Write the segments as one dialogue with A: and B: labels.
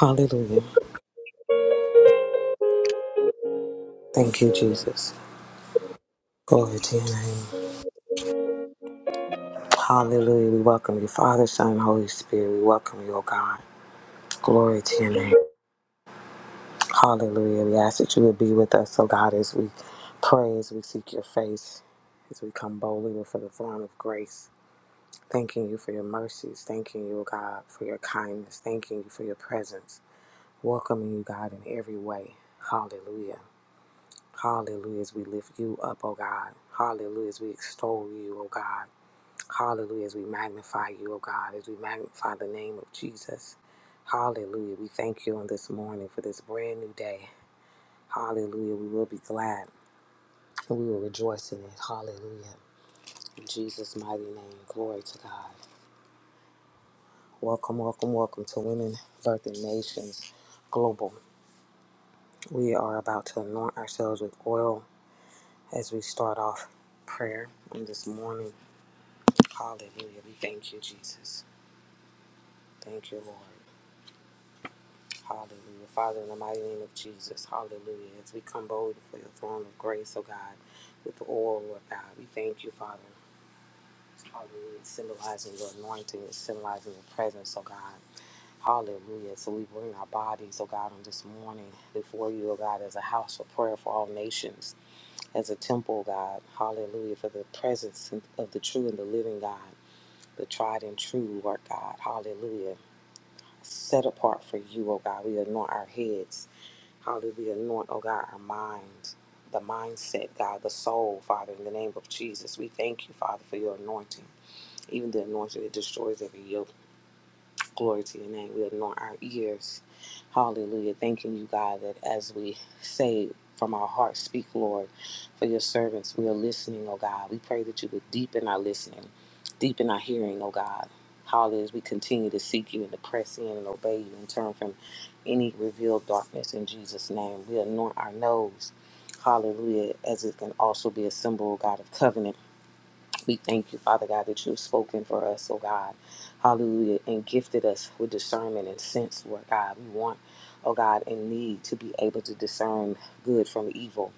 A: Hallelujah. Thank you, Jesus. Glory to your name. Hallelujah. We welcome you, Father, Son, and Holy Spirit. We welcome you, O God. Glory to your name. Hallelujah. We ask that you would be with us, O God, as we pray, as we seek your face, as we come boldly before the throne of grace. Thanking you for your mercies. Thanking you, O God, for your kindness. Thanking you for your presence. Welcoming you, God, in every way. Hallelujah. Hallelujah. As we lift you up, O God. Hallelujah. As we extol you, O God. Hallelujah. As we magnify you, O God, as we magnify the name of Jesus. Hallelujah. We thank you on this morning for this brand new day. Hallelujah. We will be glad and we will rejoice in it. Hallelujah. In Jesus' mighty name. Glory to God. Welcome, welcome, welcome to Women Birthing Nations Global. We are about to anoint ourselves with oil as we start off prayer on this morning. Hallelujah. We thank you, Jesus. Thank you, Lord. Hallelujah. Father, in the mighty name of Jesus, hallelujah. As we come boldly for your throne of grace, oh God, with the oil, Lord God, we thank you, Father. Hallelujah. It's Symbolizing your anointing, it's symbolizing your presence, oh God. Hallelujah. So we bring our bodies, oh God, on this morning before you, oh God, as a house of prayer for all nations, as a temple, oh God. Hallelujah. For the presence of the true and the living God, the tried and true, Lord God. Hallelujah. Set apart for you, oh God. We anoint our heads. Hallelujah. Anoint, oh God, our minds, the mindset, God, the soul, Father, in the name of Jesus. We thank you, Father, for your anointing, even the anointing that destroys every yoke. Glory to your name. We anoint our ears. Hallelujah. Thanking you, God, that as we say from our hearts, speak, Lord, for your servants, we are listening, oh God. We pray that you would deepen our listening, deepen our hearing, oh God. Hallelujah. As we continue to seek you and to press in and obey you and turn from any revealed darkness in Jesus' name. We anoint our nose. Hallelujah. As it can also be a symbol, oh God, of covenant we thank you, Father God, that you've spoken for us, oh God. Hallelujah. And gifted us with discernment and sense, Lord God. We want, oh God, and need to be able to discern good from evil.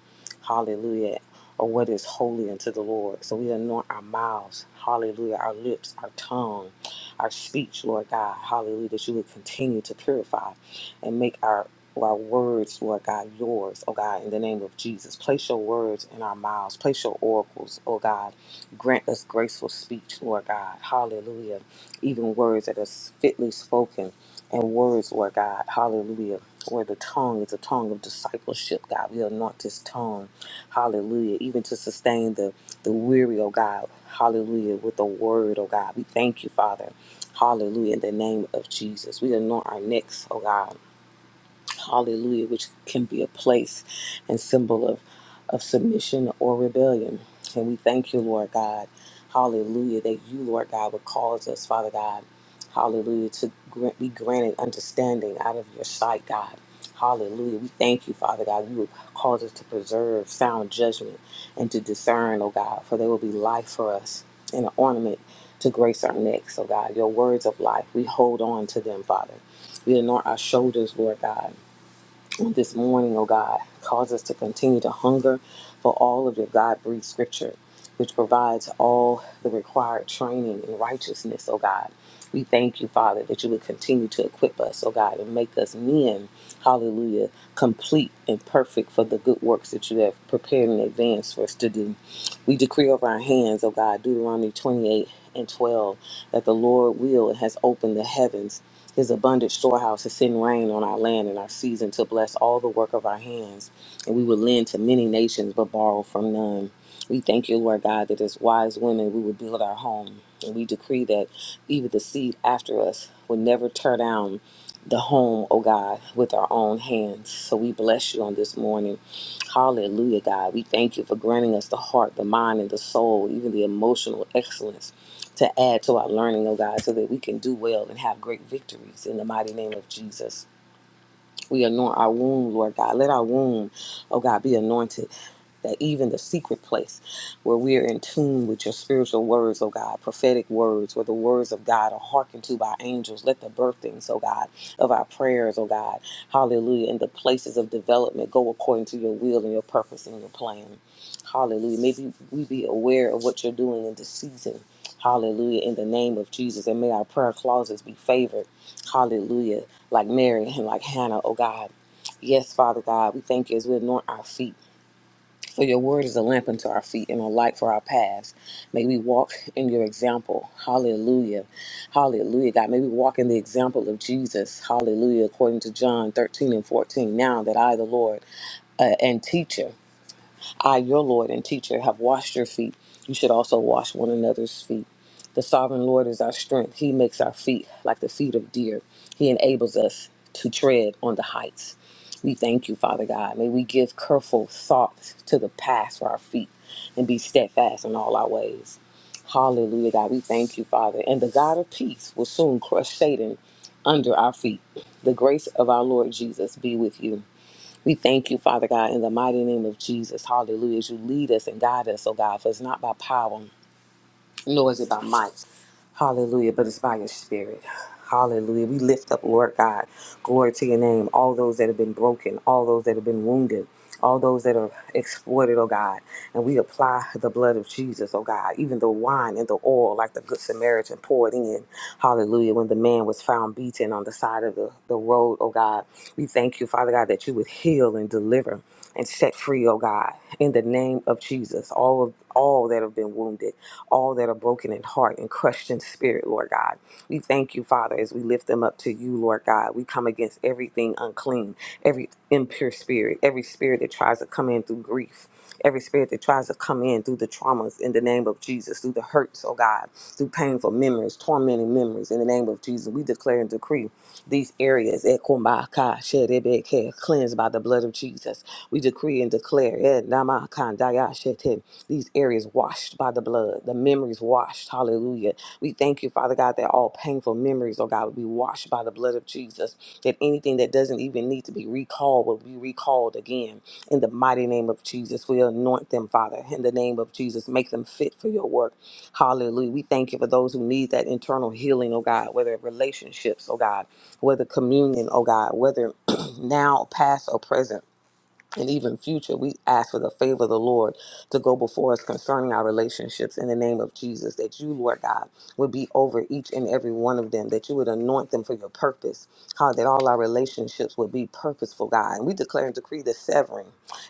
A: Hallelujah. Or what is holy unto the Lord. So we anoint our mouths, hallelujah, our lips, our tongue, our speech, Lord God, hallelujah, that you would continue to purify and make our our words, Lord God, yours, oh God, in the name of Jesus. Place your words in our mouths. Place your oracles, oh God, Grant us graceful speech, Lord God. Hallelujah. Even words that are fitly spoken and words, Lord God. Hallelujah. Where the tongue is a tongue of discipleship, God. We anoint this tongue. Hallelujah. Even to sustain the, the weary, oh God. Hallelujah. With the word, oh God. We thank you, Father. Hallelujah. In the name of Jesus. We anoint our necks, oh God hallelujah, which can be a place and symbol of, of submission or rebellion. And we thank you, Lord God, hallelujah, that you, Lord God, would cause us, Father God, hallelujah, to grant, be granted understanding out of your sight, God. Hallelujah. We thank you, Father God. You would cause us to preserve sound judgment and to discern, oh God, for there will be life for us and an ornament to grace our necks, oh God. Your words of life, we hold on to them, Father. We anoint our shoulders, Lord God this morning, O God. Cause us to continue to hunger for all of your God breathed scripture, which provides all the required training in righteousness, O God. We thank you, Father, that you would continue to equip us, oh God, and make us men, hallelujah, complete and perfect for the good works that you have prepared in advance for us to do. We decree over our hands, oh God, Deuteronomy 28 and 12, that the Lord will and has opened the heavens, his abundant storehouse, to send rain on our land in our season to bless all the work of our hands. And we will lend to many nations but borrow from none. We thank you, Lord God, that as wise women, we would build our home. And we decree that even the seed after us would never tear down the home, oh God, with our own hands. So we bless you on this morning. Hallelujah, God. We thank you for granting us the heart, the mind, and the soul, even the emotional excellence to add to our learning, oh God, so that we can do well and have great victories in the mighty name of Jesus. We anoint our womb, Lord God. Let our womb, oh God, be anointed. That even the secret place where we are in tune with your spiritual words, oh God, prophetic words, where the words of God are hearkened to by angels. Let the birthings, oh God, of our prayers, oh God, hallelujah, and the places of development go according to your will and your purpose and your plan. Hallelujah. Maybe we be aware of what you're doing in this season. Hallelujah. In the name of Jesus. And may our prayer clauses be favored. Hallelujah. Like Mary and like Hannah, oh God. Yes, Father God, we thank you as we anoint our feet. For your word is a lamp unto our feet and a light for our paths. May we walk in your example. Hallelujah. Hallelujah, God. May we walk in the example of Jesus. Hallelujah. According to John 13 and 14. Now that I, the Lord, uh, and teacher. I, your Lord and teacher, have washed your feet. You should also wash one another's feet. The sovereign Lord is our strength. He makes our feet like the feet of deer. He enables us to tread on the heights. We thank you, Father God. May we give careful thought to the path for our feet and be steadfast in all our ways. Hallelujah, God. We thank you, Father. And the God of peace will soon crush Satan under our feet. The grace of our Lord Jesus be with you. We thank you, Father God, in the mighty name of Jesus. Hallelujah. As you lead us and guide us, oh God, for it's not by power nor is it by might. Hallelujah. But it's by your spirit. Hallelujah. We lift up, Lord God, glory to your name, all those that have been broken, all those that have been wounded, all those that are exploited, oh God. And we apply the blood of Jesus, oh God, even the wine and the oil, like the Good Samaritan poured in. Hallelujah. When the man was found beaten on the side of the, the road, oh God, we thank you, Father God, that you would heal and deliver and set free, oh God, in the name of Jesus. All of all that have been wounded, all that are broken in heart and crushed in spirit, Lord God. We thank you, Father, as we lift them up to you, Lord God. We come against everything unclean, every impure spirit, every spirit that tries to come in through grief. Every spirit that tries to come in through the traumas in the name of Jesus, through the hurts, oh God, through painful memories, tormenting memories in the name of Jesus, we declare and decree you these areas. Ekumaka, sherebeke, Cleansed by the blood of Jesus. We decree and declare eh, namakandaya shete, these areas washed by the blood, the memories washed. Hallelujah. We thank you, Father God, that all painful memories, oh God, would be washed by the blood of Jesus. That anything that doesn't even need to be recalled will be recalled again. In the mighty name of Jesus, we anoint them, Father. In the name of Jesus, make them fit for your work. Hallelujah. We thank you for those who need that internal healing, oh God, whether relationships, oh God, whether communion, oh God, whether now, past, or present and even future, we ask for the favor of the Lord to go before us concerning our relationships in the name of Jesus. That you, Lord God, would be over each and every one of them, that you would anoint them for your purpose, God, that all our relationships would be purposeful, God. And we declare and decree the severing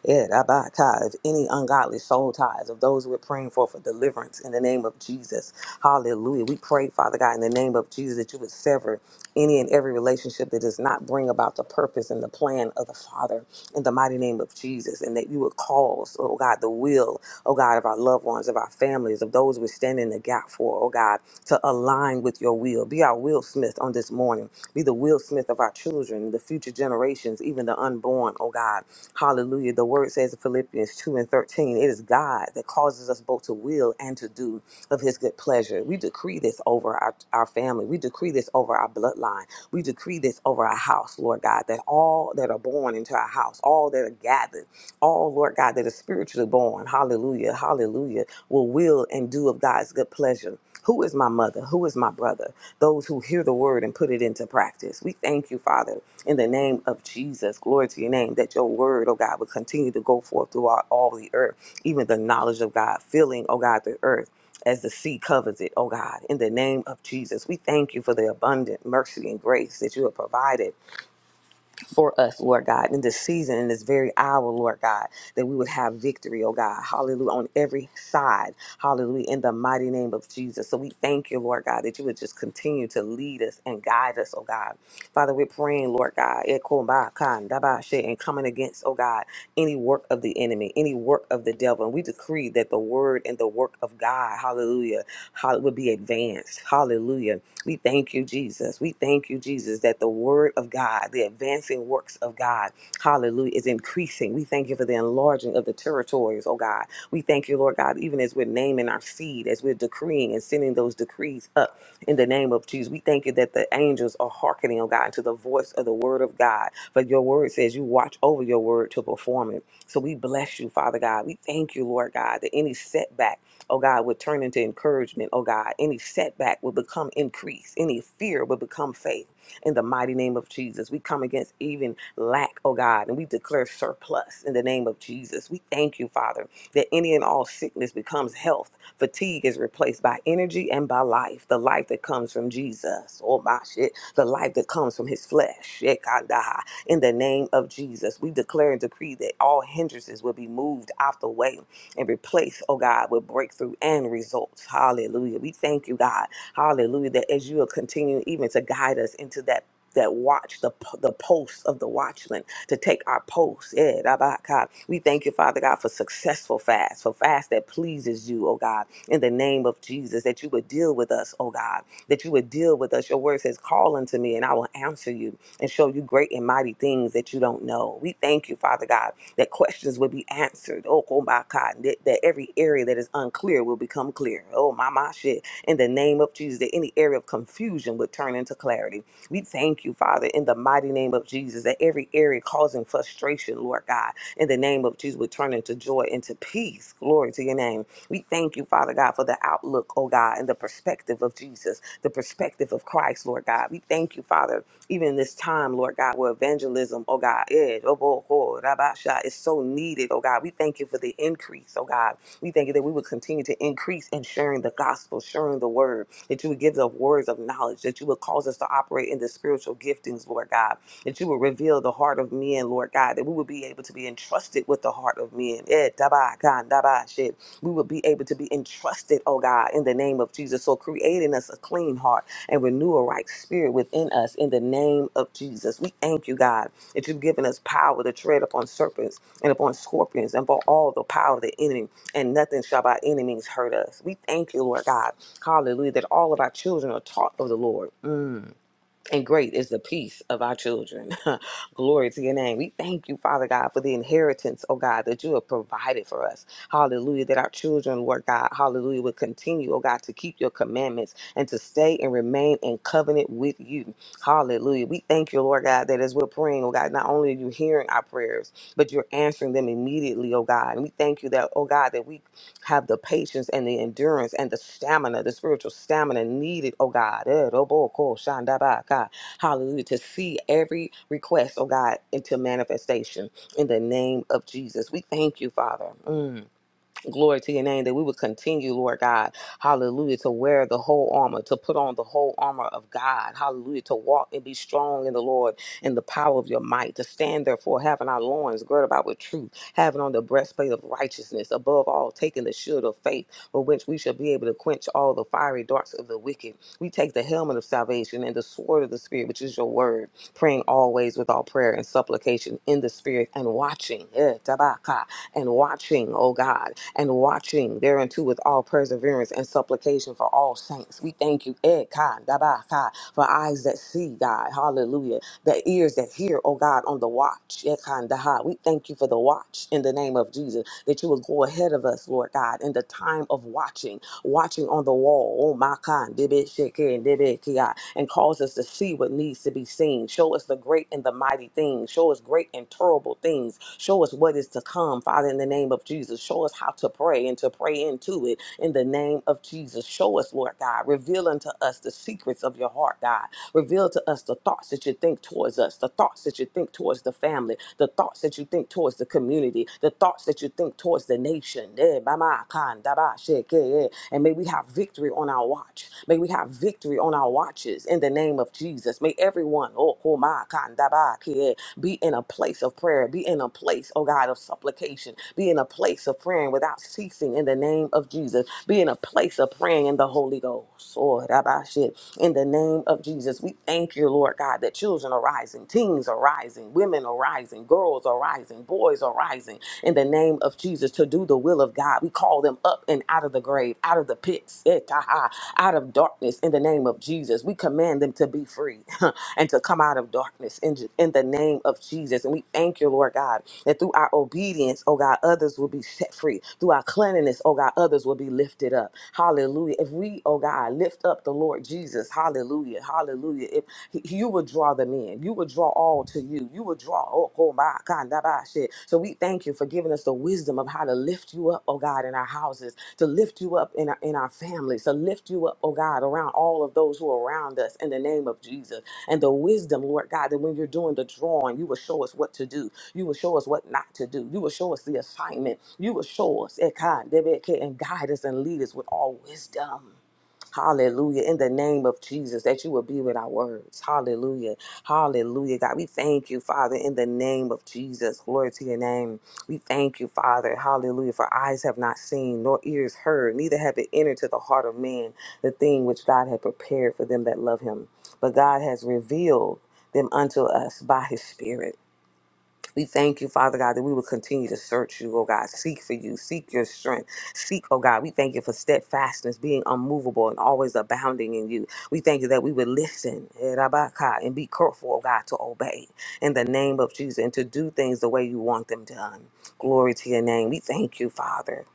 A: eh, rabbi, tie, of any ungodly soul ties of those we're praying for for deliverance in the name of Jesus. Hallelujah. We pray, Father God, in the name of Jesus, that you would sever any and every relationship that does not bring about the purpose and the plan of the Father in the mighty name of Jesus, and that you would cause, oh God, the will, oh God, of our loved ones, of our families, of those we're standing in the gap for, oh God, to align with your will. Be our Will Smith on this morning. Be the Will Smith of our children, the future generations, even the unborn, oh God. Hallelujah. The word says in Philippians 2 and 13, it is God that causes us both to will and to do of his good pleasure. We decree this over our, our family. We decree this over our bloodline. We decree this over our house, Lord God, that all that are born into our house, all that are gathered, all, Lord God, that is spiritually born, hallelujah, hallelujah, will will and do of God's good pleasure. Who is my mother? Who is my brother? Those who hear the word and put it into practice. We thank you, Father, in the name of Jesus. Glory to your name, that your word, oh God, will continue to go forth throughout all the earth, even the knowledge of God, filling, oh God, the earth as the sea covers it, oh God, in the name of Jesus. We thank you for the abundant mercy and grace that you have provided for us, Lord God, in this season, in this very hour, Lord God, that we would have victory, oh God. Hallelujah. On every side. Hallelujah. In the mighty name of Jesus. So we thank you, Lord God, that you would just continue to lead us and guide us, oh God. Father, we're praying, Lord God, ekombakandabashi, and coming against, oh God, any work of the enemy, any work of the devil. And we decree that the word and the work of God, hallelujah, hall- would be advanced. Hallelujah we thank you, Jesus. We thank you, Jesus, that the word of God, the advancing works of God, hallelujah, is increasing. We thank you for the enlarging of the territories, oh God. We thank you, Lord God, even as we're naming our seed, as we're decreeing and sending those decrees up in the name of Jesus. We thank you that the angels are hearkening, oh God, to the voice of the word of God. For your word says you watch over your word to perform it. So we bless you, Father God. We thank you, Lord God, that any setback, oh God, would turn into encouragement, oh God. Any setback would become increase, any fear would become faith. In the mighty name of Jesus, we come against even lack, oh God, and we declare surplus in the name of Jesus. We thank you, Father, that any and all sickness becomes health. Fatigue is replaced by energy and by life, the life that comes from Jesus. Oh my shit, the life that comes from his flesh. Shekinah. In the name of Jesus, we declare and decree that all hindrances will be moved out the way and replace, oh God, with breakthrough and results. Hallelujah. We thank you, God. Hallelujah. That as you are continuing even to guide us into that. That watch the p- the posts of the watchman to take our posts. Yeah, Rabaka. we thank you, Father God, for successful fast, for fast that pleases you, oh God, in the name of Jesus, that you would deal with us, oh God, that you would deal with us. Your word says, Call unto me, and I will answer you and show you great and mighty things that you don't know. We thank you, Father God that questions will be answered. Oh, oh my God, that, that every area that is unclear will become clear. Oh, my, my shit. In the name of Jesus, that any area of confusion would turn into clarity. We thank you, Father, in the mighty name of Jesus, that every area causing frustration, Lord God, in the name of Jesus, would turn into joy, into peace. Glory to your name. We thank you, Father God, for the outlook, oh God, and the perspective of Jesus, the perspective of Christ, Lord God. We thank you, Father even in this time, Lord God, where evangelism, oh God, eh, oh, boy, oh, rabasha, is so needed, oh God. We thank you for the increase, oh God. We thank you that we would continue to increase in sharing the gospel, sharing the word, that you would give us words of knowledge, that you would cause us to operate in the spiritual giftings, Lord God, that you would reveal the heart of men, Lord God, that we would be able to be entrusted with the heart of men. Eh, daba, gan, daba, shit. We would be able to be entrusted, oh God, in the name of Jesus. So creating us a clean heart and renew a right spirit within us in the name of Jesus. We thank you, God, that you've given us power to tread upon serpents and upon scorpions and upon all the power of the enemy, and nothing shall by any means hurt us. We thank you, Lord God. Hallelujah, that all of our children are taught of the Lord. Mm and great is the peace of our children. Glory to your name. We thank you, Father God, for the inheritance, oh God, that you have provided for us. Hallelujah. That our children, Lord God, hallelujah, will continue, oh God, to keep your commandments and to stay and remain in covenant with you. Hallelujah. We thank you, Lord God, that as we're praying, oh God, not only are you hearing our prayers, but you're answering them immediately, oh God. And we thank you that, oh God, that we have the patience and the endurance and the stamina, the spiritual stamina needed, oh God. Eh, robo ko shanda ba ka. Hallelujah. To see every request, oh God, into manifestation in the name of Jesus. We thank you, Father. Mm. Glory to your name that we would continue, Lord God, hallelujah, to wear the whole armor, to put on the whole armor of God, hallelujah, to walk and be strong in the Lord and the power of your might, to stand therefore, having our loins girt about with truth, having on the breastplate of righteousness, above all, taking the shield of faith, with which we shall be able to quench all the fiery darts of the wicked. We take the helmet of salvation and the sword of the Spirit, which is your word, praying always with all prayer and supplication in the Spirit and watching, eh, tabaka, and watching, oh God and watching thereunto with all perseverance and supplication for all saints. We thank you, Ed Da ba, Kai, for eyes that see, God, hallelujah, the ears that hear, oh God, on the watch, Ed Da ha. We thank you for the watch in the name of Jesus, that you will go ahead of us, Lord God, in the time of watching, watching on the wall, oh my God, Debe Sheke and Debe Kia, and cause us to see what needs to be seen. Show us the great and the mighty things. Show us great and terrible things Show us what is to come, Father, in the name of Jesus. Show us how to pray and to pray into it in the name of Jesus. Show us, Lord God. Reveal unto us the secrets of your heart, God. Reveal to us the thoughts that you think towards us, the thoughts that you think towards the family, the thoughts that you think towards the community, the thoughts that you think towards the nation. Eh, bama, kan, daba, sheke, eh. And may we have victory on our watch. May we have victory on our watches churches in the name of Jesus. May everyone, oh, koma, kanda, ba, kie, be in a place of prayer, be in a place, oh God, of supplication, be in a place of praying without ceasing in the name of Jesus, be in a place of praying in the Holy Ghost. Oh, rabba, shit. In the name of Jesus, we thank you, Lord God, that children are rising, teens are rising, women are rising, girls are rising, boys are rising in the name of Jesus to do the will of God. God. We call them up and out of the grave, out of the pits, eh, out of darkness in the name of Jesus. We command them to be free and to come out of darkness in, in the name of Jesus. And we thank you, Lord God, that through our obedience, oh God, others will be set free. Through our cleanliness, oh God, others will be lifted up. Hallelujah. If we, oh God, lift up the Lord Jesus, hallelujah, hallelujah. If he- you will draw them in, you will draw all all to you. You will draw. Oh, oh my God, that bad shit. So we thank you for giving us the wisdom of how to lift you up, oh God, in our houses, to lift you up in our, in our families, to lift you up, oh God, around all of those who are around us in the name of Jesus. And the wisdom, Lord God, that when you're doing the drawing, you will show us what to do. You will show us what not to do. You will show us the assignment. You will show us eh, God, and guide us and lead us with all wisdom. Hallelujah. In the name of Jesus, that you will be with our words. Hallelujah. Hallelujah. God, we thank you, Father, in the name of Jesus. Glory to your name. We thank you, Father. Hallelujah. For eyes have not seen, nor ears heard, neither have it entered to the heart of man the thing which God had prepared for them that love him. But God has revealed them unto us by his Spirit. We thank you, Father God, that we will continue to search you, oh God, seek for you, seek your strength, seek, oh God. We thank you for steadfastness, being unmovable and always abounding in you. We thank you that we would listen eh, Rabaka, and be careful, oh God, to obey in the name of Jesus and to do things the way you want them done. Glory to your name. We thank you, Father.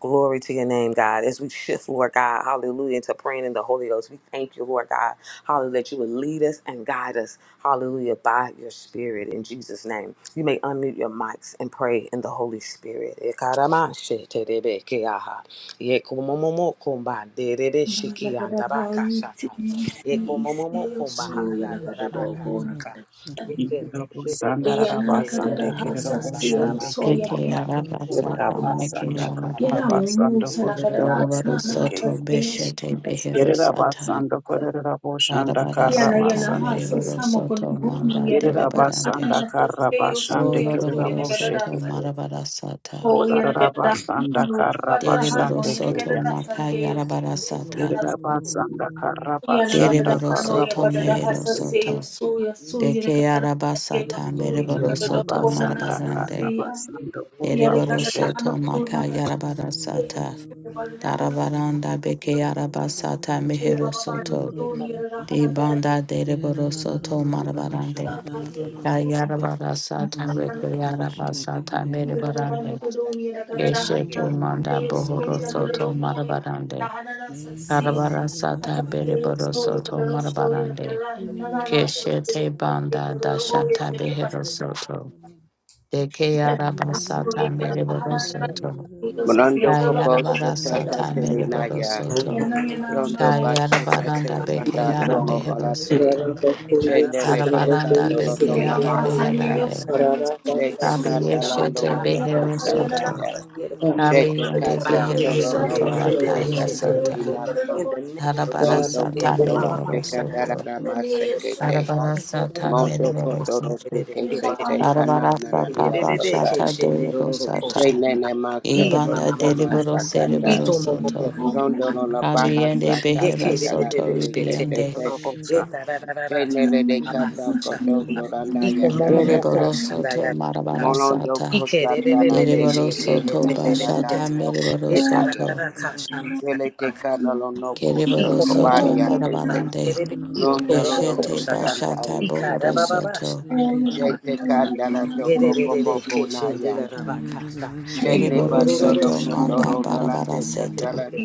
A: Glory to your name, God. As we shift, Lord God, hallelujah, into praying in the Holy Ghost, we thank you, Lord God. Hallelujah, that you would lead us and guide us. Hallelujah, by your spirit in Jesus' name. You may unmute your mics and pray in the Holy Spirit. Ekaramasheterebekeaha.
B: Nagada hai si
A: Yekomomomokombaderebeshikiandabakashata.
B: si si yo so ya nagada do ho
A: Yekomomomokombahadayarabakashata.
B: nagada
C: Yerabasanda
B: ya na nagada da ha
C: Karabasando
B: sa si yo so ya
A: Yekenderebebekeshenderorokoshandayarabakata.
D: Deke
B: mo
D: araba sata meke
B: ya na mo
D: arabande.
A: Ikumbababakashandababake.
B: mo sa nagada da
D: Dorobaro
B: na na sa
D: soto
B: si yo so
D: beshete behero sata. Arabara
B: ya na ya
D: sata
B: na ha sa
D: meriboro
B: sa mo ko
D: soto
B: mo ni
D: manda
B: ya nagada da na
D: derebarande.
B: na sa si yo so ya so ya
D: Oloroboro
B: nagada da
D: soto
B: sa
D: marabara sata.
B: o ya nagada da mo mo sa pa da ha
D: Dereboro
B: mo ya nagada
D: soto
B: da sa
D: maka
B: ya yo
D: yarabara sata.
B: so Yana kadada
D: Dereboro
B: hano ya
D: soto
B: kadada
D: mehero
B: hasa
E: Shabbat
B: se yo
D: soto.
B: su ya su yana
D: Deke
B: kadada
D: araba
B: ya yo
D: sata
B: su yana
D: meriboro
B: kadada
D: soto
B: wana na sa
D: marabarande.
B: se ya yana
D: Dereboro
B: kadada
D: soto
B: hano tu na
D: maka
B: kadada
D: yarabara
B: yo
D: sata.
B: su ya kadada hano
D: Darabaranda
B: tu na
D: beke
A: Ooh,
D: arabasata
B: ya
D: mehero
B: baba no
D: soto.
B: tu
A: Ikara
B: yana kadada
D: De
B: hana kadada
D: banda dereboro soto marabarande.
B: sa ya yo su
D: Kayarabara sata
B: yana
D: reke arabasata
B: baba no
D: merebarande.
B: tu yana kadada hana
D: Keshete
B: ya
D: manda
B: yo su
D: bohoro
B: yana
D: soto
B: kadada wana na
D: marabarande.
B: hana na sa se ya
D: Karabara sata
B: hasa se yo
D: bereboro
B: su ya
D: soto
B: kadada su yana
D: marabarande.
B: kadada hana na sa
D: Keshete banda dashata
B: se
D: behero soto. De ke
B: Thank
D: arabasata mereboro soto.
F: Rondo Kobosa
D: Kayarabara
F: Tata
D: sata mereboro
F: Terinaya,
G: Rabaka,
D: soto.
F: Rondo
D: Kayara baranda
F: Bashikate
D: Kayarabaranda
F: Bandato
D: Bekeara
F: Mo
D: Mehero
F: Olate,
D: Soto.
F: Shendele
D: Karabaranda
F: Tekato Lonola
D: Bekeara
A: faithful God. They
F: Kasata,
A: call
D: Meherande.
A: that a big
F: Shete
A: deal, God. They
F: Katalando
D: Kabiyeshete
A: call my
F: Loko
A: mama
D: Behero
A: shot, God.
D: Soto.
F: Sataya,
A: Yeah, to call the
E: Shit.
A: rocks
F: Shete
A: to be
D: Kabiyende
F: Kata
A: found. We
D: Behero
A: should
D: Soto
A: care.
F: Tolonoma
A: They- they- they- they
D: Lakaya
A: should care,
F: Esekate
A: yeah,
D: Sata.
A: yeah. In
F: Rimaso,
A: the name of
D: Karabara
A: Jesus.
F: Mondo
A: Yeah,
D: Sata
A: call my
F: Kotola
A: mama
D: Meriboro
A: shot, God.
F: Tekandara
A: Yeah,
D: Soto.
A: my mama shot, God.
F: Masekete,
D: Karabara
A: Yeah, call my
D: Sata
A: mama, call
F: Mondo
A: my
D: Meriboro
A: God.
F: Kotoro
A: Yeah, they-
D: Soto.
A: they-
F: Teke
A: they should
F: Sete
A: care.
D: Karabara
F: Kanana
D: Sata
F: Rio
A: Bebebebe
F: Kosa,
D: Bashata
A: keshende
D: Deriboro
A: gororo
D: Sata.
A: koshanda.
F: Shenene
A: Iya
F: Masoko
D: Ibanda
A: mama
F: Soma
D: Deriboro
F: Sakata,
D: Seriboro Soto.
F: Rondo no la baja
D: Kabiyende
F: sata
D: Behero
F: canta la
D: Soto
F: tere que te
D: Ribiyande.
F: te.
C: Koraboshe
F: Tenele de cata coto toranda ya
B: you.
F: caseta.
D: Deriboro soto marabara
F: Molondo
D: sata.
F: cosa
B: Thank
F: tara tere
D: Deriboro
F: e
D: soto
F: sata la
D: bashata
F: nari o
D: meriboro
F: cosa paya.
D: soto.
F: Sele te
A: Ye
F: cano lo no coso
D: Keriboro
A: Iko momo
E: Russia.
D: soto
F: cobaria
A: mokomba
F: que se.
D: marabarande.
A: handiere de kio to
F: Rondo lo
A: bobo
F: lo
E: Russia,
D: Keshete
F: cosa
A: foksata.
F: tara
D: bashata
F: que
A: Ika
D: bohoro
A: raba
F: taya.
A: baba
D: soto.
A: shanda ya raba
F: Shete
A: kasa.
F: canda la
A: Yere
F: toco
A: re re re
F: bobo
A: ke shende
F: bonaya.
A: ya raba kasa.
F: Shene
A: Iyo ro
D: Deriboro
A: ro ro
F: bato
A: ro
F: lo
D: soto
A: shanda ba
D: manda
F: cotoro la
A: kanda
F: la
A: ba
D: barabara
F: te
A: shete
D: sete.
F: cata
A: yete.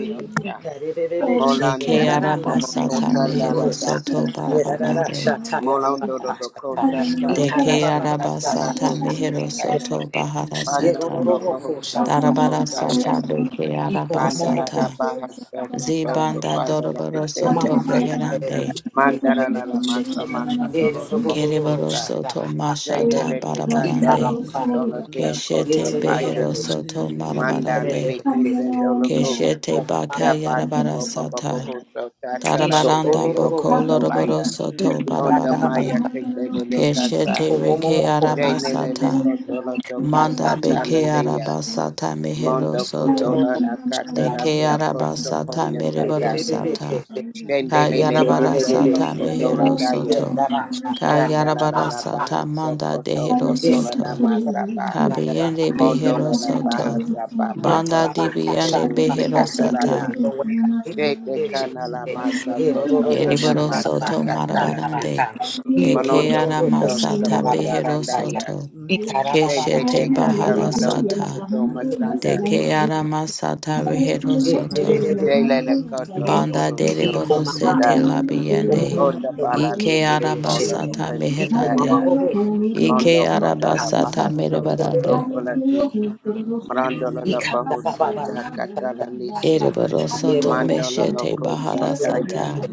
A: Ika re re re re shende
F: Molanda
D: Deke
A: ya
F: de de
A: raranda
F: boho
A: ya raba
D: arabasata
A: kanda
F: kosanda la
D: mehero
A: worka.
D: soto
F: dakasa.
A: Yera rara
D: barabarande.
A: shata ya raba
F: Molondo do do
A: kasa ta.
F: kosa tanda
A: Ika
F: la
D: Deke
A: raba
F: de
A: baba
F: katana
A: shata
D: arabasata
F: to
A: ya kanda ba.
D: mehero
F: kosekaya.
A: Never
B: you.
D: soto
A: fails.
D: bahara
F: Banda
A: Yero
F: la
A: ro
D: sata.
A: ro
F: la
A: ro
F: boho
A: ko shanda
F: soto
A: raba
D: Darabara
A: kasa.
F: kotaya.
D: sata deke
A: Iko momo
F: Banda la
A: ko
F: la
D: arabasata.
F: baha
A: sandara
F: soto
A: baka sanda
F: soto
D: Zibanda
A: yaha.
F: kanda la de
D: doroboro
A: Iko
D: soto
A: mama
F: kesete.
A: manda yere de
D: beherande.
A: shete yere
F: Mandara
A: de
F: la la
A: shete.
F: masa maka
A: Yero
F: doro la
A: ro ro ro
F: boho
A: ro ro
D: Kereboro
F: kosa.
A: shanda
D: soto
A: ha.
D: mashata
F: Sendele de
A: Ika
F: katoro
A: ba
D: barabarande.
A: ba.
F: kotolo tea kosa
A: Yete
D: Keshete
A: de de de
F: paya.
D: behero
A: shete.
D: soto
A: Yete
F: Manda
A: de
F: le
D: marabarande.
F: le kesento
A: shete.
F: loko.
A: Iko
D: Keshete
A: mama
D: baka
A: manda yere de
F: Shabbatoko Baba
A: shete.
D: yarabarasata.
F: Bohoso
A: Isho
F: Tatalande
A: do
D: Darabaranda
A: ro
F: Lady
A: ro ro
D: boko
A: ko
F: Okosa
A: sanda.
D: loroboro
F: Baya
D: soto
A: Ika da
F: Onta
A: ya ra ba
F: Maya
D: barabarande.
F: Kate
A: sanda ya ha.
F: Lele Casa
D: Keshete
A: Iko momo
D: reke
A: mo ko ba ha.
F: Jane Lele
D: arabasata.
F: Koto
A: Ika
F: Loto
A: da
D: Manda
F: Casa
D: beke
F: Talandia
D: arabasata mehero
F: Mondo
A: Ito ro ro
F: kotola
D: soto.
A: ro
B: Hallelujah,
F: Lana Kata
A: shanda yaha.
D: Deke
F: Late
B: hallelujah,
F: Okosa
D: arabasata
F: Poya
A: Yes,
D: mereboro
F: Kanda
D: sata.
F: Jane Lele Masonto
D: Kayarabarasata
F: Koto
D: mehero
F: Landaya
D: soto.
F: Kanda La La La Baha
D: Kayarabarasata manda
F: Sokoto
D: dehero
F: Koto Lana
D: soto.
F: Masaba
D: Kabiende
F: Mondo
D: Behero
F: La La Baha
D: Soto.
F: Saba
D: Banda
F: Baba
D: Dibiende
F: Sokobo
D: Behero Sata.
F: Sekatalana Shete kana la masa koto na na
D: Eriboro
F: masa
D: Soto
F: kataraki.
D: Marabarande. Eke
F: Manondo
D: Arama
F: koto
D: Sata
F: sokota
D: Behero
F: randaya.
D: Soto.
E: Russia.
F: Shente te
D: Keshete Bahara
E: Russia,
F: katalondo ya
D: Sata.
F: koto masanda.
D: Deke
B: Hallelujah.
D: Arama Sata Behero Soto.
F: Shele le koto lo
D: Banda
F: boho soto
D: Deriboro
F: kunda.
D: Sete
A: Ikomanda,
D: Labiende.
A: Ikanda
F: Mota palande
D: Ike
F: lili bolo lo
D: Arabasata
F: kese kanda.
D: Meherande.
F: Mondo
D: Ike
F: koto la
D: Arabasata
F: baha sokoto
D: Mirabarande.
F: olaki. Mrondo lo lo boho sata katalani se.
D: Eriboro Soto
F: Mandolo lo
D: Meshete
F: ko
D: Bahara
F: santaya.
D: Sata.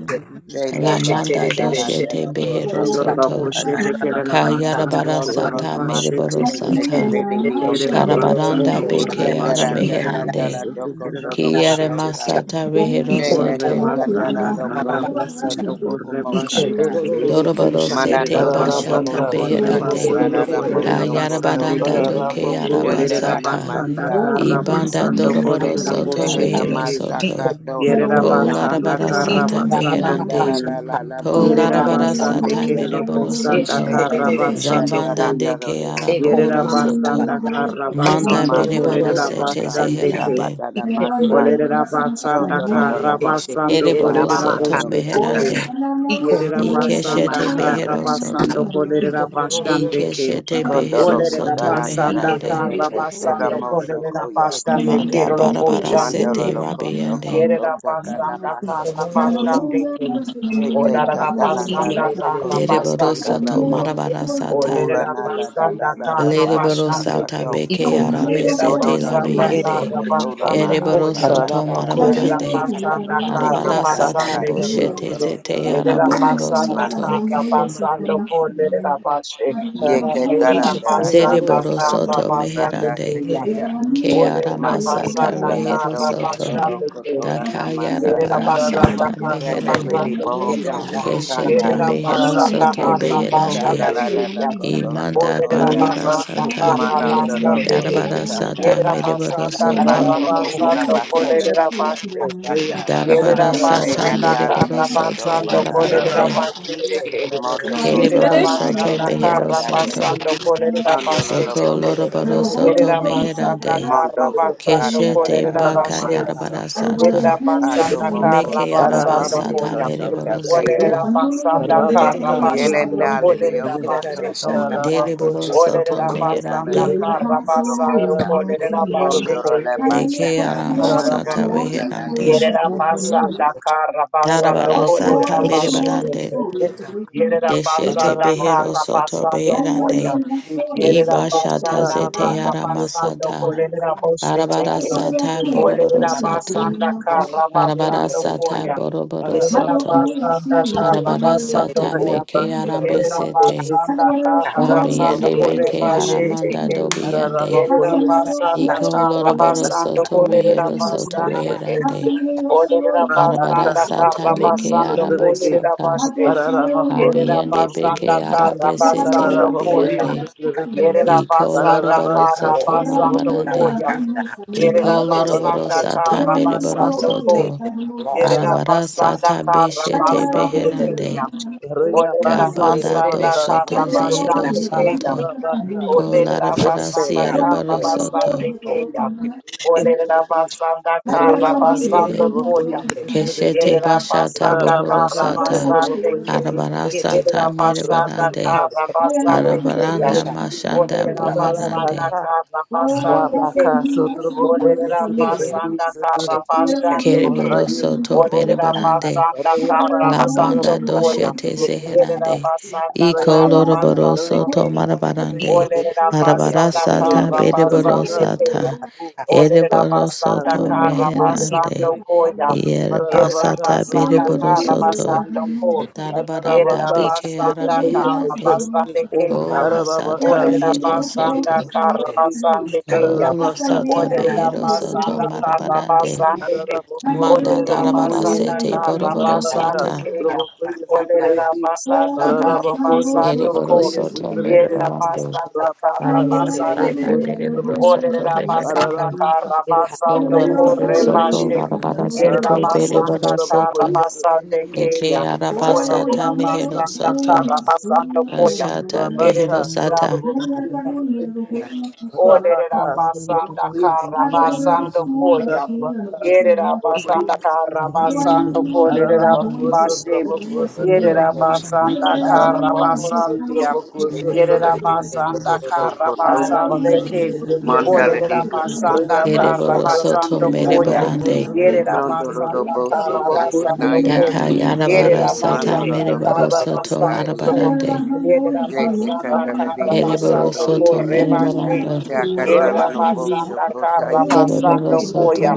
D: La
F: Shena da da
D: manda
F: da da da
D: doshete
F: da koto
D: behero
F: koto
D: soto.
F: la
C: Andoraboshe
F: nase.
C: Kerabasando
D: Kayarabara
F: Rondo lo
D: sata
F: la masa
D: meriboro
F: ke
C: Korebasheteke.
F: te te
D: sata.
F: le baby on doko.
C: Yerabasando
D: Karabaranda beke
F: Shena
D: ara
F: la da kanda la
D: meherande.
B: Hallelujah.
C: Korebashandabose
E: Yeah.
F: doko to doko
D: Kiere
F: toka.
C: Kerabosheteke.
D: masata
B: Thank
D: rehero
F: Shena de
D: soto.
F: kanda la
C: Orebasanda
F: do broko soto
C: Karabasando
F: uko mosaka.
C: Korebasheteke.
B: you.
D: Doroboro sete
F: Manandoro lo
D: bashata
C: Yerabasando
F: bohosa ta
A: Iko
D: beherande.
F: kanda la
C: Korebasando
F: la moso koto.
D: Kayarabaranda
C: Korerabasandeke.
D: doke
F: Shena la na
D: arabasata.
C: Olerabasanda
F: masa.
D: Ibanda
C: Karabasando
D: doroboro
F: Sheke te
D: soto
F: le la
D: rehero
C: Korerabosheteke.
F: masa
D: soto.
F: kato loko nam.
C: Yerabasanda
D: Kolarabara sata
C: Karabasando
F: Sanda la
D: meherande.
C: Koyan.
F: la la la boko
C: Yerera
F: to lo
D: Kolarabara
C: basande
F: loko.
D: sata
C: kerera
D: meriboro
C: basanda
D: soto.
C: kara basando
D: Zabanda de
C: koya.
D: ke
C: Yerera
D: araboro soto.
C: basanda kara
F: Shono
D: Manda
C: basando
F: masa
D: bereboro
F: nada
C: kolerera
D: sete
F: masa
C: basande
F: misa
C: ke.
D: zeherande.
F: batada masa
C: Olerera basanda
F: shondoro do do
C: kara
F: mosa te
C: basando
D: Ereboro
F: baba
C: kolerera
D: soto
F: sono
C: bosu
F: kese
C: teke.
D: meherande.
B: Hallelujah.
C: Yerera basanda
D: Ikeshete
C: kara
D: behero
C: basando
D: soto.
C: kolerera basande ke.
D: Ikeshete
F: kondoro
D: behero
C: Olerera
D: soto
F: kotaranda
C: basanda
F: rate
D: meherande.
C: kara
F: keke tera
C: basando
F: moso
C: kolerera
F: koya
C: basande
D: Manda
C: kerera
D: barabara
C: boshande.
F: mandolo
D: sete
F: lo koso
D: rabiande.
C: Yere
F: koto
C: da
E: Thank
F: takala
C: basan da
F: masa
A: Iko
C: tarra
A: mama
F: kotoro
A: moko
F: no
C: basan deke.
H: Blessed
F: te te
C: Olara da
F: katalanda
C: basan
F: do
C: da
F: lo
C: tarra
F: koso
A: ikererereshete.
C: basan
D: Dereboro soto
F: takalado
C: deke.
D: marabara sata.
C: Olere
F: ula
C: da
F: nada da da da da
D: Lereboro sata
F: bahasa
A: Iko
D: beke
B: Hallelujah.
A: mama
D: arame
F: Mono
D: sete
F: no no
D: labiande.
F: masoko
A: yererereshete.
F: tola ma
D: Ereboro soto
F: asakata la naya.
D: marabarande.
C: Yerabasanda Karabashandeke. Olarabasanda
F: Tete
D: Arabara
A: Ikarabababashata.
D: sata
F: kandala
A: Iko
F: toko
C: Karabashandeke.
A: mama
D: boshete
F: toro
D: zete
F: toro
C: Olerabasanda
F: konoro
C: Karabashandeke.
D: araboro
C: Yerabasanda
D: soto.
F: tomaseke.
A: Iko mama
C: Karabasanda Koya.
A: bashata.
F: Yeke
A: Isho
F: tarandela
A: ororo
F: tako
C: Yerabasanda Karabasandeke. Yerabasanda da Kolerabashe. Yerabasanda
D: Zereboro
A: kosha.
D: soto
F: soto
G: Araraba
F: branda
D: meherande.
C: Karabasandeke.
F: tekeya.
D: Ke
F: Mata
A: Yererereshete.
D: aramasata
C: Olerabasanda
F: katala
D: rehero
A: Iko
F: toko
A: mama
D: soto.
F: toro
C: Karabashandeke.
A: yo
F: kotola
D: Daka
C: Yerera
F: namasada.
D: yarabara
C: basanda
D: sata
C: kara
F: Tendele
D: meherande.
F: di
C: basando kuya.
F: bohoko
A: Yekanda ha
D: Keshete
F: sotanda.
A: shandara
C: Yerera
A: kanda
D: behero
C: basanda
A: ha shandara
D: soto
F: Tele
C: kara
F: te
A: kanda
D: beherande.
C: basande
A: ra
F: kandala la
C: kuya.
A: ra
F: koto
A: ka sha nda ra ka
D: Imanda
C: Olerera
F: sokoya.
A: sha.
B: Thank
D: barabara
C: basanda
D: sata.
C: kara
F: Manandolo
C: basande kuya.
F: koso
D: Darabara
A: Thank
D: sata
C: Yerera
F: takata.
D: mereboro
C: basanda
D: soto.
C: kara
F: Matoko
C: basando
F: Urabasanda
C: kolerera
F: Radia
C: basse.
F: Kosata
C: Yerera
D: Darabara sata
C: basanda
F: Tenandala
D: mereboro
C: kara
F: Koto
D: soto
C: basando kolerera
E: you.
D: barabarande.
F: Bakasate
C: basse teke.
F: Moto
C: Yerera
F: Kotora
D: Kereboro
F: Naya
D: soto
C: basanda
D: mehero
C: kara
E: Russia,
F: Katataya
D: soto.
C: basando kolerera
F: Pandolo
C: basse
F: lo
D: Doko
C: teke.
F: Bohosa
D: loroboro soto
C: Yerera
F: Kotoko
C: basanda
D: meherande.
C: kara
F: Mondo
C: basando
F: Kotatara
D: Keshete
F: Nara
D: baka
C: kolerera
D: yarabara
F: Mahasoko
C: Yerera
D: sata.
F: Pato
C: basanda
F: Boko
C: kara
D: Meke yaraba
C: basando
F: Salandele
D: sata
C: koya.
F: Kosota
D: meriboro
F: Kaya
C: Olerera
D: soto.
C: basanda kara basando
F: Yelenale
C: kolerera
F: Okoso
C: bashete
B: you.
C: ke.
F: Tola Naya
D: Deriboro soto
C: Olerera
F: Kesete Kandala
C: basanda
D: meherande.
B: Hallelujah,
C: kara
F: Kotorolo
C: basando
F: Mosa
C: kolerera
F: Pondoro
C: bashete
F: la
C: ke.
D: Deke
F: basata
D: yarama sata
F: mananada la la
D: meherande.
C: Yerera
F: kasata
C: basanda kara basando
D: Darabara sata
C: kolerera bashete
D: meribarande.
C: Yerera
D: Deshete
C: basanda
D: behero
C: kara
D: soto
C: basando
D: beherande.
C: koya.
G: Araraba
C: Yerera
D: Iba
A: you.
D: shata
C: basanda
D: zete
A: Mamanda,
G: Ararabaka
C: kara
D: yarama
C: basando
D: sata.
G: sotrobokoyesi.
C: kolerera bose
D: Arabara
C: teke.
G: Ararabako
D: sata boroboro
C: Olerera
D: sata.
C: basanda kara
D: Arabara
C: basando
G: sotrobokoyesi.
D: sata
C: koya.
D: boroboro
C: Yerera
G: Ararabako
D: soto.
C: basanda kara
G: sotroboko.
D: Arabarasa
C: basando koya.
D: tameke
G: Arayabasa
C: Yerera
D: arabesete.
G: sotrobokoyesi.
B: Thank
C: basanda kara basando
D: Abiende
G: Ararabako
C: kore
D: beke
G: sotroboko.
C: bashe
D: aramanda
C: teke.
D: dobiende.
C: Yerera
G: Ararabakoyesi
C: basanda
D: Iko
G: sotrobeki.
C: kara
B: you.
D: loroboroso
C: basando
G: Ararabako
C: kolerera
D: toreheroso
C: basande
G: sotrobokoyesi
C: ke.
D: toreherande.
G: sotrobeki.
C: Olerera
G: Arabaka
C: basanda
D: Arabarasa
C: kara
G: sotroboko
D: tameke
C: basando
G: sotrobeki.
C: kolerera
D: arabasata.
C: bashe.
G: Ararabako
C: Yerera
D: Abiende
C: basanda
D: beke
G: sotrobokoyesi.
C: kara
D: arabesete
C: basando
G: Tararabako
C: koya.
D: rabiende.
G: yesutrabeki.
C: Yerera
D: Iko
C: basanda kara
G: Tararabaka
D: loroboroso
C: basando
G: sutrabako
D: tomarabarande.
C: koya.
G: sutrabeki.
D: Iko
C: Yerera
G: Tararabaka
C: basanda
D: loroborosa
C: kara
G: sutrabako
A: All will
C: basando
G: yesutrabeki.
A: be
D: tameriboroso
C: ko.
A: saved
D: to.
A: and lost.
C: Yerera
G: Tararabaka
D: Arabarasa
C: basanda
G: sutrabako
C: kara
D: tabeshete
C: basando
A: In the
G: yesutrabeki.
A: name
D: beherande.
C: koya. Olerera
A: of
G: Rayabasa
D: Kabanda do
C: basanda
G: trabaka
C: kara
D: soto
A: Jesus.
G: sutrabako.
D: zero
C: basando koya.
D: soto.
G: Rabaka
D: Ko
C: Olerera
A: It will
G: sutrabako
A: serve
C: basanda
B: Oh,
A: God
D: larabara
A: with
B: yes,
A: the
C: kara
D: baro
A: whole
B: indeed,
A: heart, mind,
C: basando
D: soto.
A: soul, and
B: yes, indeed,
C: koya.
A: spirit.
C: Olerera basanda
A: In
C: kara
G: Rabaka
A: the name of
D: E-
C: basando
G: sotraboko
C: koya.
A: Jesus.
D: Keshete
A: Yeah,
C: Yerera
D: bashata
C: basanda
D: bohoro
C: kara
D: sata.
C: basande ke.
D: Arabara
A: yeah, take it,
D: sata
C: Yerera
A: shit, take
C: basanda
A: it,
D: merebarande.
A: keep the
C: kara
A: commandments of our
C: basande
A: God.
C: ke ya.
A: It
D: Arabaranda
A: shall not abide,
D: mashanda
C: Olerera
A: shall
C: basanda
D: bohorande.
C: kara
A: not abide, shall not abide, shall not abide, shall not
C: basande ke.
A: abide.
G: ye
B: yes,
C: Olerera
A: It
B: indeed.
A: can, it
G: sotrabeki
C: basanda
A: is, shit,
C: kara
A: take
G: sotrabeki
A: it, can
C: basande
A: not abide,
B: Hallelujah,
G: sotraboka
C: ke.
D: Kereboro
A: shall not
G: ye
D: soto
A: abide. It
G: sotraboko
C: Olerera
A: can not abide,
D: merebarande.
C: basanda kara
A: shall
D: La
G: Rayabasa
A: not abide,
C: basando
A: shall
D: banda
G: traboko
A: not abide.
C: koya.
D: doshete
A: It
G: sotraboko
A: can not abide, shall
G: ye si
C: Yerera
A: not abide,
D: zeherande.
C: basanda
A: shall not
D: Iko
A: abide.
C: kara
G: Rayabasa
D: loroboro
C: basande
D: soto
G: traboko
C: ke.
G: sotrabeki
A: Thank
D: marabarande.
C: Olerera
D: Arabara
C: basanda
D: sata
G: Ararabacoia,
C: kara
D: bereboro
G: Satrabacá,
C: basande ke.
D: sata.
G: Satrabacu,
C: Olerera
D: Ereboro
G: Rabacá,
C: basanda
D: soto
C: kara
G: Satrabacoia,
D: meherande.
C: basando
G: Satrabequi,
C: koya.
B: hallelujah.
D: Yer
C: Yerera
G: Ararabacá,
D: basata
B: Oh,
D: bere
C: basanda
B: yes,
C: kara
G: Satrabacoia,
D: borosoto.
C: basando
G: Satrabequi,
C: ko.
D: Darabaranda
C: Yerera
G: Ararabacá,
D: beke ara
C: basanda
G: Satrabacoia,
C: kara
A: you.
D: meherande.
G: Satrabequi,
C: basande
A: Oh mama
D: O
C: keya.
D: la
A: mama
G: Ararabacá,
D: sata
C: Orera
D: rehero
G: Satrabacoia,
C: basanda
D: soto.
C: kara
G: Satrabequi,
C: basande
D: O
C: keya.
D: la
G: Ararabacá,
D: sata
C: Orera
D: behero
G: Satrabacoia,
D: soto
C: basanda
G: Satrabequi,
C: kara
D: marabarande.
C: basande
A: mama
C: ke.
G: Araraboko
D: Manda
C: Orera
G: sotraboko
D: darabara
G: ye.
C: basanda
D: sete
C: kara
D: boroboro
G: Rabaka
C: basande
D: sata.
C: keya.
G: sotraboko ye
C: Orera
G: sotrabeki.
C: basanda kara
B: I
G: Araraboko
B: also
C: basando
G: sotraboko
D: Ereboro
B: see.
C: ko.
G: ye
D: soto
G: sotrabeki.
C: Yerera
D: merebarande.
C: basanda
G: Rabaka
C: kara
D: Darabara
C: basande,
G: sotraboko
D: sata bereboro
G: sotraboko.
D: soto
C: Yerabasanda
D: meherande.
C: Karabasande Kaya. Olerabasanda
G: Ararabaka
D: O
C: Karabasande
G: sotraboko ye
D: loroboro soto
G: sotrabeki.
C: Kaya.
D: darabara sete
G: Araraboko
B: Hallelujah.
C: Olerabasanda
D: bereboro
C: Karabasande Kaya. Olerabasanda Karabasande Kaya. Olerabasanda Karabasando
G: sotraboko
C: Kaya. Yerabasanda Karabasande Kaya. Olerabasanda Karabasando
G: ye
D: soto.
C: Kore basanda Yerabasanda basande
G: sotrabeki.
C: Kaya.
D: Eke
B: Oh
G: Araraboko
B: yes,
C: Olerera
D: arabasata mehero
C: basanda
G: sotraboko
B: oh
G: ye sotrabeki.
D: soto.
B: yes, oh
C: karabasando koya.
D: Ashata
B: yes,
G: Rabaka
C: Yerera
D: Beherosata
B: Nella
G: sotrobokuye
B: cadunia lo
G: sotrobeki.
B: come sola,
G: Rabaka
C: Olerera abasanda
G: sotrobokuye
C: kara
B: Cade per
G: sotrobeki.
B: la
C: basando
B: sua
C: koya.
B: sola lo
G: Ararabaka
C: Yerera
B: poteva
A: E.
G: sotrobokuye
C: abasanda
B: dire.
C: kara
G: sotrobeki.
C: basando
B: Giovannino era
C: kolerera
G: Ararabako
B: giovane con
C: bashe.
G: sotrobokuye
B: una salina,
C: Yerera
G: sotrobeki.
B: Cade per
C: basanda
B: la
C: kara
B: hanno
G: Ararabako
B: la sua
C: basandia.
B: sola
G: sotrobokuye
F: shete
C: Yerera
F: kando
B: sola,
G: sotrobeki.
F: bobo
C: basanda
F: soko
C: kara
F: to
B: Nella
C: basande
G: Arabakayes
B: cadunia lo
C: ke.
B: come la
F: mandala
G: Deyaso,
F: de
C: Olerera
B: sua
F: koto
C: basanda
F: toko
B: salina,
G: Rayabasa,
C: kara
F: ora
D: Hereborosoto
C: basando
G: Trabokus,
B: Nella
F: na
B: no
F: ya
C: koya.
B: poteva
G: Trabokus,
D: Merebarande
B: la
C: Yerera
B: hanno
G: Trabeki,
B: la sua
F: pondoro do
C: abasanda
B: sola
F: boso
C: kara
B: sola,
G: Arabakus,
B: Ai
C: basando
B: mia
F: katanaya
C: ko.
D: Daka
G: Trabokus,
B: cadunia
D: Yarabara
C: Yerera
B: lo
G: Trabeki,
D: Sata
F: manolo
C: basanda
B: come
F: lo
A: E. E.
C: kara
D: Mereborosoto
G: Arabakus,
C: basando
F: kostantaye
B: I
C: ko.
G: Trabokus,
D: Marabarande
G: Arabakas, Trabokus, Trabeki,
C: Yerera
F: shete
C: basanda
F: kandala de
C: kara
G: Arabakas,
F: kosondo
C: basando
G: Trabokus,
D: Ereborosoto
G: Trabeki,
C: ko
D: Merebarando
A: E.
F: chakatala
C: Yerera
F: no
G: Arabakus,
E: Russia,
B: Hallelujah.
F: boso
C: basanda kara
G: Trabokus,
F: kotaye
C: basando
D: Ereborosoto
C: koya.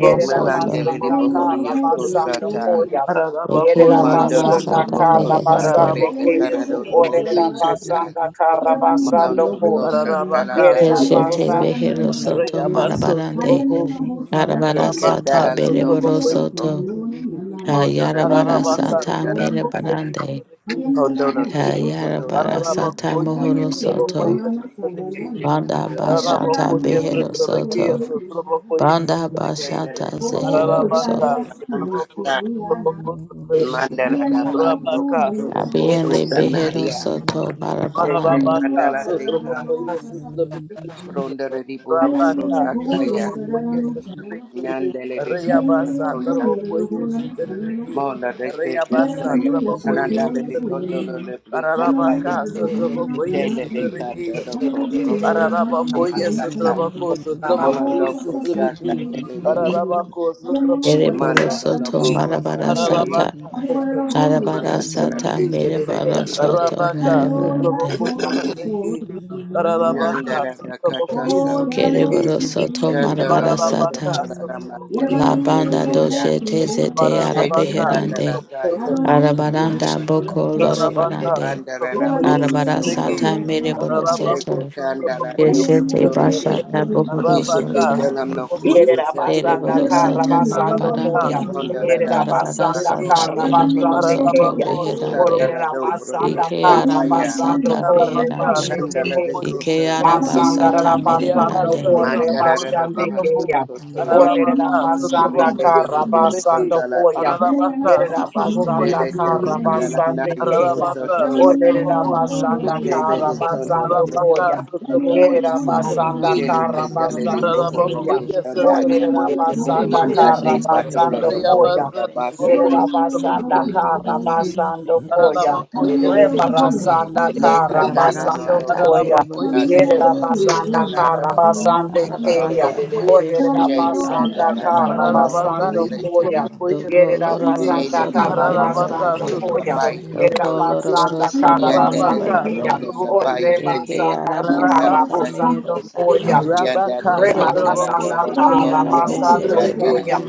C: Yerera
F: melandele de
C: basanda kara
F: bohorio
C: basando
F: kosata
C: koya.
D: Eke
C: Yerera
F: mandala do
C: basanda
D: Aramasata
G: Trabeki,
C: kara
F: bokosata
D: Meherande
C: basande kim.
G: Arabakus, Trabokus,
F: rekatana do
G: Arabakus,
C: Orerera
G: Trabeki,
F: moshikata
C: basanda
A: He said,
B: Oh,
C: kara
A: "I'm
B: yeah,
C: basando
F: Malando
C: kum.
F: Costa
G: Pararabaka
F: Talada
C: Yerera
D: Keshete
G: Sotraboko,
F: Yakese
D: Beherosoto
G: Rayaba
D: Marabarande
G: Sotraboko,
E: Yeah.
D: Yarabara
G: Rabaka
D: Sata
F: Yekatala no
G: Sotraboko,
F: Masoko
D: Bereborosoto
G: Sotrabeki,
D: Ka
F: Mondora de
D: Yarabara
F: Bihi
G: Pararabaka
D: Sata
F: Setara
G: Sotraboko,
D: Merebarande
G: Sotrabeki,
F: Condora
G: Sotrabeki,
D: Ka
F: Table Condora
D: Yarabara Sata
G: Pararabako, yes,
F: Mataka
D: Mohorosoto
G: Sotraboko, yes, Sotrabeki,
F: Yakete
D: Banda
F: Condora
G: Pararabako,
D: bashata
G: yes,
D: behero
G: Sotrabeki,
D: soto.
G: Sotraboko, yes,
D: Banda
G: Sotrabeki,
F: Chandra
D: bashata zehero
G: Pararabaka
D: soto.
B: yes, see,
G: Sotraboko,
F: Mokamba
B: see, yeah, now.
G: Sotraboko, Sotrabeki,
B: I
F: mandala
B: am
F: da
B: your
F: Bato
G: Rabaka
B: home, I
F: Kotoro Koto
G: Sotraboko,
D: Abiende
G: yes,
D: behero
F: Danaria
A: not
G: Sotrabeki,
B: look
D: soto
F: Jete
D: barabarande.
G: Marabaka,
B: Hallelujah,
F: Candela Teka
B: Barahalo,
G: Sotrobokoye, Sotrobeki,
B: Sasakirin.
F: Condora de
B: I
F: Boho
B: am
G: Rabaka,
B: the holy
F: sakaya
B: and the
G: Sotrobokoye,
B: Dalano Sanana.
G: Sotrobeki,
F: Nandele de
B: I am
G: Rayabasa,
B: the
F: Casa
B: holy and the
G: Trabokoye,
B: Hola Sanana.
G: Sotrobeki,
F: Mona de
G: Rayabasa,
E: Russia.
F: Kaya,
B: Hallelujah, so
G: Trabokoye,
B: so
F: Anandale de
B: yes, we
G: Sotrobeki,
F: Condolo de Brise
B: Hallelujah,
G: Ararabaka,
F: Kaya,
B: the Dohana
G: Sotrobokoye,
B: Sana
F: Jale de
B: Sanana.
G: Sotrobeki,
F: Cato do Co,
B: Hallelujah,
A: going to do
F: Procoto,
B: the Halama
G: Ararabakoye,
A: it."
B: Sana
F: Amasaka,
B: Sanana.
G: Sotroboko,
A: Equal
G: Sotrobokoye,
B: Abobo
F: Molando Coshaka,
G: Sotrobeki,
B: Sasaki, so
F: Tele,
B: me.
G: Ararabako,
B: Hallelujah,
G: Sotrobokoye,
B: the
D: Ereboro
F: Mando de
D: soto
G: Sotrobeki,
B: Rasana.
F: Loboho
D: marabara
F: Santa,
B: Hallelujah,
D: sata.
G: Ararabaka,
B: the
G: Sotrobokoye,
B: Holy
D: Arabara
F: Malandara
D: sata
G: Sotrobeki,
F: Kate,
B: Sasana.
D: mereboro
F: Setananda,
D: soto
G: Rabaka,
B: Hallelujah,
D: merebarande.
G: Sotraboko,
B: soya,
G: Sotrabeki,
B: soya,
G: Rabaka,
B: hallelujah.
F: Nandara da
G: Sotraboko, yes,
B: Oh,
F: Cataso,
B: yeah, yo,
G: Sotrabeki,
D: Kereboro
B: si,
G: Shitty,
B: si,
D: soto
F: Shandolo
D: marabara
F: Toko
G: Rabaka,
D: sata.
F: de la
B: hallelujah.
G: Sotraboko, yes,
D: La
F: Damasaka,
B: Yerbaniye,
D: banda
B: yo,
G: Sotrabeki,
B: ho,
F: Telinia,
B: yo,
G: Shitty,
D: doshete
B: ho,
D: zete
F: Shete
G: Rabaka,
B: hallelujah.
F: Candela
D: arabeherande.
G: Sotraboko,
F: Kaya,
B: Hallelujah,
F: Cotolo
G: Sotrabeki,
B: so you
D: Arabaranda
G: Shitty,
B: see,
F: Cosa,
B: you're
D: boko
B: going to the Lord,
G: Rabaka,
B: hallelujah.
D: lorobarande.
F: Pandara
G: Sotraboko, yes,
F: Boho
E: Yeah.
B: Yerbaniye,
D: Arabara
B: yo, ho, yo,
G: Sotrabeki,
B: ho,
F: Soko.
D: sata
B: yo, ho,
D: mereboro
G: Rabako,
F: Shake
D: soto.
B: hallelujah.
F: kanda la
G: Sotraboko, yes,
F: toko
B: Ayaniye,
D: Keshete
B: yo, ho,
G: Sotrabeki,
B: yo, ho,
F: ki.
B: yo,
D: bashata
B: ho,
D: bohoro
G: Rabaka,
F: Ishake
D: soto.
F: telam
B: hallelujah.
F: no
G: Sotraboko,
F: kusu
G: yes,
F: tati
D: Dere
G: Sotrabeki,
C: Yerabasanda
D: boro
F: yandaria.
D: soto
B: Ayaniye, yo, ho, yo, ho, yo,
C: Karabasando
B: ho,
G: Rabaka,
C: Koya.
D: marabarande.
F: Ronda la
G: Sotraboko,
F: la
G: yes,
D: Arabara
C: Yerabasanda
B: hallelujah.
F: ko.
D: sata
G: Sotrabeki,
D: mere boro
B: Yerbaniye,
C: Karabasande
B: yo,
D: soto
B: ho, yo, ho,
G: Ararabako
C: Kaya.
F: Shake
B: yo,
F: kanda
B: ho,
D: beherande.
F: la
G: sotraboko ye
F: dobro
C: Olerabasanda
D: Ike
F: kosa
G: sotrabekeshete.
D: arama
F: taya.
C: Karabasando
D: sata
B: you,
G: Ararabaka
D: beherande.
C: Korebashete
F: de
G: sotraboko
C: Kaya.
G: ye
D: Ike
F: koso.
D: araba
G: sotrabeke.
C: Masanda
D: sata mere
C: Rabasando
G: Riyabasa
D: barande.
G: traboko
F: Mantara
C: Korebashande
G: sotraboko.
F: basa
C: Kaya.
F: kotoya.
G: Ararabaka
C: Olerabasanda
G: sotraboko
F: Brinde
G: ye
F: le libo
G: sotrabeke.
C: Karabasando
F: sonda la
C: Koya.
F: teka.
G: Ararabaka sotraboko ye
C: Yerabasanda
F: Dele tena
G: sotrabeke.
F: la la
C: Karabasande Kaya.
G: Ararabaka
D: Deriboro soto
G: sotraboko
D: madaka
C: Olerabasanda
G: sotrabeke.
F: Dele de
D: yarabara
F: kondo
D: soto
C: Karabasando
F: toko
C: Koya.
D: merebarande
F: basanda.
D: arabara
C: Yerabasanda
F: Dele
D: sata
F: kanda le
D: boroboro
C: Karabasande
F: libo horo
D: soto
C: Kaya.
D: behero soto
C: Olerera basanda
F: Manda
C: kara
F: de
D: kabiyende
F: batolo
C: basando
F: no
D: behero
F: bo
C: koya.
D: soto
F: ora basite.
D: beherande
C: Yerera basanda
E: Rosha,
C: kara
D: Arabara sata
C: basando
D: mehero
C: koya.
D: soto
C: Rebara
D: barabarande.
C: sanda
F: Ye
C: kara
B: you.
F: katalo
D: Arabara
F: no
C: basando
F: lo
B: Thank
D: sata
F: no
C: koya.
G: Aralabaco,
D: mereboro
F: kotate.
C: Yerera
D: soto.
F: Tete
C: basanda
G: yes,
F: kanala
C: kara
F: no
G: Ararabaka
F: cobra.
C: basande
G: isso
D: Arabara
F: Tonda.
C: keya.
G: trovou
D: sata
G: foi esse
C: Olerera
F: Jay
D: beshete
G: treveque.
F: lena
D: banda
F: da
C: basanda
F: la la
C: kara
F: bahora
D: darabarande.
G: Ararabaka
C: basando
G: isso
F: bosete.
C: koya.
G: trovou foi esse
D: Doko
C: Yerera
G: treveque.
D: loroboro
F: Jay
C: basanda
F: lele
D: soto
C: kara
F: kondoro no
G: Rabaka,
D: merebarande.
C: basando
F: kosa
C: koya. Yerera
D: Doko
F: kondo.
D: loroboro
C: basanda kara
D: soto
F: Yanda
C: basande
F: lele
C: keya.
D: merebarande.
F: broko sapaya
C: Olerera
D: Eke
F: kendele
C: basanda
D: araba
F: tikitala
C: kara
D: sata mehero
C: basando
F: dayoko.
C: koya.
D: sata.
F: Yanda teke
D: Dabiende
G: Sotraboko,
F: tarando
C: Rebarasanda
F: lo lo
D: beke
F: bohoro
C: Tarabasando
D: arabesete
F: kusata.
C: Koya
D: roko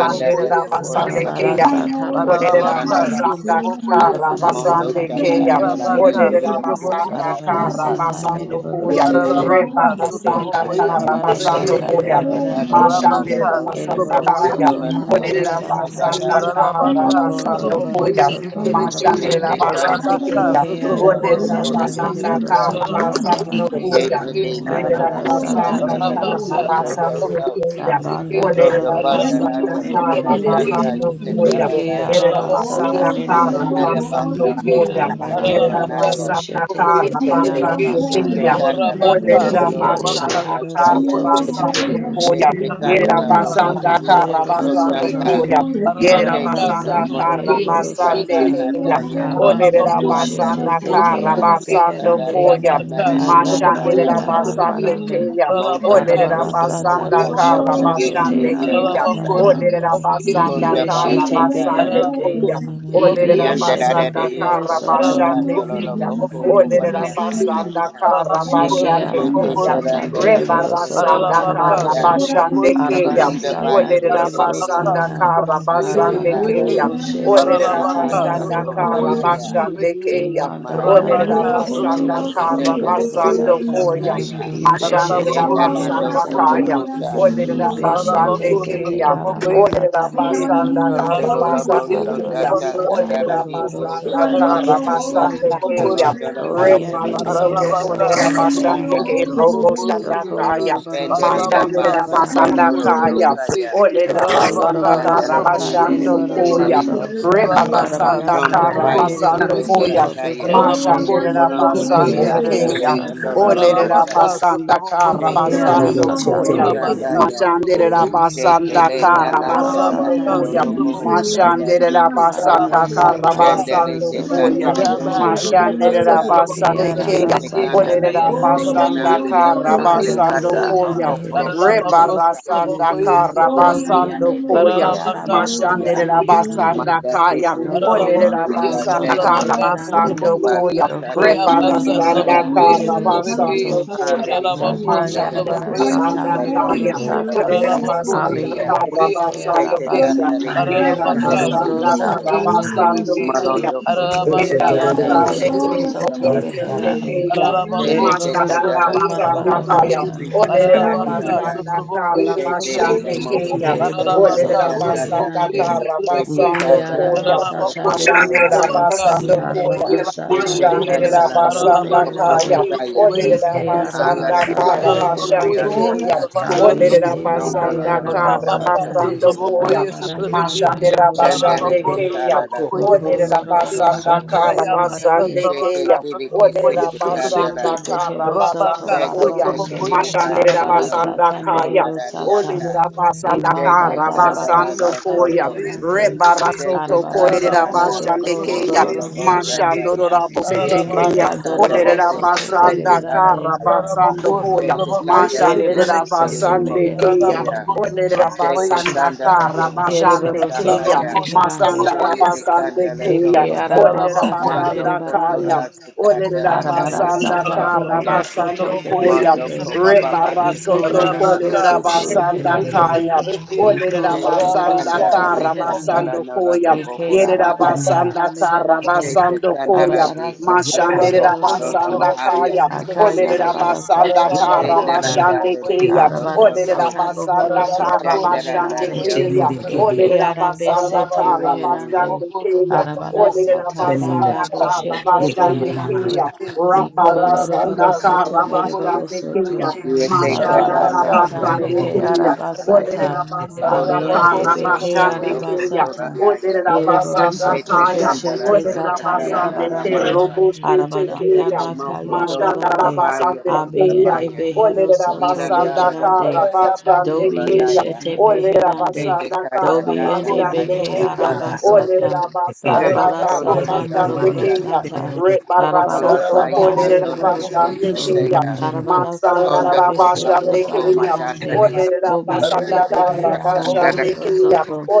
B: you.
F: de bo ora
C: Basande Kea
D: Arabara
F: kapasa
D: sata
F: toko
B: Oh,
C: Orera
F: toranda la.
D: marabarande.
F: te.
C: Basanda
D: Arabara
F: Mondo
G: Sotrabeki,
D: sata
C: Karabasande
F: tata
C: Kea
D: mereboro
F: tara ne
D: soto.
G: Rabaka,
C: Orera
F: diria
G: Sotraboko,
F: fusa
C: Basanda
E: Russia,
D: Arabara
F: patala.
G: Sotrabeki,
D: sata
C: Karabasando
D: mereboro
C: Koya
D: soto.
G: Ararabaka,
C: Rebarasanda
D: Daka
G: Sutrabokoye,
D: yarabara
C: Karabasando
F: Enta
D: sata
A: Get
G: Sutrabekeshete.
C: Koya
F: tara tara
D: mereborande.
F: ne lo lo
G: Arabaka,
C: Mashandera
F: bosa
C: Basanda
A: Thank
D: Ereboro
F: toko
A: you.
G: Sutrabokoye,
C: Kaya
D: soto
F: tola ti
D: marabara
F: anka
C: Orera
G: Sutrabekeshete.
D: sata.
C: Basanda
F: randa la
G: Ararabaka,
D: Doko
C: Karabasando
D: loroboro
G: Sutrabokoye,
C: Koya
D: soto
G: Sutrabeke.
C: Mashandera
F: Jete
D: marabarande.
F: kanda
C: Basande
F: na
G: Arabaka,
C: Kea
D: Ike
F: toko tora
G: Sutraboko,
C: Orera
F: kondoro
D: arabasata
G: Sutrabeke.
C: Basanda
D: mereboro
F: rusita.
D: soto
G: Ararabokoye,
C: Karabasando
D: marabarande.
C: Koya
F: Jete
G: Sutrabeke,
F: de
C: Yerera
F: nana
D: Arabara
G: Sutraboko.
D: sata
F: yakata
C: basanda
F: la
D: behero
G: Arabaka,
C: karma
F: nako
D: sata.
F: soto
C: basando
F: kau.
G: Sutrabokoye,
C: koya.
G: Sutrabeke.
D: Abanda
F: Roto
C: Olerera
D: doroboro
F: banda
G: Arabacos,
D: soto
F: rata
C: basanda
G: otro
F: boka
C: karma
D: mereborande.
F: santa
C: basando koya.
F: yikatala na
D: Ike
C: Yerera
F: yaku.
B: Oh,
D: arabasata
C: basanda
B: yes, I mean,
C: karma
B: yes, I
F: Prondere
D: mereborande.
B: do,
F: basa
C: basando
B: yes, I
F: koto
C: koya.
F: koto
D: Arabaranda
C: Yerera
B: do.
D: boko
F: la
C: basanda
D: shete
C: karma
B: I
D: sete
B: am
C: basando
F: Shete
D: arabasata.
C: koya.
F: kandala toko
C: Olerera
F: tolo
D: Ibiyande
F: toma
C: basanda
D: behero
C: karma
F: asaya.
D: soto
E: Get it
C: basando
D: beherande.
C: koya.
F: Shete
C: Yerera
F: kandala
D: Arabara
F: robo
D: sata
C: basanda
F: horu
D: mere
C: karma
D: boro
C: basando
D: soto.
F: kusotaka.
C: koya. Yerera
D: Arabara
F: Shete
G: bocoso,
C: basanda
G: otro
D: sata
F: kamoro
D: mere
C: karma
F: boko
D: boro
F: sata
C: basande
D: sata.
G: beque,
C: koya.
F: nadaya.
D: Abanda
C: Olerera
F: Panda
D: doshete
F: do
C: basanda
F: broko
D: zete
C: karma
D: ara
F: sota
C: basando
F: kanda
D: beherande.
C: koya.
F: nada nada di
G: Rabacas,
D: Kayara
F: bohora
G: Arabaka,
C: Mashandera
D: baranda
F: kata sa.
C: basande
D: barabarande.
C: keya,
F: Mondo koto
C: olerera
D: Arabara
F: toko
D: sata
C: basanda
G: Sotraboko,
F: tata
C: kara
D: boshoto
F: katela
D: zete
C: basande
D: ara
F: nedia
C: keya,
F: kasa.
D: masata.
C: olerera basanda
F: Konda
C: kara
G: Sotrabeki,
D: Ibiyeshete
F: basanda
B: the
F: da
C: basande
B: Lord,
F: nuke.
D: beherande.
B: yes,
C: keya,
B: I
C: olerera
F: Yanda da
B: do.
D: Ibiyeshete
F: da de
C: basanda
F: dio
D: behero
C: kara
D: soto.
F: kosata
B: Mandolo
C: basande
F: ndolo
C: keya,
B: Samana
F: boko
B: Samia
C: olerera
F: obaria
B: Yosemania,
C: basanda
F: kasa
C: kara
D: Sheke
B: Lele
C: basande
F: Yeke
B: Samia
C: keya,
B: Samia
D: Aramasata
F: terandala
B: Samia
D: Beriboro
C: rebara
F: tekende
D: Soto
B: Samia,
C: sanda
G: Arabaka,
C: kara
F: tetaria.
D: Marabarande
B: Mera
G: Sotraboko,
C: basande
B: Mandolo
C: keya,
D: Arabara
F: Ronda
D: Sata
F: baye
B: Yosemania,
C: olerera
F: kete
D: Beriboro
F: dele
C: basanda
F: moso
D: Sata
E: Shit.
C: kara basande
F: takandaria.
D: Arabaranda
B: Oho
G: Sotrabeki,
C: keya,
D: Boshete
B: Yaya
C: olerera
F: Kondora
D: Zete
G: Paralabaka,
B: Saya
F: basa
C: basanda
B: Samia
C: kara
G: Sotrabokoye,
D: Arabuharande
F: kopanaya.
C: basande
G: Sotrabeke,
B: Yosemania,
C: keya,
D: Imanda
F: Malanda le
B: and
C: Olerera
G: Rabaka,
D: Darabara
A: Yes,
B: Yoho
F: bohora
D: Sete
C: basanda
G: Sotraboko,
D: Roko
F: kasete
C: kara
B: Yosemia
F: le
D: Loroboro
G: Sotrabokoye,
F: kondo
C: basando
B: Yosoya
D: Sata
C: koya.
G: Sotrabeke,
F: satanya.
B: Nasamia,
C: Mashandera
D: Ibeshete
G: Paralabako,
B: Oh
F: Yendalando
D: Rehero
C: basanda
G: Sotraboko,
D: Soto
C: kaya.
B: Yasamia
G: Sotrabeke,
F: tobokosai.
C: Olerera
B: Samia Samia
G: Paralabako,
C: basande
D: Ibeshete Zete
C: keya.
B: Samia,
G: Sotrabokoye,
C: Olerera
D: Aramasata
G: Sotrabeke,
B: Mera
C: basanda
D: Meherande
B: Mandolo
C: kara
F: Kondoro
B: Soya
F: lobo
G: Paralabokoye,
C: basande
B: Soya
D: Arabara
C: keya.
F: sodata
G: Sotrabaka,
D: Sata
F: kandara
B: Soya
C: Olerera
F: di
G: Sotraboko,
D: Boroboro
C: basanda
F: bohosa
D: Soto
B: Hallelujah.
C: kara
D: Behero
G: Paralabaka,
F: terania.
D: Soto
C: basande
G: Sotraboko,
C: keya.
F: Kolondora
G: Sotrabeke,
F: katere
D: Dobiende
F: le
D: Behero
C: Reparasoto
F: kondobo
G: Paralabaka,
D: Soto
C: korera
F: ora
G: Sotraboko,
C: basande
F: basata.
D: Meherande
C: ke robo
G: Sotraboko,
C: shanda
D: Doko
G: Sotrabeke,
C: kaya.
D: lorobaro
F: Shendere
D: soto
F: da
G: Paralabaka,
C: Mashandera
F: baso
D: merebarande.
C: basanda
G: Sotraboko,
F: kotoro
C: kaya.
G: Sotrabeke,
F: dokaya.
C: Olerera
D: Doko
G: Paralabaka,
C: basanda
D: lorobaro
C: kara
D: sata
F: Yandaleti
G: Sotraboko,
C: basando
D: merebaro
G: Sotrabeke,
F: isetelele
C: koya.
G: Beki,
D: soto.
F: nosa,
G: Rabaka
D: Darabara
C: Rebarasanda
F: ronda
D: sata
C: kara
G: Sutramoko
F: baya
C: basando
F: koto
D: merebaro
G: Sutraviki
C: koya.
D: soto
F: sataya,
E: Thank
D: beherande.
G: Aranamoko
C: Mashandera
F: molondo
G: Sutramoko
F: le
D: Ike
C: basande
F: casa
D: arama
F: te
C: keya.
G: Sutraviki
D: sata
F: candola la
C: Olerera
D: beherande.
G: Aranamaka
F: masaka,
C: basanda
G: Sutramoko
C: kara
F: chete te
D: Ike
G: Sutraviki
F: bondo
C: basando
D: araba
F: koto
D: sata
C: koya.
E: you.
G: Rabaka
D: mehero
F: randaya,
D: sata.
G: Sutramoko
C: Mashandera
F: chete
C: basanda
F: le
G: Sutraviki
D: Ike
C: kara
D: araba
F: nalata
B: Oh, yeah,
C: basando
D: sata
G: Aranamaka
B: yeah,
F: katero
C: koya.
B: so you
D: meherande.
B: see,
F: robo
G: Sutramoko
B: you're going
F: sanda
B: to
G: Sutraviki
C: Mashandera
B: mass,
F: yikuna,
B: you're
C: basanda
D: Arabara
B: going
C: kara
D: sata
G: Rabaka
F: sandale
D: mehero
C: basando
F: te
D: soto
C: koya.
F: candela
B: your hole,
F: toko
B: you're
D: beherande.
G: Rabbi,
B: do
G: yeah,
F: proko
B: your
G: about
B: little
C: Mashandera
F: sonda,
G: something
B: hole,
G: about
B: you're going
D: Ike
B: to
C: basande
G: course at
F: te
G: the
D: araba
C: keya.
F: te
D: sata
G: vacation
F: candela
G: day, or
C: Olerera
B: Oh,
G: something
F: dice
B: yeah,
D: meherande.
G: about
B: yeah,
C: basanda
B: your
G: queer,
F: canali
B: hole,
G: something of
C: kara
B: you're
F: andole le
B: do
D: Arabara
B: some
G: vacation
C: basando
B: little
G: day.
F: kata,
D: sata
C: koya.
F: oko
B: mass.
D: mehero
F: proko
G: Paralabaco,
F: tandia kata,
G: something about
C: Rebarasanda
G: queer,
C: kara
G: something of
F: randa
B: Oh, yeah,
F: ma,
B: yeah,
D: Dobi
G: vacation.
D: and
C: basando
B: no,
D: a
F: oko
B: no, you're
D: beke
C: koya.
B: going
F: proko
B: to see
G: Paralabaca,
B: your
F: toko
G: something
B: mass,
D: arabasata
F: ya.
G: about
C: Mashandera
G: queer, something of
D: meherande.
C: basanda
F: Manda
G: vacation.
C: kaya.
B: see
F: pese te
B: you're
D: Doko
F: de
G: Paralabaco,
B: going
D: lorobaro
G: yes,
F: mucha
C: Olerabasanda
B: to
G: something
F: se
D: soto
G: about car, something
F: pronto
D: meherande.
G: about
C: Karabasando
G: cool.
C: Koya,
F: pasa
D: Doko
F: casa de
B: I am
G: Reabasa,
D: lorobaro
B: going
F: Sandola
B: to
F: la
C: Rebarasanda
D: sata
G: trabaco,
B: do some
F: pro.
G: yes,
B: little
G: something
D: merebaro
G: of
B: sun, I am
G: vacation.
C: Karabasando
D: soto.
B: such a
F: Ale
C: Koya,
B: so
F: de
E: Thank
F: que
G: Paralabaco,
D: Zata
B: soon.
G: something
F: cada de
C: Mashandra
G: about
D: yarabara
F: Dios
G: queer,
B: Everybody in
D: sata
G: something
B: your
G: of
C: Basanda
F: cosa
B: hole,
F: da
B: you're
D: merebaro
G: vacation.
C: Kaya,
F: cora
B: do
D: sata.
B: so, yes,
F: basita
G: Ararabako
B: so,
C: Olerabasanda
B: yes,
D: Abi and
F: teria.
D: a
G: sotrabokoye
D: beke
F: Que
C: Karabasando
F: te
G: sotrabeke.
C: Koya,
F: canta de
B: Soya,
D: arabasata.
F: que canta
G: Ararabaka
F: de
D: Dorobaro
C: Yerabasanda
F: que se.
G: sotrabokoye
D: sata mehero
C: Karabasando
G: sotrabeke.
D: soto.
C: Koya,
F: Malondo coto
G: Ararabaka
D: Ribi and
F: cosanda
D: a
F: y
C: Yerabasande
G: sotrabokoye
F: aco
D: behero
F: ora
D: soto
B: soya,
G: sotrabeke.
F: basa ca.
D: reherande.
C: Keya,
F: Que
G: Ararabako
F: le te
D: Yerebaro
C: Mashanda
F: canta
D: soto
F: la
G: sotrabokoye
F: topo
C: Rabasanda
D: marabara
F: ora
G: sotrabeke.
C: Kaya,
D: sata.
F: basita cala la
G: Ararabaka
F: canta.
C: Olerabasanda
G: sotrabokoye
F: Que te de la
G: sotrabeke.
C: Karabasande
F: mojo
C: Keya,
F: se que
D: Ereboro
G: Ararabaka
F: te
D: soto
F: canta.
C: Olerabasanda
G: sotrabokoye
D: meherande.
F: Que
G: sotrabeke.
F: te
C: Karabasando
D: Ike
F: canta la
D: arama
C: Koya,
F: topo
D: sata
F: todo
G: Aralabacoia,
F: la
C: Mashandera
F: masa
D: beherande.
G: Satrabacá,
C: basando
F: caria.
C: koya.
D: Arabara
G: Satrabacoia,
D: sata
F: Tete
G: Satrabequei,
D: behero
C: Mashandera
F: kanalando
D: soto
C: basanda
G: Aralabacá,
F: tokopro
C: kaya.
D: beherande.
F: kotaya.
G: Satrabacoia,
C: Olerera
D: Ike
G: Satrabequei,
D: arama
F: Angala
C: basanda
D: sata
C: kara
F: kalala
C: basande
F: bakoria
G: Aralabacoia,
D: beherande.
C: keya.
F: kasata.
G: Satrabacá,
C: Olerera
D: Abiyende
G: Satrabacô,
B: soya.
D: beke
F: Nondolo
C: basanda
F: no
D: araba
F: nomo
C: kara
G: Rabacá,
F: soto
D: sata.
C: basando
A: Majesty,
F: kotodo
C: koya.
G: Satrabacoia,
D: Arabara
F: namasako.
A: Father,
G: Satrabequei,
A: evil,
D: sata
A: my
C: Mashandera
D: mohoro
F: Shandele
E: you.
C: basande
G: Aralabacô,
D: soto.
F: te
A: devil,
C: keya.
F: kalala
A: your
G: Satrabacoia,
F: koto
E: Thank
D: Oko
A: revolt,
C: Olerera
F: koto no
G: Satrabequei,
D: loroboro
C: basanda
F: bahanda.
D: soto
C: kara
G: Rayabá,
D: merebarande.
C: basande
F: Sheke
G: Satrabacá,
C: keya.
F: tili ke
G: Satrabacoia,
C: Olerera
F: sete
D: Ike
F: kandala
G: Satrabequei,
D: shete
C: basanda
F: te.
C: kara
D: behero soto
G: Rabacá,
C: basando
F: Shete
C: koya.
D: marabarande.
F: kaiteli ne
G: Satrabacoia,
C: Mashandera
F: kateli ne
D: Arabara
G: Satrabequei,
F: oto
C: basanda
D: sata
G: Rabacá,
F: koto
C: kaya.
D: mehero sata.
F: narariaka.
C: Olerera
G: Satrabacoia,
C: basanda
F: Shete
D: Imanda
C: kara
D: darabara
F: kandala
C: basando
F: te
D: sata
C: koya.
F: kondo.
D: beherande.
F: Shete
C: Rebarasoto
D: Arabara
C: korerera
F: kandala
D: sata
F: nala de
D: doko
F: koto
C: bashandekeya.
F: rolo
D: lorobaro sata.
F: bosa
C: Mashandorora
A: yet,
C: bosetekeya.
F: Dete
D: Imanda
F: candela
D: dorobaro
C: Olerera
F: doko
D: soto
F: proko
C: basanda
F: tara
D: berebarande.
C: kara
F: kaya.
C: basando
A: commander,
C: koya.
F: Dete candela
A: shit,
F: deke
C: Mashandera
D: Erebaro
F: tere
D: soto
F: remoto
C: basandekeya.
D: meherande.
F: koya.
C: Olerera
F: Dete
C: basanda
F: candela
C: kara
F: doko dora
D: Erebaro soto
C: bashandekeya.
F: sakaya.
D: meherande.
C: Masandara
F: Shele de candela
C: basandekeya.
D: Eke
F: doko.
D: araba
C: Olerera
A: equal,
D: sata
A: mama,
F: Mando
C: basanda kaya.
D: merebarande.
F: kotora
G: Arabako,
C: Olerera
F: sikataranda
D: Arabara
F: yoko
C: basanda
A: equal,
D: sata
C: kara
G: Rabaka
D: bohoro
F: sotaya.
E: you.
D: soto
C: basando
G: Sotrobokoye
C: koya.
F: Mando
E: Thank
D: beherande.
F: ko
G: Sotrebeki
F: baba basika
D: Iko
C: Rebarasoto
F: tarana
D: lorobaro
G: Rabaka
C: korerera
F: maso
D: soto
A: shit, in
C: basanda
F: kotoro
G: Sotrobokoye
D: beherande.
F: lona.
C: kaya.
G: Sotrebeki
D: Iko
C: Olere
F: Dete
D: loroboro
C: rabasanda
G: Rabaka
D: soto
F: candela deka
G: Sotrobokoye
D: reherande.
C: karabasando
F: tarana rodo
C: koya.
G: Sotrebeki
D: Ike
F: bohora
C: Yere
A: the
G: Rabaka
A: name of
F: masapa.
D: arabasata
C: rabasanda
G: Sotrobokoye
D: meherande.
A: equal,
F: Shete
C: karabasando
G: Sotrebeki
C: koya.
F: Kandarati
D: Arabarasata
A: Yekanda,
C: Mashandere
F: Osotoro
D: behero
G: Arabako
F: Sodota
D: soto.
C: rabasanda
G: Sotrobokoye
F: Maharia
C: kaya.
G: Sotrebeki
C: Olere
F: Pesete
D: Akayarabara sata
C: rabasanda
G: Arabako
D: meherande.
F: Shenaranda
C: karabashande
G: Sotrobokoye
C: keya.
F: Lekoto
G: Sotrebeki
C: Olere
F: Soto
D: Arabarasata bohoro
C: rabasanda
D: soto
G: Arabako
C: karabashande
D: meherande.
F: Tatarandaria
G: Sotrobokoye
C: keya.
F: Ko
G: Sotrebeki
C: Olere
D: Eke
C: rabasanda
D: arabesete
G: Arabaka
D: reherande.
C: karabashande
G: Sotroboko
C: keya.
G: Sotroboko
C: Olere
A: the
D: Arabarasata
A: name of
C: rabasanda
D: banda
G: Rabaka
D: boshete
A: Yekoma,
G: Sotrobokoye
C: karabashande
D: zeherande.
C: keya.
A: mama,
G: Sotrebeki
D: Iko
G: Ararabaka,
D: loroboro
C: Raparasanda
D: soto
G: Sotrabokoye,
D: mereboro
C: karabashande
D: soto.
C: keya.
G: Sotrabeki,
F: USA
A: Mama
C: Mashandara
G: Arabaka,
F: Tatanara
D: Sarabarasata
F: Tokobo
D: meke
G: Sotrabokoye,
F: Uria Sate
G: Sotrabeki,
D: arabasata.
C: Olerera basanda
F: Pondolo
G: Ararabako,
D: Abiyende
C: kara
F: Tobo
D: beke
C: basande
G: Sotrabokoye,
F: Soto
E: you.
C: keya.
D: arabasata.
G: Sotrabeki,
F: Kotorandaya
C: Olerera
D: Yereboro
E: Thank
G: Arabaka,
C: basanda
D: soto
F: Shete
C: kaya.
G: Sotrabokoye,
D: beshete
F: Kandarata
C: Olerera
D: zata
G: Sotrabeki,
F: Katarada
C: basande ke
D: yarabarande.
G: Ararabako,
F: Ramasa
C: robo shete
D: Arabaranda
C: keya.
F: Shete
D: baka
F: Moko
C: Mashanda
F: Toto
C: ra
D: yarabarande.
F: Rabaya
C: basande keya.
D: Abiyende
F: Kostabaya
D: behero
C: Olerera
D: soto
C: basanda
F: Ilandala
C: kara
D: beherande.
F: Bohoso
C: basande
G: Ararabako,
D: Dobi
C: keya.
F: Kotorandaya
D: yeshete
C: Olerera
D: beherande.
F: Sete
C: basanda
F: kata
C: kara
D: Dobi and
F: dada
C: basande
F: naya
D: Ebeke
C: keya.
G: Sotrabokoye,
F: katala do.
G: Sotrabeki,
C: Olerera
D: Arabasata,
F: Sete
C: basanda
G: Ararabako,
C: kara
F: kondolo
D: Darabarasata
F: da
C: basande
G: Sotrabokoye,
C: keya.
F: masaka ya.
G: Sotrabeki,
D: Moroborosata,
F: Sonda
C: Rebarasoto
F: baya
D: Darabarasata
G: Ararabako,
F: kondola de ke
G: Sotrabokoye,
D: Meriborosoto,
G: Sotrabeki,
F: sete
C: kolerabashandekea.
F: ya. Honda
D: Darabarasata
F: to
G: Ararabocoso,
F: pa
D: Bishete
F: kondo
C: Matsandarabashandekea.
G: trabocoyeso,
F: matata
D: Zarabarande,
F: de
G: trebeki.
F: ya.
D: Obi and
F: Tupo ura
G: Arreabaso,
D: Ebeke
F: kasanda da
D: Arabehero
G: trabocoyeso,
F: koto
C: Olerabasandakarabasandekeya.
F: ro.
D: soto.
G: trebeki.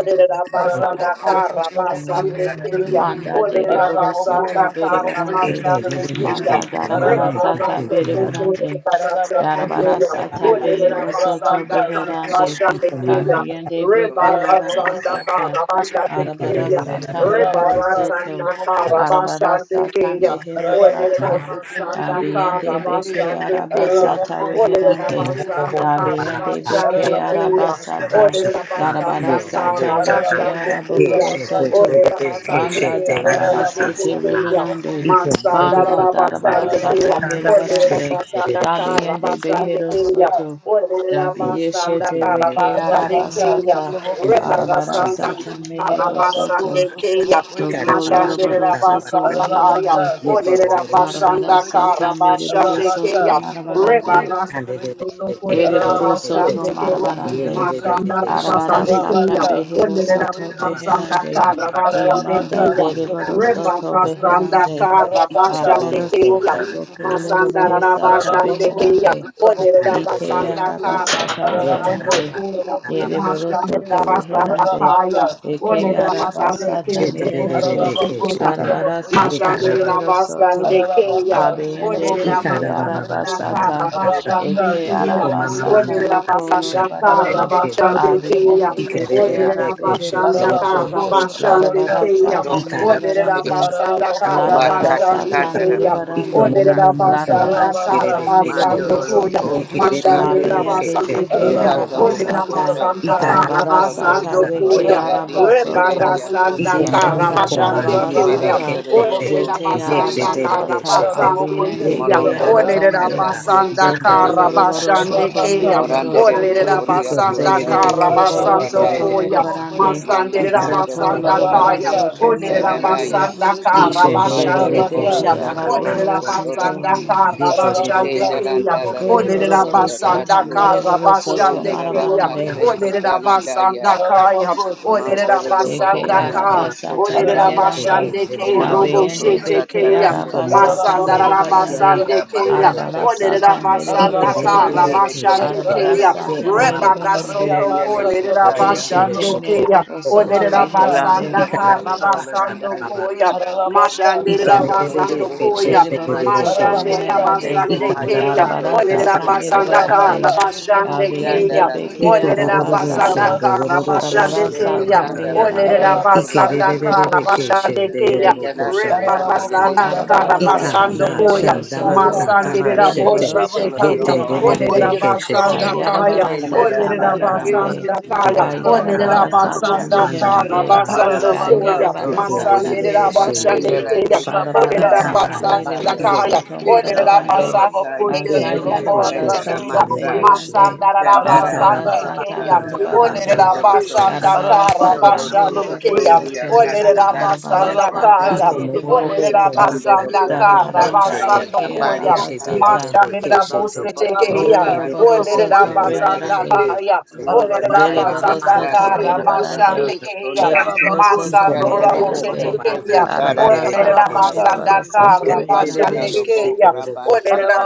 F: Mondo ro
G: Ararabocoso,
F: kutete
G: trabocoyeso,
F: katala de ya
G: trebeki.
D: Manda dere
F: kutata.
D: boro soto
G: Ararabocoso,
D: bere
F: Mando
G: trabocoyeso, trebeki.
F: upa
C: Olerabasandakarabasandekeya.
D: Manda
F: kondo do.
E: you.
D: darabara sata
G: Ararabocoso,
F: do
D: bere
C: Rebarasoto
F: mo.
D: barande.
G: ararabocoso,
F: Sete
D: Darabara
C: kolerabashandekeya.
G: trabocu.
D: sata
F: kundele limo.
D: behero soto
G: Rabacaso,
F: Sete
D: beherande.
G: trabocoso,
F: kata
C: Olerabasandakarabasandekeya.
G: trebeki.
F: do.
D: Kabiyende
F: koto ro.
D: beke
G: Ararabocoso,
F: Sete
D: arabasata.
G: trabocoyeso,
D: Arabara
G: trebeki.
C: Rebarasandakarabashandekeya.
F: kundele la
D: sata
F: dada.
D: mehero
G: Rabacaso,
D: soto.
G: trabocoyeso,
D: Arabara sata
C: Rebarasandakarabasandekeya.
D: mehero sata.
G: Ararabacos, trabalhei, se
D: Abiyende
G: trabalhei.
D: beke
C: Olerabasandakarabasandekeya.
D: arabasata
G: Ararabacos,
A: Iko
D: reherande.
A: bobo
G: trabalhei, se
A: bobo bo
G: trabalhei.
D: Dabiyende
A: bahanda da
D: beke
G: Ararabacos,
C: Olerabasandakarabasandekeya.
A: da ba
D: arabasata.
A: sha
G: trabalhei,
A: da
G: se
A: ba
D: Darabara
A: yo
G: trabalhei.
A: robo
D: sata
A: sha da
D: reke
G: Ararabacos,
A: ye
C: Olerabasandakarabasandekeya.
D: araboro
A: she te
G: trabalhei,
A: de
D: soto.
A: de
G: se
A: de he
G: trabalhei.
A: she
D: Banda
A: te la ra
D: darabara
A: ka
D: sete
A: sha
G: Ararabacos,
A: da ha
C: Olerabasandeke-roboshetekeya.
D: reherande.
G: trabalhei, se
A: iko bobo
G: trabalhei.
A: bobo
D: Banda
A: bahanda
D: darabara
A: ya ra ba
C: Masandarabasandekeya.
D: sata
G: Ararabacos,
A: ka da ba she ki
D: merebarande.
G: trabalhei,
A: de de de she ki
D: Dabiende behero
G: Ararabacos,
C: Olerabasandakarabasandekeya.
D: soto.
G: trabalhei, se
A: de
G: trabalhei.
A: de she te
D: Dabiyeshete
A: de de de
D: reke
A: ke
E: Mm-hmm.
G: Rabaka,
A: ki
C: Olerabasandakarabasandekeya.
D: arabasata.
A: in the
G: Sutrabokoye,
A: name of
D: Arabara
G: Sutrabeki,
A: Jesus
D: sata
C: Rebarasandakarabasandekeya.
D: mehero
G: Aralabako,
D: soto.
C: Rabasande kaya,
G: Sutrabokoye,
A: ika da
D: Doko
A: ba ba sha
C: Mashandere
G: Sutrabeki,
D: lorobaro
A: da ba
D: soto
C: Rabasandakaya,
D: reherande.
G: Aralabaka,
A: ye to
C: Olere
A: ro ro ro
G: Sutrabokoye,
A: sha da
D: Arabara
C: Rabasandaka,
A: ka
D: sata
G: Sutrabeki,
A: ka
D: merebaro
G: Rabaka,
D: soto
C: Rabashandekeya, Reba
D: marabarande.
A: de
G: Sutrabokoye,
A: de de she te
C: Rasotokore
A: de de de
D: Ereboro
A: she
G: Ararabako,
D: soto
A: te
C: Rabashandekeya,
G: Sotrabokoye,
A: ye de
D: marabarande.
A: de de de
G: Sotrebeki,
C: Mashanda
A: de she
D: Arabara
A: te
D: sata
C: Rabasandekeya,
G: Rabaka,
D: behero
C: Olere
G: Sotrabokoye,
D: soto
G: Sotrebeki,
D: beherande.
C: Rabasandaka,
G: Ararabaka,
D: Imanda
C: Rabashandekeya,
D: dereboro
G: Sotrabokoye,
C: Reba
D: soto
G: Sotrebeki,
D: beherande.
C: Rasandaka,
G: Rabaka,
D: Arabara
C: Rabashandekeya,
D: sata
G: Sotrabokoye,
D: roko
G: Sotrebeki,
C: Masanda
D: loroboro sata
G: Ararabakoye,
C: Rabashandekeya,
D: beherande.
C: Olere
G: Sotrabokoye,
D: Ike
G: Sotrebeki,
C: Rabasandaka,
D: arabasata
G: Ararabako,
D: reherande.
C: Rabasandokoya,
G: Sotrabokoye,
C: Mashandere
G: Sotrebeki,
D: Ereborosoto reherande.
C: Rabasandakaya,
G: Rabaka,
D: Ike
C: Ole
G: Sotrabokoye,
C: rabasande ke
D: arabasata
G: Sotrebeki,
D: meherande.
C: bosete
G: Ararabako,
C: keya.
G: Sotrabokoye,
D: Arabarasata
C: Mashande
G: Sotrebeki,
A: Ye
D: meherosoto.
C: rabasande
G: Arabaka,
C: keya. Ole
D: Abeyende
G: Sutrabokoye,
D: beke
G: Sutrabeki,
C: rabasanda ka
D: arabasata.
A: Ikarabababashandabakata.
G: Arabaka,
C: rabashande
D: Eke
C: keya.
A: Yeko mama
G: Sutrabokoye,
D: arabasata
C: Ole
A: manda
D: roko
G: Sutrabeki,
C: rabasanda
A: yarabashanda
C: ka
D: lorobarande.
F: Sete
G: Arabaka,
A: yerekeshete.
C: rabashande keya.
D: Abeyende
G: Sutrabokoye,
D: beke
F: kaya.
C: Ole
G: Sutrabeki,
A: Ikererekeshete
C: rabasanda
G: Arabako,
C: ka
D: arabeherosoto.
A: yoroko
C: rabashande
G: Sutrabaka,
A: shandabaka.
C: keya.
F: Koto
D: Larabarasata
F: la
G: Sutraboko,
F: na
C: Ole
F: de ke.
D: merebarande.
A: Ikarabababashanda
C: rabasanda ka
G: Arabako,
A: yarabakata
F: Mata
C: rabashande
G: Sutrabokoye,
D: Larabarasata
A: bashata.
F: takandara
C: keya.
E: Thank
G: Sutrabeki,
A: Iko
D: merebarande.
C: Ole
A: momo
F: bahosota.
A: momo komba
C: rabasanda ka
G: Arabaka,
D: Larabarasata
C: rabasando
A: yerekeshete.
G: Sutraboko,
F: Mandorolo
C: koya.
D: mereborosoto.
G: Sutraboko,
F: kosa da da
C: Mashande
F: da
G: Sutrabeki,
F: da
D: Labiende
F: da
A: Yekererekeshete
C: rabasande
F: da
D: beke
C: keya.
F: basata
G: Araboko,
A: yoroko
C: Ole
D: arabasata
F: bohokosa.
G: Sutrabaka,
C: rabasanda ka
A: shandabaka.
G: Sutraboko,
F: Toto
D: arabarasata
C: rabasando
D: reke
C: koya.
F: tokondara
G: Rabaka,
F: di
D: arabosoto
G: Sutraboko,
F: sindedia
C: Rebarasanda
A: Iko
F: kosa.
A: momo
G: Sutrabeki,
A: mo
D: zibanda
A: komba
C: Karabashande
A: ndiere
G: Rabaka,
A: re
C: Kenya.
D: darabarasata
F: Malandorolo
A: keshete.
G: Sutraboko,
C: Onerera
F: kosa
D: zete
A: Ye
C: basanda
F: taye.
A: shete
G: Sutrabeki,
A: re re
D: arabasata
A: shete.
G: Araboko,
C: karabasande
A: Ye
D: abiende
A: ko
C: Kenya.
D: ke
A: da da da
F: Malondolo
G: Sutrabaka,
F: la
C: Onerera
D: arabande
F: kanda
A: da.
G: Sutraboko,
F: se ke
C: basanda
A: Anda
D: zoto
A: baba
G: Sutrabeki,
A: kasha.
C: karabashande
D: loroborosoto
G: Rabaka,
C: Kenya.
F: Marandere di
G: Sutraboko,
D: mereborosoto
C: Onerera
A: Iko
F: bohoria
C: basanda
G: Sutrabeki,
F: kosa
A: ndiere
D: zoto
A: re
F: toko
A: keshete re
C: karabasando
G: Arabaka,
A: re
D: loroborosoto
A: re
F: tolandaya.
C: Koya.
G: Sutraboko,
A: keshete.
D: merebarande
F: Malna
C: Masandera
F: dodo
A: Ikara
G: Sutrabeki,
D: Zoto
F: toko
A: baba
C: basanda
A: kasha.
D: lorobaro
C: Kaya.
G: Rabaka,
F: toratia
D: soto
G: Sutrabokoye,
D: merebarande
F: shetanandaya.
G: Sutrabeki,
C: Rabasandaka,
A: Isho ndoro ro
D: ibeshete
A: ro
F: Mandoro
A: ko
G: Rabaka,
D: zete
C: Rabashandekeya,
A: shanda
F: bohosa
A: ba
F: torolo
A: kanda
D: arabehero
G: Sutrabokoye,
A: ba.
D: soto
G: Sutrabeki,
F: kondoroti.
C: Olerabasandaka,
A: Ye te re re re re
G: Rabaka,
C: Rabashandekeya,
F: Shenaranda
A: keshete
D: ko
A: re
F: la
A: re
G: Sutrabokoye,
F: koto
A: ke
D: lorobaro
A: ndiere ba shanda
G: Sutrabeki,
D: sata
C: Olerabasandaka,
F: satatu.
A: ba.
D: merebaro soto
G: Rabakoye,
F: Kondara da
C: Rabashandekeya,
D: marabarande
G: Sutrabokoye,
A: Ikamba
F: base
A: baba kasha.
G: Sutrabeki,
F: ketanandaya.
A: anda
C: Olerabasandakaya,
G: Rabako,
A: baka
F: Mantoro
G: Sutrabokoye,
F: da
D: eke
F: boho
A: Anda
C: Olerabasandaka,
G: Sutrabeki,
A: baba
F: koso
D: arabasata
A: baba
F: tokandaya.
G: Rabaka,
D: meherande
A: sheke de de
C: Olerabashandeke,
A: de de ke
F: Monondo
C: Robo
G: Sutrabokoye,
D: kabeyende
A: sheke.
F: kosa
E: you.
D: beke
G: Sutrabeki,
C: Shetekeya,
A: Yiko
F: talandele de
A: mobo
D: arabasata
A: boko
F: kosa
C: Masanda
G: Rabakoye, Sutraboko,
A: ma
E: Thank you.
F: paya.
D: merebarande
A: yara ma
C: Rabasande
F: Da
A: de
C: Kaya.
A: robo
F: bahanda
A: ko shata.
G: Sutrabeki,
D: arabarasata
C: Olerera
F: hasaka.
D: merebaro
A: Ite
C: basanda
A: de de de
D: soto
C: kara
G: Rabakoye,
A: de
F: Kandele
A: ke
F: de
C: bashande
G: Sutrabaka,
A: sheke.
F: katala.
C: keya.
A: Ye
D: arabarasata
G: Sutraboko,
A: kuma baba
C: Rebara
D: merebarande
A: kanda ba
C: soto ko
F: Shenele
G: Rayabasa,
A: shanda de
C: lerera
A: de
G: Sutraboko,
A: de
F: kataya.
A: ki ye
D: Keshete
C: bashande
A: shoto
C: keya.
G: Sutraboko,
D: Meribaro
A: boko.
D: Soto
C: Olerera
G: Rabaka,
F: Betelanda
D: Reherande,
C: basanda
F: la
A: Ikara
G: Supravokoye,
C: kara
A: baba
F: dokoto la
A: kanda
C: basando
G: Supraviki,
F: dandaya.
A: baba.
C: koya.
G: Ararabaka,
A: Ika
C: Mashandera
A: de
F: Pronda
A: de de
G: Supravokoye,
F: bobo
A: de
C: basando
A: ke
F: boho
C: koya.
A: sheke
F: soto
G: Supraviki,
A: de
D: Eribaro
A: de de
F: maya.
A: ke
D: Soto
A: sheke.
C: Mashandera
G: Ararabaka,
D: Meherande,
F: Bete
C: basande
A: Ikanda
F: maya
G: Supravokoye,
C: keya.
A: baba
D: Yarabara
F: kotolo to
C: Olerera
A: shata.
G: Supraviki,
D: Sata
F: kosa
C: basanda kara
F: tata.
D: Meribarande,
G: Rabaka,
C: bashande
G: Supravokoye,
D: Abiende
C: keya.
F: Jandala tu
D: Beke
G: Supraviki,
A: Iko
F: kotolo no
A: rororo
F: ye.
A: son
D: Arabasata,
C: Olerabasandaka
G: Riabasu,
A: rororo ko
G: Supravokoye,
D: Arabara
A: shanda
F: Jete
A: baba
C: rabashandekeya.
D: Sata
G: Supraviki,
F: candela
A: kanda ha.
F: toko
D: Meherande,
F: toro
A: Ike
G: Ararabaka,
A: re re
C: Olerabasandaka
A: re
F: naya.
A: re re
G: Supravokoye,
A: ke shen de ge
C: rabashandekeya.
G: Supraviki,
A: roro ko
F: Candela ta
A: shanda baba
F: candela de
A: kata.
G: Ararabokoye,
C: Rebarasandaka
F: coso
D: Arabara
G: Ba,
F: toya.
D: sata
A: Ika da
C: rabasandokoya.
D: mereboro
A: shanda ba
D: soto,
F: Shete
G: Rabakaya,
A: kata ba
F: candela
D: dereboro
A: shete.
F: tika tolo
G: Orarabaka,
D: soto
A: Ye
C: Masandiraboshetekeya.
A: te re
F: domo
A: re re
F: ruko
D: marabarande,
A: re
G: Supravokoye,
A: ke
F: se.
A: shete.
G: Sutravako,
C: Olerabasandakaya.
D: kayarabara
A: Iko
G: Supravokoye,
A: da
F: Candela
D: sata
F: ta
A: baba
F: da da
A: kanda
G: Supraviki,
A: ba
D: meherande,
F: masa
E: Thank
G: Shitiya,
A: shite
C: Olerabasandakaya.
A: ge
F: toko
A: ra ba
F: ta.
G: Sutravaka,
D: kayarabara
A: kanda ha.
D: sata
F: Ya.
G: Sutravako,
C: Olerabasandaka
A: Anda baba
D: meherande,
A: kanda ba
F: Candela
A: se.
G: Ararabaka,
F: toko
C: rabasandokoya.
A: Ye
D: kayarabara
A: ke
F: tosha.
A: re
D: sata
G: Sotrobokoye,
A: re re re shen
G: Sotrebeke,
A: de ge
D: merebarande,
F: Candela
A: roro
C: Masandirabashandekeya.
A: sa.
F: tika
D: arabara
F: tala
G: Rabaka,
F: na
A: Ika
D: sata
A: ba da ba
G: Sotrobokoye,
D: mereboro
F: taya.
A: yo.
C: Olerabasandakaya.
D: soto
G: Sotrebeke,
F: So
D: marabarande,
F: anola
C: Olerabasandakaya.
F: taya
G: Ararabokoye,
A: Iko
F: kusete
C: Robo
D: akayarabara
G: Sotrabaka,
F: candela
D: sata
C: shetekeya, kaya,
G: Sotrobokoye,
F: masa.
C: kaya, kara
D: meherande,
C: kara
F: Candela da
D: arabara
G: Ararabaka,
C: basande
F: baha
D: sata
C: keya.
F: candela
G: Sotrobokoye,
F: toko
D: murabarande,
C: Onerera
F: toro
G: Sotrebeke,
F: to.
C: basanda
D: arabara
C: kaya.
G: Ararabaka,
D: sata
F: Dondo toko
D: mereboro
G: Sotrobokoye,
F: toria
D: soto,
F: casa
G: Sotrebeke,
C: Onerera
F: dara ya
D: Arabarasata
G: Ararabaka,
F: te
D: mere
G: Sotrobokoye,
D: barosoto
F: Rondo do
G: Sotrebeke,
C: basanda
F: boko
C: kara
F: sapa
D: Darabaranda
F: ya
G: Arabaka,
C: basando
D: deke
F: kambari
C: koya.
A: Ika
G: Sotrobokoye,
F: kanda.
D: arabasata.
G: Sotrebeke,
C: Mashandera
F: Rondo
C: bosete
F: boko
C: keya.
G: Arabaka,
F: satanda la
C: Onerera
D: Koloroborosoto
G: Sotrobokoye,
F: teka kaya.
C: basanda
D: reherande.
G: Sotrebeke,
C: kaya.
F: Ura
C: Onerera
F: na
G: Ararabaka,
F: ya
C: basanda
D: Deriborosoto
F: kasata
G: Sotrobokoye,
C: kara
F: ya santo
D: merebarande.
C: basande
G: Sotrebeke,
C: keya.
F: tokonda.
G: Ararabako
D: Deriborosoto
C: Masandora
G: sotrabako
F: Candere
G: ye
F: de
C: bosete
F: boho
D: merebarande.
G: sotrabeke.
C: keya.
F: kosa
E: you.
F: gara da
C: Onerera
F: baha
D: Arabarasata
G: Ararabaka
D: mere
E: Thank
F: soko.
C: basanda
G: sotrabako
D: barosoto
G: ye
C: koya,
F: Panda
D: reherande.
F: da
C: Masandarabasandekea.
G: sotrabeke
F: do bo
G: shiti.
C: Olerabasandakarabasandekeya. Olerabasandakaya. Olerabasandakarabasandokoya. kara Olerabasandakaya. Olerabasandakarabasandekeya. Masandorabosetekeya. Olerabasandakarabasandekeya.
F: raba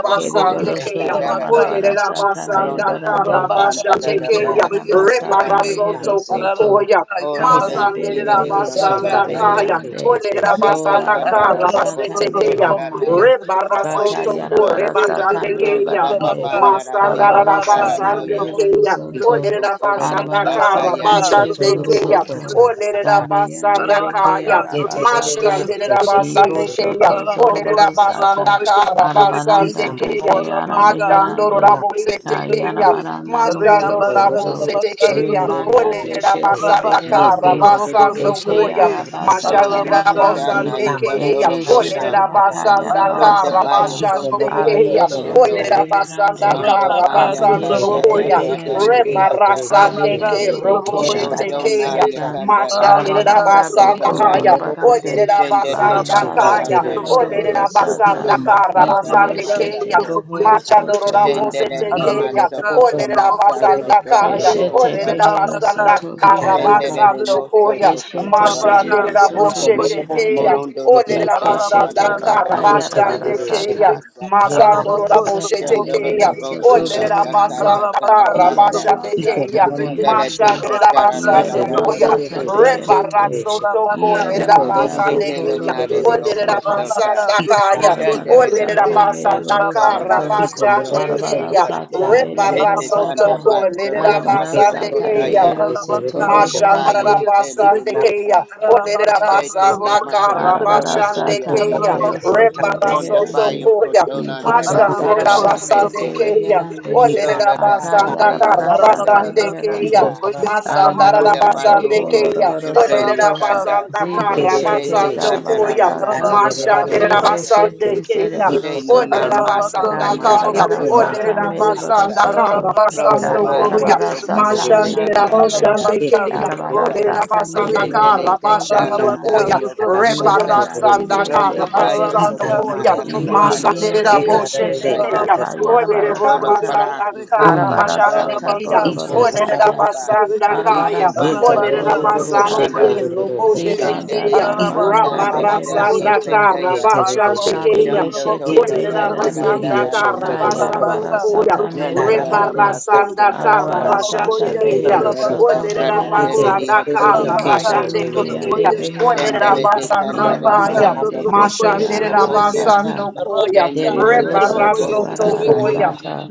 F: de hise
G: ye
F: te
D: Kereborosoto
A: baba
F: kandara
G: sotrabaka
F: te.
D: Marabarasata
G: sotrabako.
C: Olerabasanda
F: Marondo koto
D: Merebarande
G: Rabaka
F: banda da da
D: Eke
C: karabashandekeya.
A: Ikanda
F: baha
G: sotrabako ye
F: soko
A: basha
D: Arabasata
F: banda
G: sotrabeke.
F: de
A: ka
C: Rebarasoto
F: kise.
D: Meherosoto
C: koya.
G: Ararabaka
F: Hola
A: yeke
D: Banda
G: yabasu.
F: de ile de
A: derere
F: kondola
A: shende
G: Rabba.
D: Bereborosoto
C: Masanderabasanda
A: derere
F: taya.
C: kaya.
A: keshe
D: Beherande
A: deya
F: Shete
G: Arabaka,
C: Olerabasanda
F: kandola do
D: Bolarabarasata
G: Satrabako
F: boko
A: iko
F: dola
C: karabasetekeya.
F: la na
G: Satrabakoya
A: mamanda
D: Merebarande
F: yete
A: kasha
F: sabayo
G: Satrabakoya
C: Rebarasoto ko
F: kondo.
G: Satrabake
D: Bakayarabarasata
G: Shetea
F: Rondo
C: rebashandekeya.
F: baba
A: iko
D: Merebarande
F: ba
G: Satrabaka
A: bobo bobo
F: narate
A: kombanda
G: Rabaka
F: katala
A: ya
D: Arabarasata
F: noyo.
A: kasha
G: Satrabako
C: Masandarabasandekeya.
A: kige
D: Mereborosoto
G: Satrabake
F: Koto
G: Shete
F: uromo
C: Olerabasanda
D: Arabarasata
G: Arabaka
F: sataya.
A: isho toruro
G: Satrabako
A: ro
C: karabashandekeya.
D: Mereborosoto
A: koshanda
G: Satrabake
A: ka
G: Shete
D: Dabiyande
C: Olerabasanda
D: Beke
G: Arabaka
C: kaya.
A: yete
G: Satrabakoya
A: derere
D: Arabasata
A: keshe
G: Satrabake
A: derere ro
C: Mashandirabasandekeya.
D: Iboshoto
G: Arabako
A: koshanda
C: Olerabasanda
A: ya
D: Zorobarosata
G: Satrabakoya Satrabake
E: you.
D: Arabaranda
A: ikamba
C: karabasandekeya.
D: beke
A: baba
G: Orabaka,
A: kasha
E: Thank
A: ka
C: Mashandoro
D: arameherande
C: Rabo,
G: Sotrabokoye,
C: sete
G: Sotrabeki,
C: keya,
D: kayarabaranda muhuro
A: yeko
C: Mashandoro
G: Reabasa,
C: Rabo,
D: soto
A: rororo
C: sete
G: Trabaka,
A: she
C: keya,
A: derere
D: rimanda
G: Sotraboko,
C: Ode
A: keshe
D: beshete
C: rabasanda
G: Rabaka,
A: yeke
D: beherande
C: Kara
G: Sotraboko,
A: derere
C: basando
D: eke
C: koya,
G: Sotrabeki,
A: she
F: Koto
D: arabasata
C: Mashande
G: Ararabaka,
C: rabo
D: meherande
A: Ye
F: isetana
C: sande
G: Sotrabokoye,
A: kambaba
C: keya,
D: eke
F: yekatolo
C: Ode
F: brosa.
D: shete
G: Sotrabeki,
A: kashanda baba
D: raka
C: rabasanda
F: Pronto
C: Kara
G: Ararabaka,
D: yarabarasata
F: baya
A: iko
F: koto
G: Sotrabokoye,
A: mobobo
C: Mashandororabosetekeya.
A: boko
C: Mashandororabosetekeya.
G: Sotrabeki,
D: abiyeshete
F: basatono.
A: manda Ye
G: Shindi,
D: beherande
A: kiyana
F: Brondo
G: Rabaka,
F: baya
A: ike
F: kata
D: abiyeshete
G: Sotrabokoye,
C: Olerabasandakarabasandokoya. Mashandirabosandekeya. Olerabasandakarabasandekeya. Olerabasandakarabasandokoya.
A: rerere
F: satada
A: keshe
D: beherande
G: Sotrabeki,
F: liria
A: rerere
F: kasa.
G: Rabaka,
A: keshe
C: Rebarasandeke
D: abiyende deke
A: ye
G: Sotrabokoye,
F: Koto
A: ndara baba
F: dona
C: roboshetekeya.
G: Sotrabeki,
D: arabasata
A: kashanda
F: yakandara de
G: Ararabaka,
D: arabaranda boko
F: okosoto
A: iko
F: ya.
G: Sotrabokoye,
C: Mashandedabasandakaya.
A: mobobo boko
D: lorobarande
G: Sotrabeki,
F: Sendete
A: rerere sheke
G: Rabaka,
F: katara
C: Olededabasandakaya.
D: arabarasata
A: tere
F: dera
A: sheke
G: Sotrabokoye,
F: kosoto
D: lorobarosata
A: iko
F: ura
G: Sotrabeki,
A: mababa
F: masatana
G: Ararabaka
D: Ibiyeshete
C: Olededabasandakarabasandekeya.
F: masako.
D: bohoro
G: sutrabokoye
D: soto
G: sutrabeke.
A: kashanda
F: Shendere de
D: marabarande.
A: iko
C: Machandorodabosetekeya.
G: Ararabaka
A: mobobo
F: masoko to
A: boko
G: sutrabokoye
F: masako
A: rerere
F: toro de
C: Olededabasandakaya.
G: sutrabeke.
A: sheke
D: Keshete
F: bohusaka.
D: behero
G: Ararabaka
D: soto
A: ika baba
G: sutrabokoye
D: beherande.
F: Shendere de
E: you.
A: kashanda
G: sutrabeke.
F: moso
C: Olededabasandakarabasandokoya.
F: toko
E: Thank
D: Keshete
F: toro de
G: Ararabaka
E: you.
D: behero
F: masaka.
D: soto
A: iko
G: sutrabokoye
A: mobobo
D: beherande.
A: boko
C: Mashandedaboshetekeya.
G: sutrabeke.
F: Morondo de
A: rerere
F: kata
A: keshe
D: Ikeshete
G: Ararabaka
F: sandala de
D: baka
A: ye
G: sutrabokoye
A: tere
F: masoko
D: yarabara
A: rerere
F: noro de
D: sata.
C: Olededabasandakarabasandekeya.
G: sutrabeke.
A: sheke
F: masaka.
A: ye
D: Arabara
G: Ararabako
D: sata
A: kanda
F: Shendolo
G: sutrabokoye
F: de
C: Masandorodabosetekeya.
D: mehero soto
G: sutrabeke.
F: bosonda da
D: beherande.
F: kata tana
G: Rabaka
D: Iyere
F: basa.
G: Sutrabokoye
A: Iko
D: masata
A: mama
G: Sutrabeke,
A: moko
F: Kundara
A: ba
D: beherande.
F: tika
G: Rabaka
F: tarandala
A: yeke
C: basando
D: Iyere
A: de
F: da
A: de de
C: koya.
F: lolo
G: Sutrabokoye
A: de
D: masata
A: de
F: kosa.
A: sheke
G: Sutrabeke,
A: de
D: beherande.
A: de sheke.
C: Rebarasoto
G: Rabaka
D: Iyere
C: korera
A: Iko de
D: manda
A: de de
F: Ishe
G: Sutrabokoye
C: basande
A: de
D: boko
A: de
F: tele
C: kuya.
A: shere
G: Sutrabeke,
F: nali
A: ro
F: de
D: loroboro
A: ko
C: Olerera
D: soto.
A: shata.
F: okosota.
G: Rabaka
C: basanda
A: Ika ra
C: kaya.
A: ba
G: Sutraboko
D: Darabara
A: ba shanda ra
F: Shendere
A: ba
F: de
C: Olerera
G: Sutrabeke,
D: sata
A: ka
D: mere
C: basanda
F: bohusoko
A: shata.
F: toro
G: Rabaka
C: kara
F: noro
D: borosoto.
A: Iko
F: koto
A: momo
C: basande
G: Sutrabokoye
A: moko
D: Darabara
A: ba
C: keya.
G: Sutrabeke,
D: sata
A: da
D: mere
A: ya ra
F: Shete
A: ba
C: Rebarasoto
G: Rabaka
D: borosata.
F: kanda
A: shanda.
C: korera
F: batoro
G: Sutrabokoye
F: no
D: Arabara
A: Yeke
F: maso
C: basande
A: de de
G: Sutrabeke,
A: de
D: sata
A: de
C: keya.
A: ke
F: kotaya.
D: behero
A: shete de ro
G: Rabaka
D: soto
A: ro ko
F: Donde
A: shata.
F: bayi
D: beherande.
C: Mashandara
G: Sutrabokoye
F: kitele
A: Ika ra
G: Sutrabeke,
A: ba
F: limosa.
C: basandekeya,
A: ba ba ka shanda
G: Rabaka
F: Shete
A: ra ba ka
F: te
A: ta
G: Sutrabokoye
A: ya
F: maso
A: shata.
D: Arabara
F: kotona
G: Sutrabeke,
F: taya
A: Iko
D: sata
A: ba
C: basandekeya,
F: kese.
D: mehero
A: ya
G: Rabako
A: ba ka
D: soto
A: da
C: rebara
A: ba
F: Pronda
G: Sutrabokoye
C: soto
D: beherande.
F: bayo
A: sheke te.
C: Koya,
G: Sutrabeke,
F: kotona
A: Yeke
F: nera
D: Ibanda
A: ro ro
F: dio
A: ko
C: Mashandera
E: Thank
G: Rabako
D: darabara
A: shanda ra ba ka
F: kasete.
D: sete
G: Sutrabokoye
C: Mashandarabasandekeya,
D: reherande.
E: you.
G: Ararabaka,
F: Shola
A: ra ba
F: da
A: ba
F: kate
D: Akayarabara sata
F: setandola dokosa,
C: Olerabasandakarabasandekeya,
A: Iko
F: kosa.
D: meherande.
A: baba baba kasha.
C: Rebarasotokoya,
F: Pronda
D: Arabaranda
F: batu
D: boko
C: Mashandarabasandekeya,
F: roku
D: lorobaro
F: shuta
D: soto.
F: yakanda.
A: Ike
D: Zibe
A: re re re
F: Shete
A: re
D: shete
F: kanda
A: shete.
F: la
D: zarabara
F: la
C: Olerabasandakarabasandekeya, Masandarabasandekeya,
F: la la
D: sata.
F: la
A: Daki re
F: la
A: re re
C: mashandera
A: re
D: Zibe
F: te.
A: shete.
D: shete
C: basandekeya
A: Iko
D: zerebaro
A: ma
F: Shena
A: re
F: na
A: re
C: basanda
D: soto.
F: mata
C: basanda
G: Sutra
A: shete.
F: komasa
D: Kayarabara
A: Iko ma
F: kotola
D: sata
C: basanda
F: do
A: kanda
D: merebaro
C: basanda basanda
A: basha.
C: kaya,
D: soto.
A: Iko
C: kara
F: Pronto
A: bobo
C: kara
F: Bayu
A: ko
C: kara kara
G: Bokoye,
D: Kayarabara
A: ma
F: Kotoba
G: Sutra
A: re
D: sata
A: re
F: Nada
A: re
G: Beki,
F: Nadia
A: shete.
D: merebarande.
F: Kanda
A: Ye
G: Ararabaka
F: Dario
A: shete re
D: Arabara
A: re
F: Kosa
A: re
G: sutrabokoye
C: basando basando
A: ke
D: sata
A: shete.
D: mehero
G: sutrabeki.
F: Shendele
D: soto
F: Keta
A: Iko
C: basando
F: La
A: ma
G: Ararabaka
A: ma
D: beherande.
A: ma
F: Dario
A: da ba
F: Kosa
G: sutrabokoye
A: shete
C: rebara
A: yo
D: Imanda
F: Te
C: kaya,
A: ro ko
G: sutrabeki.
D: ribiande
A: shata.
F: Pronto Bayu
A: Ita
D: beherande
G: Ararabaka
A: ma
F: Kotoma
C: Olerabasandakarabasandokaya,
A: le.
C: Mashanderaboshandekenya, Olerabasandakarabasandokoya, Rebarasandakarabasandokoya,
A: Thank you
G: sutrabokoye
A: Jesus.
F: Asakato
D: irabiande
F: Rodo
G: sutrabeki.
A: Eka re re
D: beshete
A: re
F: Mosataya
C: Mashanderaboshetekeya,
D: zata
A: shete.
G: Ararabako
D: yarabara
F: Kotola
G: sutrabokoye
D: sata
F: Paraki
G: sutrabeki.
F: Te
A: Mm.
D: arabara
F: Ikandara
D: sata
G: Ararabaka
C: Olerabasandakarabasandekeya,
F: Lokonto
D: boroboro
F: Po
A: Isha ta ba ba
D: sata
G: sutrabokoye
A: ba
F: Ushikapa
A: ta
G: sutrabeki.
A: ta.
D: arabara
C: Olerabasandakaya,
A: Ye to
F: Ishibanda
D: sata
F: La
A: ro
C: kara
A: ro
G: Ararabaka
A: ro ro
E: Thank
D: boroboro
F: Proko
A: ro sho
D: sata
A: to
G: sutrabokoye
F: Popanda
A: ro ro ro ko
G: sutrabeki.
A: ta ta.
D: zibanda
F: Shendele
C: Roboshetekeya,
A: Ita ta
G: Ararabako
D: darabaranda
A: ba ba
F: Manandanda
A: ba
D: behero
A: ta ta ba
F: Radaki
G: sutrabokoye.
D: soto
A: she ke te
F: Setaya
A: re re she
G: Arabako
A: te.
D: kabi
C: Rabarasandakarabasandekeya,
F: Shondo
A: Ye
D: yeshete
G: sutrabokoye
A: te
F: Toka
A: re re re
D: beherande
G: sutrabeki
A: ki
F: Tataranda
C: Olerabasanda
A: yo
G: shidi.
A: sho
F: Rada
A: to bo bo ko
F: Masaka
A: ba.
C: karabasando
D: kayarabara
G: Arabaka
C: koya.
D: sata
A: Ita
G: sutrabokoye
A: ra ba ba
F: Shandara
A: ba
D: merebarande
G: sutrabeki.
A: ta
F: Masata
C: Rebarasanda
A: ta ba ba ta ta
D: Arabara
F: Basama
D: sata
C: karabashande
A: she
G: Rabakoye
A: te re
C: keya.
D: behero
A: re ke
F: Sondoro
G: Sutrabaka
A: she.
D: soto
F: Cantara
A: Ye
F: de
G: Sutraboku
A: ke
D: beherande.
A: re
C: Olerabasanda
A: re
F: Rioco
A: re re ke
G: Rabaka
D: Imanda
F: Sabayo
A: she
C: karabashande
A: de
F: Kundo
D: ribi
A: re ro ro
D: yande
C: keya.
A: ko
G: Sutrabokoye
A: sha ta ba ba
D: beherande.
G: Sutrabeki
F: Shendele
A: ta.
F: de
A: ta.
C: Olerabasanda
F: Cantara
D: Irabi
G: Rabaka
A: Ita
C: kaya.
F: Baja
A: ba ba
D: yande
A: ba
D: beke
F: Socoto
A: ta ta
G: Sutrabokoye
A: ba ta
G: Sutrabeki
F: Tocopoya
D: arabasata.
C: Mashanderabasando
A: ta sha
C: koya.
F: Shende
G: Rabaka
F: Mandara
D: Deriboroso to
G: Sutrabokoye
F: Loboho
C: Rebarasoto
G: Sutrabeki
A: mama
C: koya.
F: Casata
A: manda.
D: barabarasata,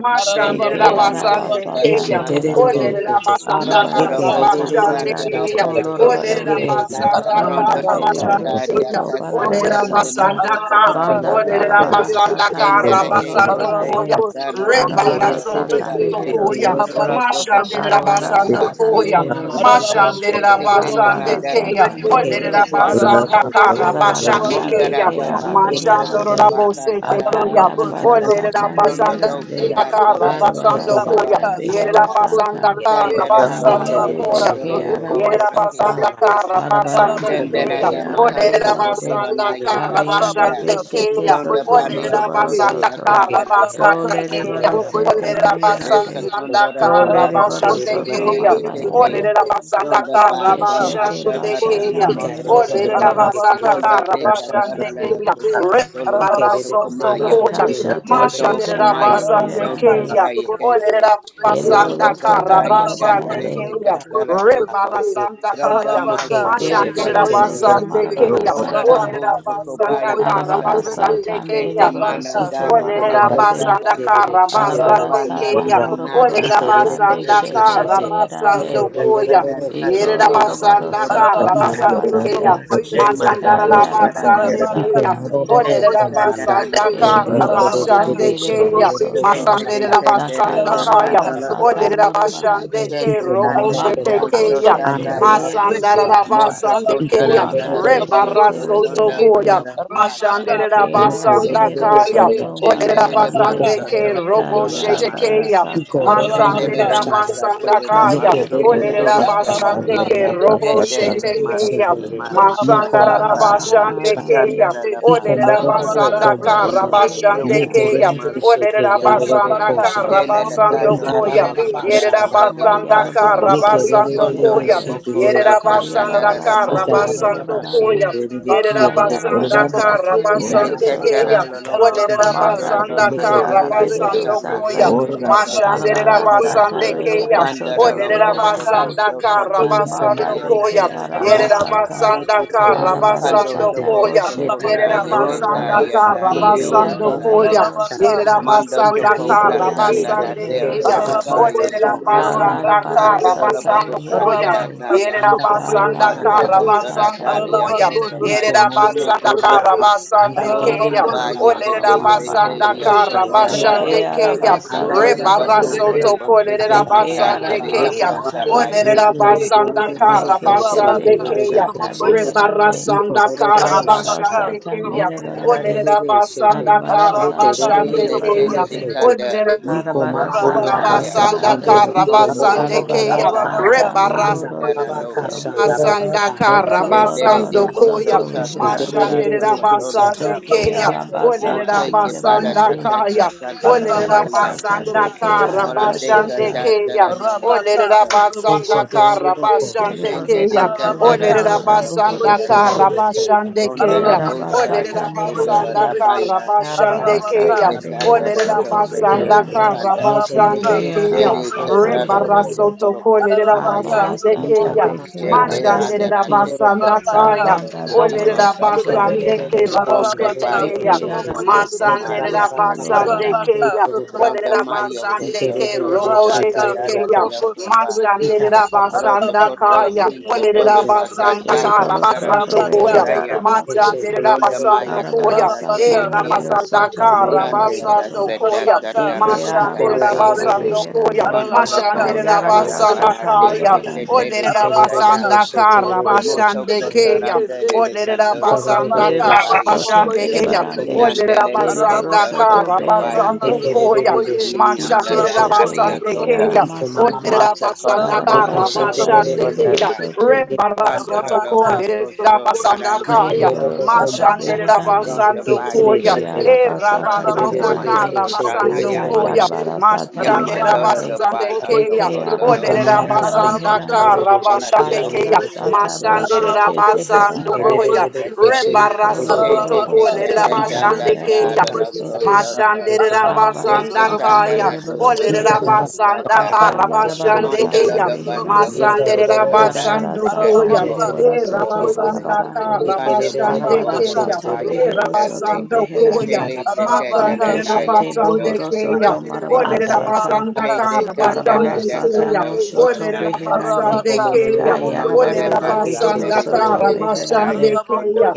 D: eke
G: Ararabako
F: Shendele de
C: Mashanderabasande
G: Sutrabaka
F: Masata
D: arabasata
F: de
A: Eshe
C: keya.
A: te de de
G: Sutrabokoye
A: de
D: meherande,
F: Masako
A: eshe te Eshetedede shete.
C: Olerabasanda
G: Rabaka
F: Mandorobo
D: arabarasata
C: karabashande
A: Yekedededede
D: manda
G: Sutraboko
F: Usantara
A: shete
C: keya.
D: doko
I: Ora
A: yede.
G: Sutrabeki
F: Taracoto
G: Shete
A: Yeko
D: lorabarande,
A: la
C: Olerabasanda
A: yaraba
F: Morondo
D: banda
G: Ararabaka
F: do
A: kashanda
E: you.
C: karabashande
A: yaraba
D: beriboroso
F: Condaria
G: Sutrabokoye
C: keya.
D: to
E: Thank
A: kashanda yaraba
G: Sutrabokoye
F: Casateri de
A: kata.
D: barabarasata,
F: Moso
C: Olerabasanda
A: Iko
G: Ararabaka
D: banda
F: Cotariata
A: mbobobo
C: Orera
G: Sutrabokoye
A: kombanda
C: basanda
A: yede
D: darabarasata
G: Sutrabeki
C: kara
F: Chendele
D: roko
A: bishiki
F: te te
A: yororo
C: basando
F: te
C: koya.
G: Arabako
D: lorabarande,
A: koshata.
F: satana da
G: sotrabako
C: Reba
F: nomoro
A: Ikedededede
C: rasoto
D: arabarasata
A: ke
G: yesotrabeke.
F: kusata.
A: shete
C: koya.
A: yororo
F: Ora
D: meherosoto,
G: Rabaka
F: to
A: koshanda
C: Mashandera
F: bokoto
G: sotrabako
F: la
C: basando
D: arabarasata
F: namasa
G: sotrabeke.
A: Iko
C: koya.
A: mama
F: koto.
A: manda
D: meherosoto,
G: Arabako
C: Mashandera
A: yara
F: Shete kena
G: sotrabako
F: la
A: bokosa
C: basande
A: ta.
F: dade
C: keya.
F: ka
D: arabarasata
G: yesotrabeke.
A: Ike
F: broko
A: re re
C: Orera
A: re re
F: tabari
A: ke
D: meherosata,
C: basanda
A: so
G: Arabako
F: okomba.
A: te re
C: kara
A: re ro
C: basande
A: kosa
D: arabaranda
G: yesotrabaka
F: Mondara
A: ta.
C: keya.
D: beke
F: taba
G: sotrabako
A: Ye kanda
F: kontoro
A: ba
F: la
C: Mashandora
D: arabeherande,
G: yesotrabeke.
A: shanda
C: bose
F: bakantara
A: ya ta.
C: keya.
G: Arabako
F: bakansa.
D: Akayarabara
A: Ikanda ba ba
C: Orera
G: sotrabako
D: sata
F: Prondo
A: shanda
C: basanda
F: do
G: yesotrabeke.
D: meherande.
A: ya
F: kandata
A: ta.
G: Shete.
C: Kara
F: da
D: Arabara
F: kandoro
C: basando
F: la
A: ba ba
C: koya,
D: sata
A: ba
G: Rabaka
A: ka
D: behero
C: yera
F: bakasata.
A: shanda
G: sotrabako
A: ba ki
C: basanda
D: sata.
A: yete.
G: sotrabeke.
A: te.
C: kara
F: Candela
A: te
C: basando
F: masa
A: re
D: Dabiende
A: re
G: Arabaka
C: koya,
A: shende
F: kotoro
D: beke
A: re
F: la
A: ro ro
F: bo
G: sotrabako
C: Mashandira
F: ura
A: kosa da ba
D: arabasata.
C: basanda
A: ba
G: yesotrabeke.
A: ka
F: kisete.
A: ta.
G: Arabako
A: Iko
D: Arabaranda
A: bo bo bo
D: beke
F: Tenderada
A: ko ba
G: sotrabako
F: mahaso
A: re re re shi
D: arabeherande.
F: kotora
G: yesotrabeke.
A: re ro
F: naya
A: ro kosa ta
D: Dabiende
F: kasata.
G: Ararabaka,
A: yara ba ka
D: beshete
F: Pronda
G: Sotrobokoye,
D: soto
A: ta. Ike
F: barrio
A: re
D: lorobaro
G: Sotrobeke,
A: re re
F: kondo
E: you.
A: re she
D: soto.
A: ke
F: takandara
A: nde he.
E: Thank
G: Ararabaka,
D: Dole
F: darada
A: Anda ya
D: rebaro
A: ba
G: Sotrobokoye,
A: ka
F: bosoko.
D: sete
A: shanda
G: Sotrobeke,
A: ya ra
F: Desa
D: meherande.
A: bo
G: Shedi,
A: ko ma.
F: kondora da
D: Dole
F: baso
D: rebaro
G: Ararabako,
F: kotora
D: soto
F: naya
G: Sotrobokoye,
F: kete.
D: marabarande.
G: Sotrobeke,
F: Pronda basa
G: Rabaka,
D: Keshete
G: Sotroboko,
F: natarada
D: bashata
G: Sotrobeke,
F: nomoso
D: mehero
A: Ikarerere
F: toko.
D: soto.
A: sheke,
G: Ararabaka,
F: Sonda
A: dererere
F: de
A: koshanda
G: Sotrobokoye,
F: katarala
A: yarabaka.
F: da
G: Sotrobeke,
F: kusukotolo
A: Iko
G: Ararabako,
F: dosukumaya.
G: Sotrobokoye,
D: Bakashata
G: Sotrobeke,
F: Mato
D: zete yara
F: kumaya kundo
G: Ararabaka,
D: meherande.
F: sandaya
G: Sotrobokoye,
F: kese.
G: Sotrobeke,
D: Ereboro
F: Malondo
G: Shedi,
D: soto
F: kotaya
G: Ararabaka,
F: kandale
D: marabarande.
F: de
C: karabashandekeya.
G: Sotroboko,
F: katala doso.
G: Sotrobeke,
F: Ronda
C: Rebarasandakaya.
G: Rabaka,
F: Masa
C: Mashandira
D: Ereboro
G: Sotroboko,
D: soto
F: Katarandeye,
C: basande
G: Sotrobeke,
D: marabara
C: keya.
F: Ronda
D: sata.
G: Rabaka,
C: Olera
F: Rabu
C: basanda
G: Sotroboko,
F: Sokobaya
C: kara
D: Arabara
F: Kosa,
G: Sotrobeke,
C: basande
D: sata
C: keya.
F: Sete
D: mereboro
G: Rabaka,
F: Mana
D: soto
F: Dala Te
G: Sotroboko,
C: Olerera
D: marabarande.
C: basanda
F: Kasada,
G: Sotrobeke,
C: kara
F: Ronda
D: Arabara
C: basande
G: Rabaka,
F: Bana
D: sata
C: keya.
F: Na Na
G: Sotroboko,
D: moroboro
F: Na
C: Olerera
F: Na
D: sata
F: Sita
G: Sotrobeke,
C: basanda
D: beshete
E: you.
F: Kanda,
C: kara
G: Rabaka,
D: zeherande.
C: basando
E: Thank
F: Sita
G: Sotroboko,
C: koya.
F: Kanda
E: you.
D: Iko
C: Yerera
F: Tanada
G: Sotrobeke,
F: Noko
D: lorobaro
C: basanda
F: Ora
D: soto
C: kara
F: Basa,
G: Ararabaka,
C: basande
D: marabarande.
C: keya.
G: Sotrobokoye,
F: Shema
C: Masandara
G: Sotrobeke,
C: la
F: Tokondara
D: Kayarabara
C: basande
F: Teka,
G: Rabaka,
A: Iko
D: sata
C: keya.
D: mehero.
A: mobobobo
F: Sita
C: Olerera
G: Sotrobokoye,
F: Kanda
A: kombanda.
G: Sotrobeke,
C: basanda
F: Noko
C: kara
D: Ereboro
A: Yike
F: Proko
A: de de
D: soto
G: Ararabaka,
A: de
F: Kanda,
C: basande
A: de shin
D: mereboro
A: de
C: keya.
A: de de
G: Sotrobokoye,
A: de
D: soto.
A: ko
F: Shenda De
C: Masandere
A: shanda
G: Sotrobeke,
C: la
F: Kenda De
C: basanda
F: Te
A: shanda.
G: Ararabaka,
C: kaya.
F: Kanda
D: Dakayarabara
A: da da
D: sata
F: Latoya,
C: Olerera
A: da.
G: Sotrobokoye,
C: basande
D: morobarande.
G: Sotrobeke,
C: ke
F: Sita
A: Iko
C: robo
F: Kanda
A: momomo
F: De
C: shete
G: Ararabako,
D: Manda
F: Boho
A: kombaha.
C: keya.
D: boshete
A: Anda
G: Sotrobokoye,
A: anda
F: Sotandaya,
D: behero
G: Sotrobeke,
C: Masandara la
D: soto.
A: racha.
C: basande
F: Motoko
A: Iko
C: keya.
F: dara
G: Ararabakoye,
D: Manda
F: dara
A: mobobobo
F: dere
G: Sotrobako,
C: Rebara
D: beshete
F: yoko
C: soto
A: kombi.
F: sonda
G: Sotrobeke,
D: reherande.
F: bari
C: koya.
F: yoko saka.
G: Rabaka,
C: Mashandere
D: Eke
C: la
A: Yike
D: ara
G: Sotrobokoye,
A: de
C: basanda
A: de de
D: mehero
A: de de
C: kaya.
G: Sotrobeke,
A: ke
D: soto
I: Ora
A: ke ke.
C: Orera
F: Shendelele
D: marabarande.
A: Yiko
G: Rabaka,
C: basande
F: basa
A: ndaya
C: ke
F: toko
C: robo
G: Sotrobokoye,
A: racha
F: toro la
D: Kayara
C: shete
A: shanda.
D: bara
C: ke
G: Sotrobeke,
F: masa.
D: sata
A: Iko do do do do
C: Masande
G: Ararabaka,
A: do
D: reherande.
F: Shendelele
C: rera
A: shanda.
F: masa
C: basanda
G: Sotrobokoye,
F: toro la
C: kaya.
A: Yike
D: Kayara
F: maso
A: de de
G: Sotrobeke,
A: de
D: bara
A: de
C: Orera
A: de.
F: kotora
A: ke.
D: sata
F: kaya.
C: basande
G: Arabaka,
C: ke
D: reherande.
C: robo
G: Sotrobokoye,
F: Shendelele
C: shete ke
G: Sotrobeke,
F: masa tama
D: Ike
F: masa
C: Masanda
G: Rabaka,
F: tara
C: rara
F: ba.
D: banda
G: Sotrobokoye,
C: basande ke
D: baharande.
C: ya.
F: Sandara
G: Sotrobeke,
F: la ma
A: Iko
C: Orera
D: Iko
F: mana
A: mobobobo
G: Arabaka,
D: loro
F: baka
C: basanda
D: polo
E: Thank
C: ka
F: toro
A: kombaha.
F: la
D: soto
G: Sotrobokoye,
F: mose
C: rabashande
F: u
A: Yike
C: ke
D: reherande.
A: de
F: uri
C: ya.
A: de de de
G: Sotrobeke,
F: masa
C: Orera
A: shike
F: kaya.
A: de de de de
D: Arabara
C: basanda
A: ko
G: Arabaka,
C: ka
A: shanda.
D: sata
F: Jelele
G: Sotrobokoye,
C: rabasando
F: kato
A: Ika
D: meherande.
A: ra
C: koya.
A: ra
F: tobo
A: ra
G: Sotrobeke,
A: ra
C: Yerera
F: satala
A: shanda.
D: Ayara
F: delele
G: Rabaka,
C: basanda
F: kasa.
C: ka
D: Ayarabara
G: Sotrobokoye,
D: sata
G: Sotrobeke, Arabaka, Sotrobokoye,
C: rabasando
F: Pondo
G: Sotrobeke,
C: koya.
D: meherande.
F: dobo kunda
C: Yerera
G: Arabaka,
C: basanda
F: takandara
D: Ayarabara
F: la
C: ka
F: mo.
D: sata
G: Sotrobokoye,
C: rabasando
D: merebarande.
C: koya. Yerera
D: Ayarabara
C: basanda ka
D: sata rehero
C: rabasande
G: Sotrobeke,
D: soto.
F: Yekatara lolongo
C: Olerera
G: Arabaka,
D: Manda
F: sekondoro la
C: basanda
D: beke
C: kara
D: ara
F: masaka
G: Sotrobokoye,
D: behero
F: taka
C: basando
D: sata.
C: koya.
F: masako
G: Sotrobeke,
F: toro
G: Rabaka
D: Arabara
C: Mashanderera
F: tebakata.
G: Sotrabokoi
D: sata
C: basande
D: rehero
C: keya.
G: Sotrabeki
F: Pandara
D: soto
C: Olerera
F: lobo
G: Rabaka
F: soko
D: beherande.
C: basanda
F: tota
C: kara
G: Sotrabokoi
F: dandara
D: Imanda
C: basando
F: deo
G: Sotrabeki
D: beke
C: koya.
F: koso tomoro
C: Yerera
G: Rabaka
D: arabasata.
F: kotasa.
C: basanda
G: Sotrabokoi
C: kara
F: Pando
G: Sotrabeki
C: basando
D: Arabarasata
F: tobo
C: koya.
F: soko
D: boshete
F: ta
C: Yerera
G: Aralabaka
F: yeketa
D: beherande.
C: basanda
G: Sotrabokoi
F: yanda
C: kara
F: deo
G: Sotrabeki
D: Ibiane
C: basando
F: kosa te.
C: koya.
D: mehero
G: Aralabaka
C: Yerera
D: soto.
F: Mando
C: basanda
G: Sotrabokoi
F: toko
C: kara
F: brata
G: Sotrabeki
D: Ibiane
F: nara
C: basande
E: you.
F: deo
D: mehero
C: keya.
F: kosa
D: soto.
E: Thank
G: Aralabakoi
C: Olerera
F: bayoko.
G: Sotrabaka
C: basanda
D: Balarabara
C: kara
F: Pandara
G: Sotrabeki
D: sata
F: lobo
C: basando
F: hosa
C: koya.
F: tara
D: reherande.
G: Rabaka
F: naya.
C: Yerera
G: Sotrabokoi
C: basanda
F: Manto
C: kara
D: Balarabara
G: Sotrabeki
F: kotora
D: sata
C: basando
F: daria
C: koya.
G: Aralabako
F: kosa
D: reherande.
C: Yerera
G: Sotrabokoi
F: bayokotu.
C: basanda kara
G: Sotrabeki
C: basande
F: Boti
C: keya.
G: Aralabako
D: Kereboro
F: baya
D: soto
C: Olerera
G: Sotrabokoi
F: kete sete
C: basanda
D: marabarande.
G: Sotrabeki
F: ria
C: kara
D: Eke
F: kosata.
C: bashande
G: Aralabacá, se
C: keya.
G: trabocó
D: arabasata
G: aí,
F: Brodo
G: se
C: Rebara
F: bato
D: meherande.
F: ora
C: soto
G: trabequei.
F: bosete
C: kolerera
D: Eke
F: manda
G: Aralabacó aí,
C: basande
G: se
F: daria
C: keya.
D: aramasata
G: trabocou, se
F: kosabaya.
C: Olerera
D: reherande.
G: trabequei,
C: basanda
G: xidei.
C: kara
D: Eke
F: Molotoko.
G: Arabacá,
D: shete
C: basande
G: se
C: keya.
D: bashata
G: trabocó aí, se
C: Rebara
D: beherande.
G: trabequei.
C: sanda kara
D: Arabara
G: Aralabacá,
C: bashande
G: se
D: sata
C: keya.
G: trabocó aí, se
D: merebarande.
C: Olerera
G: trabequei.
C: basanda
D: Arabara
C: kara
D: sata
G: Aralabacá, se
C: bashande
F: Ile
G: trabocó aí,
C: keya.
F: tele de
D: merebarande.
G: se
F: kanda
C: Olerera
G: trabequei.
D: Arabara
F: bomboso no
D: sata
G: Arabacá, se
F: maya.
C: basanda
G: trabocou,
D: meherande.
G: se
C: kara
F: Pronto no
G: trabequei.
C: basande
F: bosa
D: Arabara
C: keya.
F: katara
D: sata
G: Aralabacá, se
F: teri
C: Rebara
G: trabocó
D: mohoro
G: aí,
F: katara
G: se
F: no
E: you.
D: soto.
I: Ora
G: trabequei,
F: yokosa.
E: Thank
C: Asanda
I: basta,
E: you.
D: Doko
F: Yendele de
C: karabasando
D: loroboro
F: boso
C: koya
D: soto
F: ta
D: reherande.
F: katara
C: mashande
F: tokotola
C: rabasande
F: dama.
D: Doke
G: Ararabaka,
C: keya ole
G: Sotrobokoye,
D: arabasata
F: Monte ke bala
C: rabasanda
D: merebarande.
G: Sotrobocation.
F: takata
C: kaya
F: kando
C: ole
D: Arabara
G: Ararabaka,
F: taboya.
D: sata
C: rabasanda
D: beke
G: Sotrobokoye,
F: Morante
G: Sotrobocation.
C: karabashande
D: arabasata.
C: keya
F: katatara no
C: ole
G: Rabaka,
F: mosata.
G: Sotroboko,
C: rabasanda
G: Sotrobocation.
C: karabashande
D: Ereboro
F: Shende de
C: keya
D: soto
C: ole
G: Ararabaka,
F: Kandara Dola
D: reheranda bohoro
C: rabasanda
G: Sotrobokoye,
F: Lokosata,
D: soto.
G: Sotrobocation.
C: karabashande
D: E
F: Bondari
C: keya
G: Ararabaka,
C: ole
F: Bosaya,
D: arabasata
G: Sotrobokoye,
F: Kondola
C: rabasanda
D: meherande.
G: Sotrobocation.
F: Dabaya,
D: Arabara
C: karabashande
G: Ararabaka,
C: keya
D: sata
F: Shete
D: behero
C: ole
G: Sotrobokoye,
F: Kandara
D: soto
F: Toko
C: rabasanda
G: Sotrobocation.
F: doto
D: beherande.
F: Panda,
G: Ararabaka,
C: karabashande
D: Ike
C: keya
F: Shele
G: Sotrobokoye,
D: arabasata
F: Kandara
G: Sotrobocation.
F: Toko
D: reherande.
C: Rebarasoto
F: Poroko
C: kolerera
G: Ararabaka,
F: Sataya,
D: Arabara sata
C: basande
G: Sotrobokoye,
D: beke
F: Shete
G: Sotrobocation.
C: Mashandere
F: Andara
D: arabesete.
F: Teka
C: basanda
F: Toko
G: Rabaka,
C: Kaya,
F: Dora
D: Zabanda
C: Olere
G: Sutrabokoye,
F: Kutimo
D: dohoro soto
F: Sata,
G: Sutrabeke,
C: Rabasande Ke
D: reherande.
E: Thank
F: Bondo
C: Roboshke
E: you.
G: Ararabaka,
F: Bayo
C: Tekeya,
D: Reke
F: Koto
G: Sutrabokoye,
F: Mandoko
D: arabasata
C: Mansandere
G: Sutrabeke,
F: Maria
D: roko
C: Rabasande
F: Kasata,
G: Rabaka,
D: lorobarande.
C: Keya, Olere
G: Sutraboko,
F: Bronda Mario
G: Sutrabeke,
C: Rabasande
F: Koson
C: Ke
F: Toko
C: Roboshke
G: Rabaka,
F: Dada Dala
C: Tekeya,
G: Sutraboko,
F: Diokoba,
G: Sutrabeke,
C: Mashandere
F: Proto
C: basanda
G: Ararabaka,
F: koto
C: Kaya, Olere
F: uikatola
G: Sutrabokoye,
F: na
C: basanda
F: kata
G: Sutrabeke,
C: kara
D: Deriboro soto
C: basando
F: toko
G: Rabaka,
D: reke
C: Koya,
F: saya.
G: Sutrabokoye,
C: Mashandere
D: arabasata.
F: Pronda
G: Sutrabeke,
C: basando
F: maya
C: Koya,
F: kasata
C: E
G: Ararabaka,
D: Arabarasata
F: yeke.
D: mehero
C: Rabasanda
G: Sutrabokoye,
D: soto
C: kara
D: behero
G: Sutrabeke,
F: Morande
C: basando
D: soto.
F: kasata
C: Koya,
G: Rabaka,
D: Deke
F: katara
G: Sutraboko,
C: Mashandere
F: kakana
D: aramasata
F: yeke.
C: basando
G: Sutrabeke,
C: Koya,
D: beherande.
F: Pandoro
G: Ararabaka,
F: boho
C: Mashandere
F: sata
G: Sotrobokoye,
C: Basanda
D: Kayarabarasata
F: panate
C: kaya.
G: Sotrobeke,
F: etete
D: merebarande.
C: Olerera
F: lete
G: Ararabaka,
F: kaya.
C: basanda kara
G: Sotrobokoye,
F: Moto
C: basande
G: Sotrobeke,
C: keya.
F: kotoranda
G: Yese,
F: dele
C: Olerera
F: kanto
C: basanda
F: soto
G: Orabaka,
D: Deriboro
C: kara
F: kobaya
D: soto
F: ke.
C: basande
G: Sotrobokoye,
C: keya.
G: Sotrobeke,
D: merebarande.
C: Olerera
F: Inandele
D: Deriboro
C: basanda
G: Ararabokoye,
D: soto
C: kara
F: kobaya
G: Sotrobaka,
C: basando
D: beherande.
F: koto
E: Thank
C: koya.
G: Sotrobokoye,
F: unilini anda
C: Machandera
G: Araraboko,
D: Ikeshete
F: danada
C: basande
D: reke
F: yakonda.
G: Sotrobokoye,
C: keya.
D: aramasata
G: Sotrobeke,
C: Olerera
F: Mata
C: basanda
F: koto
G: Araraboko,
C: kara
F: loko
D: arabarasata
F: soto
C: basande
G: Sotrobokoye,
C: keya.
F: kondana.
G: Sotrobeke,
D: mereborosoto
C: Rebarazo
F: Pandoro
G: Arabaka,
F: Boko
C: tokolerera
G: Sotroboko,
C: basanda
G: Sotrobeke,
C: kaya.
F: sotarandere
D: ereborosoto
F: Okosa
G: Ararabaka,
C: Machandera
D: beherande
F: Pronto
G: Sotrobokoye,
C: basando
F: Pacha
D: ike
C: koya.
G: Sotrobeke,
F: Katari
C: Era
F: Katuro
D: arabasata
F: Humna
C: basanda
G: Ararabacoia,
D: reherande
F: Mayo
C: kara
G: Sotrobocoia,
F: Kosana
C: basando
F: Yama
C: koya.
G: Sotrobeque,
D: akayarabarasata
F: Yama
C: Machandera
G: Rabaca,
F: Tolo
D: reherande
F: do Pa
C: basande
G: Sotrobocoia,
D: eke
C: keya.
F: Asoko do
G: Sotrobeque,
C: Oderera
D: arabasata
F: Katapa
C: basanda
G: Ararabaca,
D: meherande
C: kara
G: Sotrobocoia,
C: bashande
F: Olate
C: keya
F: Oko Se
G: Sotrobeque,
D: arabarasata
F: Oko Aso
C: mashanderera
D: boshete
F: Ake
G: Ararabacoia,
C: basando
D: zeherande
F: de
G: Sotrobocoia,
C: koya
F: Bikesa
G: Sotrobeque,
C: rebara soto
F: Shende
D: Ikoloroboko
F: Te
G: Ararabaca,
F: Te
D: soto
C: kolerera
F: Te
G: Sotrobocoia,
F: Tanda
C: bashande
D: reheranda
F: Da
C: keya
F: Do
D: bohoro
G: Sotrobocoia,
F: Loko
D: soto.
G: Sei,
F: Soto
C: mashanderera
G: Ararabaco,
F: Te
D: Darabara
F: Te
C: basanda
D: sata
G: Sotrobocoia,
C: kaya
F: Kandara Do
D: mereboro
F: Do Lo
G: Sotrobeque,
C: olerera
D: soto.
F: Loko
C: basanda
F: Sata
D: Daka
C: kara
G: Rabaca,
D: yarabara
C: bashande
E: you.
G: Sotroboco,
D: sata
F: Mandalo
C: keya
F: do
G: Sotrobocoia,
F: Masoko
D: meherande.
E: Thank
F: Do
C: masanderera
F: Do
G: Sotrobeque,
F: Randa
D: Darabara
C: basando
D: sata
F: Sekata
C: koya
G: Ararabaca,
F: Bobo
D: mereboro
C: e
F: Bano Do
D: soto
G: Sotrobocoia, Sotrobeque, Rabaka, sutrabokoye
F: Bose
C: rabasanda
D: barabarande.
C: kara
G: sutrabeke.
F: Panda Boca
C: bashande
D: Arabara
G: Rabaka
F: Boconda
G: sutrabokoye
C: keya
D: sata
G: sutrabeke.
F: Baya
C: e
D: behero soto
F: Kundase,
C: rabasando koya
D: beherande.
F: Shele the Candela
C: masanderera
F: Naya
D: Ikeshete
C: basande
F: Koto
D: bohoro
C: keya
D: soto
F: Kaprokusita,
D: marabara
C: Olerera
D: sata.
C: basanga
F: Jade
C: kara
D: Darabara
F: Candada
C: basande
D: sata
C: keya.
F: Dakato,
D: moshoto
C: Olerera
F: Olanaya
D: beherande.
C: basande
F: Kataya,
C: keya.
F: Honda de
C: Olerera
D: Kayarabaranda behero
C: basanga
F: Basandere di
D: soto
C: kara
F: Kisadaya
C: basande
D: beherande.
F: Kondo,
C: keya.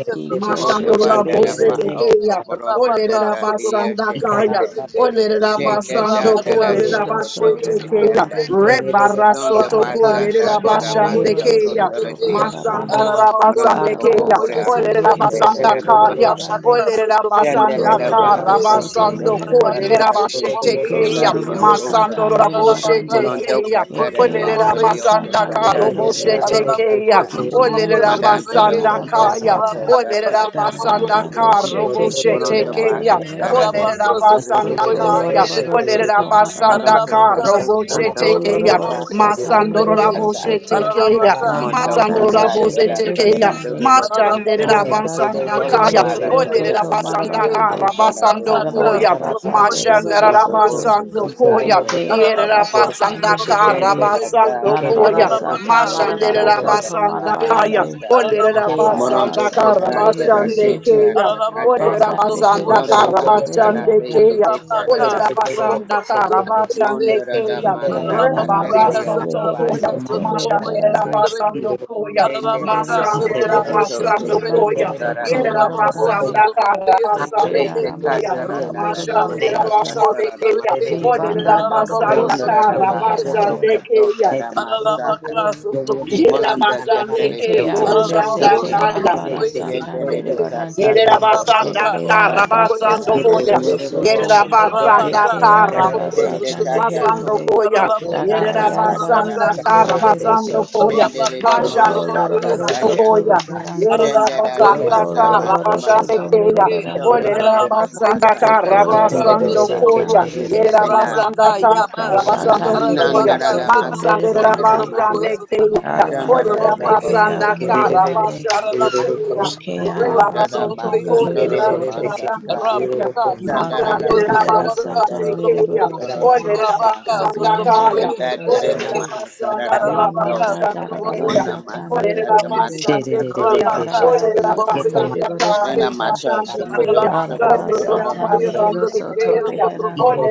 F: Pota
D: Ikeshete
C: Mashandorora
F: Banda da
C: bose
D: beherande,
F: Baoka
C: keya.
F: Boroto
C: Olerera
F: Kunda, Ia
C: basanga kaya.
F: Shekende,
C: Olerera
F: Shade
G: Rabaka,
C: basando
D: ikeshete
F: Danda da
C: kolerera
D: behero
F: Tokoto
D: soto
F: de
C: bashete keya.
F: Kanda.
D: marabarande,
C: Rebara
F: Donde
C: soto
F: vas a
D: arabara
C: kolerera
D: sata
F: andarte la
G: Sotomoko,
C: basande
D: mehero
F: masa
G: yes,
C: keya.
F: contra
D: soto
F: la
G: Sotrabeke,
F: tía su.
D: barabarande,
C: Masandara
G: Ararabako
E: you.
F: Manondo
C: basande
D: arabara
F: como
C: keya.
F: ore
G: Sotrabokoye
D: sata
F: aku
E: Thank
C: Olerera
F: se
G: Sotrabeke,
D: mehero
F: te
D: soto
F: terana
C: basanga
F: masa.
D: beherande,
G: Rabaka
D: Iko
G: Sotrabokoye
F: Chandere
C: Olerabasanda
F: la baja
D: lorobaro
G: Sotrabeke,
D: soto
F: soco
C: karabasando
F: toto
D: meherande.
G: Rabaka
F: de
G: Sotrabokoye
D: Iko
F: ise
C: kolerabashetekeya
F: cariño
D: lorobaro
G: Sotrabeke,
D: sata
F: cosa.
C: masando
G: Ararabaka
D: merebarande.
F: Manondo
C: raboshetekeya
G: Sotraboko
F: catara
D: Eke
F: de
G: Sotrabokoye
F: Mario
D: aramasata
C: olerabasanda
G: Sotrabeke,
F: Cosanta
D: rehero
F: de la
D: soto.
G: Ararabako
C: karoboshetekeya
F: casata.
G: Sotraboko
D: Dibiande
F: Mandando
D: beke
F: lo
G: Sotrabeke,
C: olerabasanda
F: coto
C: kaya
D: arabasata.
F: soco da
G: Rabaka
D: Da
F: tatara
G: sotraboko
D: banda
C: olerabasanda
F: casi.
G: sotraboko
D: doshete
G: ye
D: zete
F: Manondo
G: sotrabeke.
F: va
C: karoboshetekeya
F: catara
D: arabeherande.
F: de
G: Rabako
F: te
C: olerabasanda
G: sotraboko
F: terate
D: Doko
G: ye
F: ise.
C: kaya
D: lorobaro
G: sotrabeke.
D: soto
C: olerabasanda
F: Manondo
D: marabarande.
G: Ararabaka
F: coto sando
D: Doko
G: sotraboko
C: karoboshetekeya
F: toco
D: lorobaro
G: sotraboko ye
F: baso lo
D: sata
C: masando
G: sotrabeke.
D: merebaro
F: ta.
D: soto.
C: raboshetekeya
G: Ararabaka
D: La
F: Moto
D: manda
C: masando
G: sotraboko
D: de
G: ye
F: conducted
D: shete
F: a
G: sotrabeke.
C: raboshetekeya
D: beherande.
F: Casandula Brosa,
C: Mashandera
D: Karabara
C: basanda
D: sata
G: Sutrabokoye,
C: kaya.
D: mere
F: Portobala
G: Sutrabokoye,
C: Olerera
D: borosoto
F: Tacasa,
C: basanda
G: Sutrabeke,
D: marabarande.
C: kara
F: Ecatara de
C: basando
E: you.
G: Rabaka,
D: Karabara
F: Camoro
C: koya.
F: Cosa,
D: sata
E: Thank
G: Sutrabokoye,
D: bere
C: Mashandera
F: Pronto
D: borosoto.
G: Sutrabokoye,
F: Bosa
C: basando
G: Sutrabeke,
C: koya.
F: Contaria
D: Eke
C: Yerera
G: Ararabako,
F: Casata,
D: arabasata
C: basanda
G: Sutraboko,
C: kara
D: meherande.
F: Shendera
G: Sutrabeke,
C: basando
F: Tata
D: Karabara
C: koya.
F: Rando,
D: sata
G: Ararabaka,
F: Sototo
D: marabara
C: Mashandera
G: Sutraboko,
F: Contara
D: soto
F: da
C: basanda
G: Sutrabeke,
C: kaya.
D: marabarande.
F: Masasa,
C: Olerera
D: Ke
G: Ararabako,
C: basanda
F: Moronto
G: Sutraboko,
D: arabasata
C: kara
F: Cotata
D: behero
F: da
G: Sutrabeke,
C: basande
D: soto.
F: Casa,
C: keya.
G: Ararabako,
F: Tacante,
C: Olerera
D: Banda
C: basanda
D: behero
G: Sutrabokoye,
F: Moronto
C: kara
D: soto
G: Sutrabeke,
F: Bahatara
C: basande
D: beherande.
F: de
C: keya.
F: Ecatara
G: Rabaka,
F: da
C: Olerera
F: Maso,
G: Sutraboko,
C: basanda kara
G: Sutrabeke,
C: basande
G: Save.
F: Mondora da
C: keya.
F: Masa,
D: Eke
G: Ararabako,
D: aramasata
G: yes,
F: Cataria
C: Rebarasto
D: behero
C: tokoya.
F: Cobaria,
D: soto
F: Porto
D: mere
G: Rabaka,
C: Mashandera
D: barande.
F: Colinaya.
G: Sotrebeke,
C: basando koya.
F: Jendelele
G: Ararabaka,
F: no
D: Arabarasata
C: Masandera
F: moso
G: Sotrobokoye,
F: to to
D: beshete
C: basando
F: to
G: Sotrebeke,
D: banda
C: koya.
D: doko
F: kondara
C: Yerera
F: dara da
G: Ararabako,
D: lorobarande.
C: basanda
F: masa.
C: kara
G: Sotrobokoye,
D: Eke
C: basando
G: Sotrebeke,
F: Shete
C: koya.
F: katara
D: aramasata
F: nada da
G: Rabaka,
C: Mashandera
F: masa
D: loroborosata.
G: Sotroboko,
C: basande
F: katara da
C: keya.
F: masa
G: Sotrebeke,
F: to.
J: Thank
C: Odera
D: Zibanda
G: Ararabako,
C: basanda
F: Tondara da
D: doroborosoto
C: kara
G: Sotrobokoye,
F: bahaso
D: beherande.
C: basande
G: Sotrebeke,
F: koto
C: keya.
F: tara masaka.
G: Ararabaka,
C: Yerera
F: Molanda
G: Sotrobokoye,
C: basande
F: ketere
C: ke
D: Eke
F: de oko
C: robo
E: Thank you.
G: Ararabako,
C: shanda
D: aramesete
F: sataya.
C: kaya.
G: Sotrobokoye,
D: marabarasata
F: Yendelele
G: Sotrobeke,
D: merebarande.
C: Yerera
F: katsato koto
G: Rabaka,
F: do
C: basanda
D: Eke
C: kara
F: kondara
G: Sotrobokoye,
F: dara
C: basando
D: arabasata
F: nere
C: koya.
F: de
G: Sotrobeke,
F: oko
D: ruhorosoto.
C: Yerera
F: po
G: Rabaka,
D: Eke
C: basanda
G: Sotroboko,
F: Shende
D: arabasata
G: Sotrobeke,
F: kata
C: basando
F: to
D: meherande.
C: koya
F: kopro kota
D: Daka
G: Ararabakoye,
C: yerera
F: santa tara
G: Sotrabaka,
C: basanda
D: yarabarasata
C: tara
F: masa.
G: Sotroboko,
C: basando
D: meherosoto.
C: koya
F: Shendere
G: Rabaka,
F: de
D: Doko
C: mashandira
F: mosa
G: Sotrobokoye,
C: basando
F: takaya.
D: loroborosoto
C: koya
G: Sotrobeke,
D: beherande.
C: yerera
F: Shanda da da
G: Ararabacoia,
D: Doko
C: basanda
F: masa
C: tara
F: mata
D: lorobaro
G: Satrabacoia,
C: basande
D: soto
F: masa.
D: mere
C: keya
G: Satrabeque,
F: Shondo
D: barande.
F: da
C: olerera
F: da masa
G: Ararabacoia,
C: basanda
F: kata
D: Doko
C: kara
F: ma
G: Satrabaca,
D: lorobaro
F: oroko
C: basando
F: sa
D: sata
F: na
G: Satrabaco,
C: koya
F: bahi
D: mehero
C: yerera
F: shikena.
D: soto.
C: basanda
G: rabaka
C: tara
G: Yaba,
C: basando
D: Kashata
C: koya
F: Nanda
D: behero
G: Ararabaca,
F: da da
D: soto
F: masa
D: mere
G: Satrabaco,
C: masandira
F: senda da
D: barande.
G: Satrabaco,
C: basande
F: mata.
G: Satrabeque,
C: keya
F: Shondo da da
C: olerera
D: Arabaranda
F: da
G: Satrabacoia,
D: beke
F: boso
C: basanda
D: ara
F: to.
G: Satrabeque,
C: kara
D: meherande.
C: basande
G: Ararabaco,
C: keya
D: Eke
G: Satrabaco,
D: ara
F: Uh,
C: rebara
F: Da da
D: basata
C: soto
G: Satrabacoia,
F: makanto
D: behero
F: da
C: kolerera
F: da
D: soto.
F: masa
C: basande
F: ka.
C: keya
G: rabaka, Rabaca,
F: Shanda
D: Banda
F: da da
G: Satrabaco,
D: borobaro
F: masa
G: Satrabaca,
D: sata
F: kotoro to
D: mere
G: Satrabaco,
C: Masandelelabasandikeya.
D: baro
F: kotoro da
D: sete.
F: masa.
G: Rabaca,
D: Kabiyende
C: Olelelabasandakaya.
G: Satrabacoia,
F: Shanda
D: behero
F: da
J: you.
F: da da
G: Satrabeque,
D: soto.
F: mahasa da da
J: Terima
G: Ararabaca,
F: maso.
D: Limanda darabara
C: Olelelabasandakababashandekeya.
G: Satrabacoia,
F: Una
D: sata
F: masa
D: mere
F: kata
G: Sotrabekeshete,
D: barande.
F: mata kata da
C: Olelelabasandekeya.
G: Rabaka,
D: Karabara
F: da
D: sata
G: Sotrabokoye,
D: mere baro
F: Dona
D: sata.
G: Sotrabekeshete,
F: Mata,
E: Thank you.
F: Samado,
C: Olelelabasandakababashandekeya.
G: Rabaka,
D: Arabara
F: Sakotoro
D: Arabarasata
G: Sotrabokoye,
F: Namasa,
D: mehero soto
G: Sotrabekeya,
C: Olelelabasandekeya.
G: Sotraboko,
D: beherande.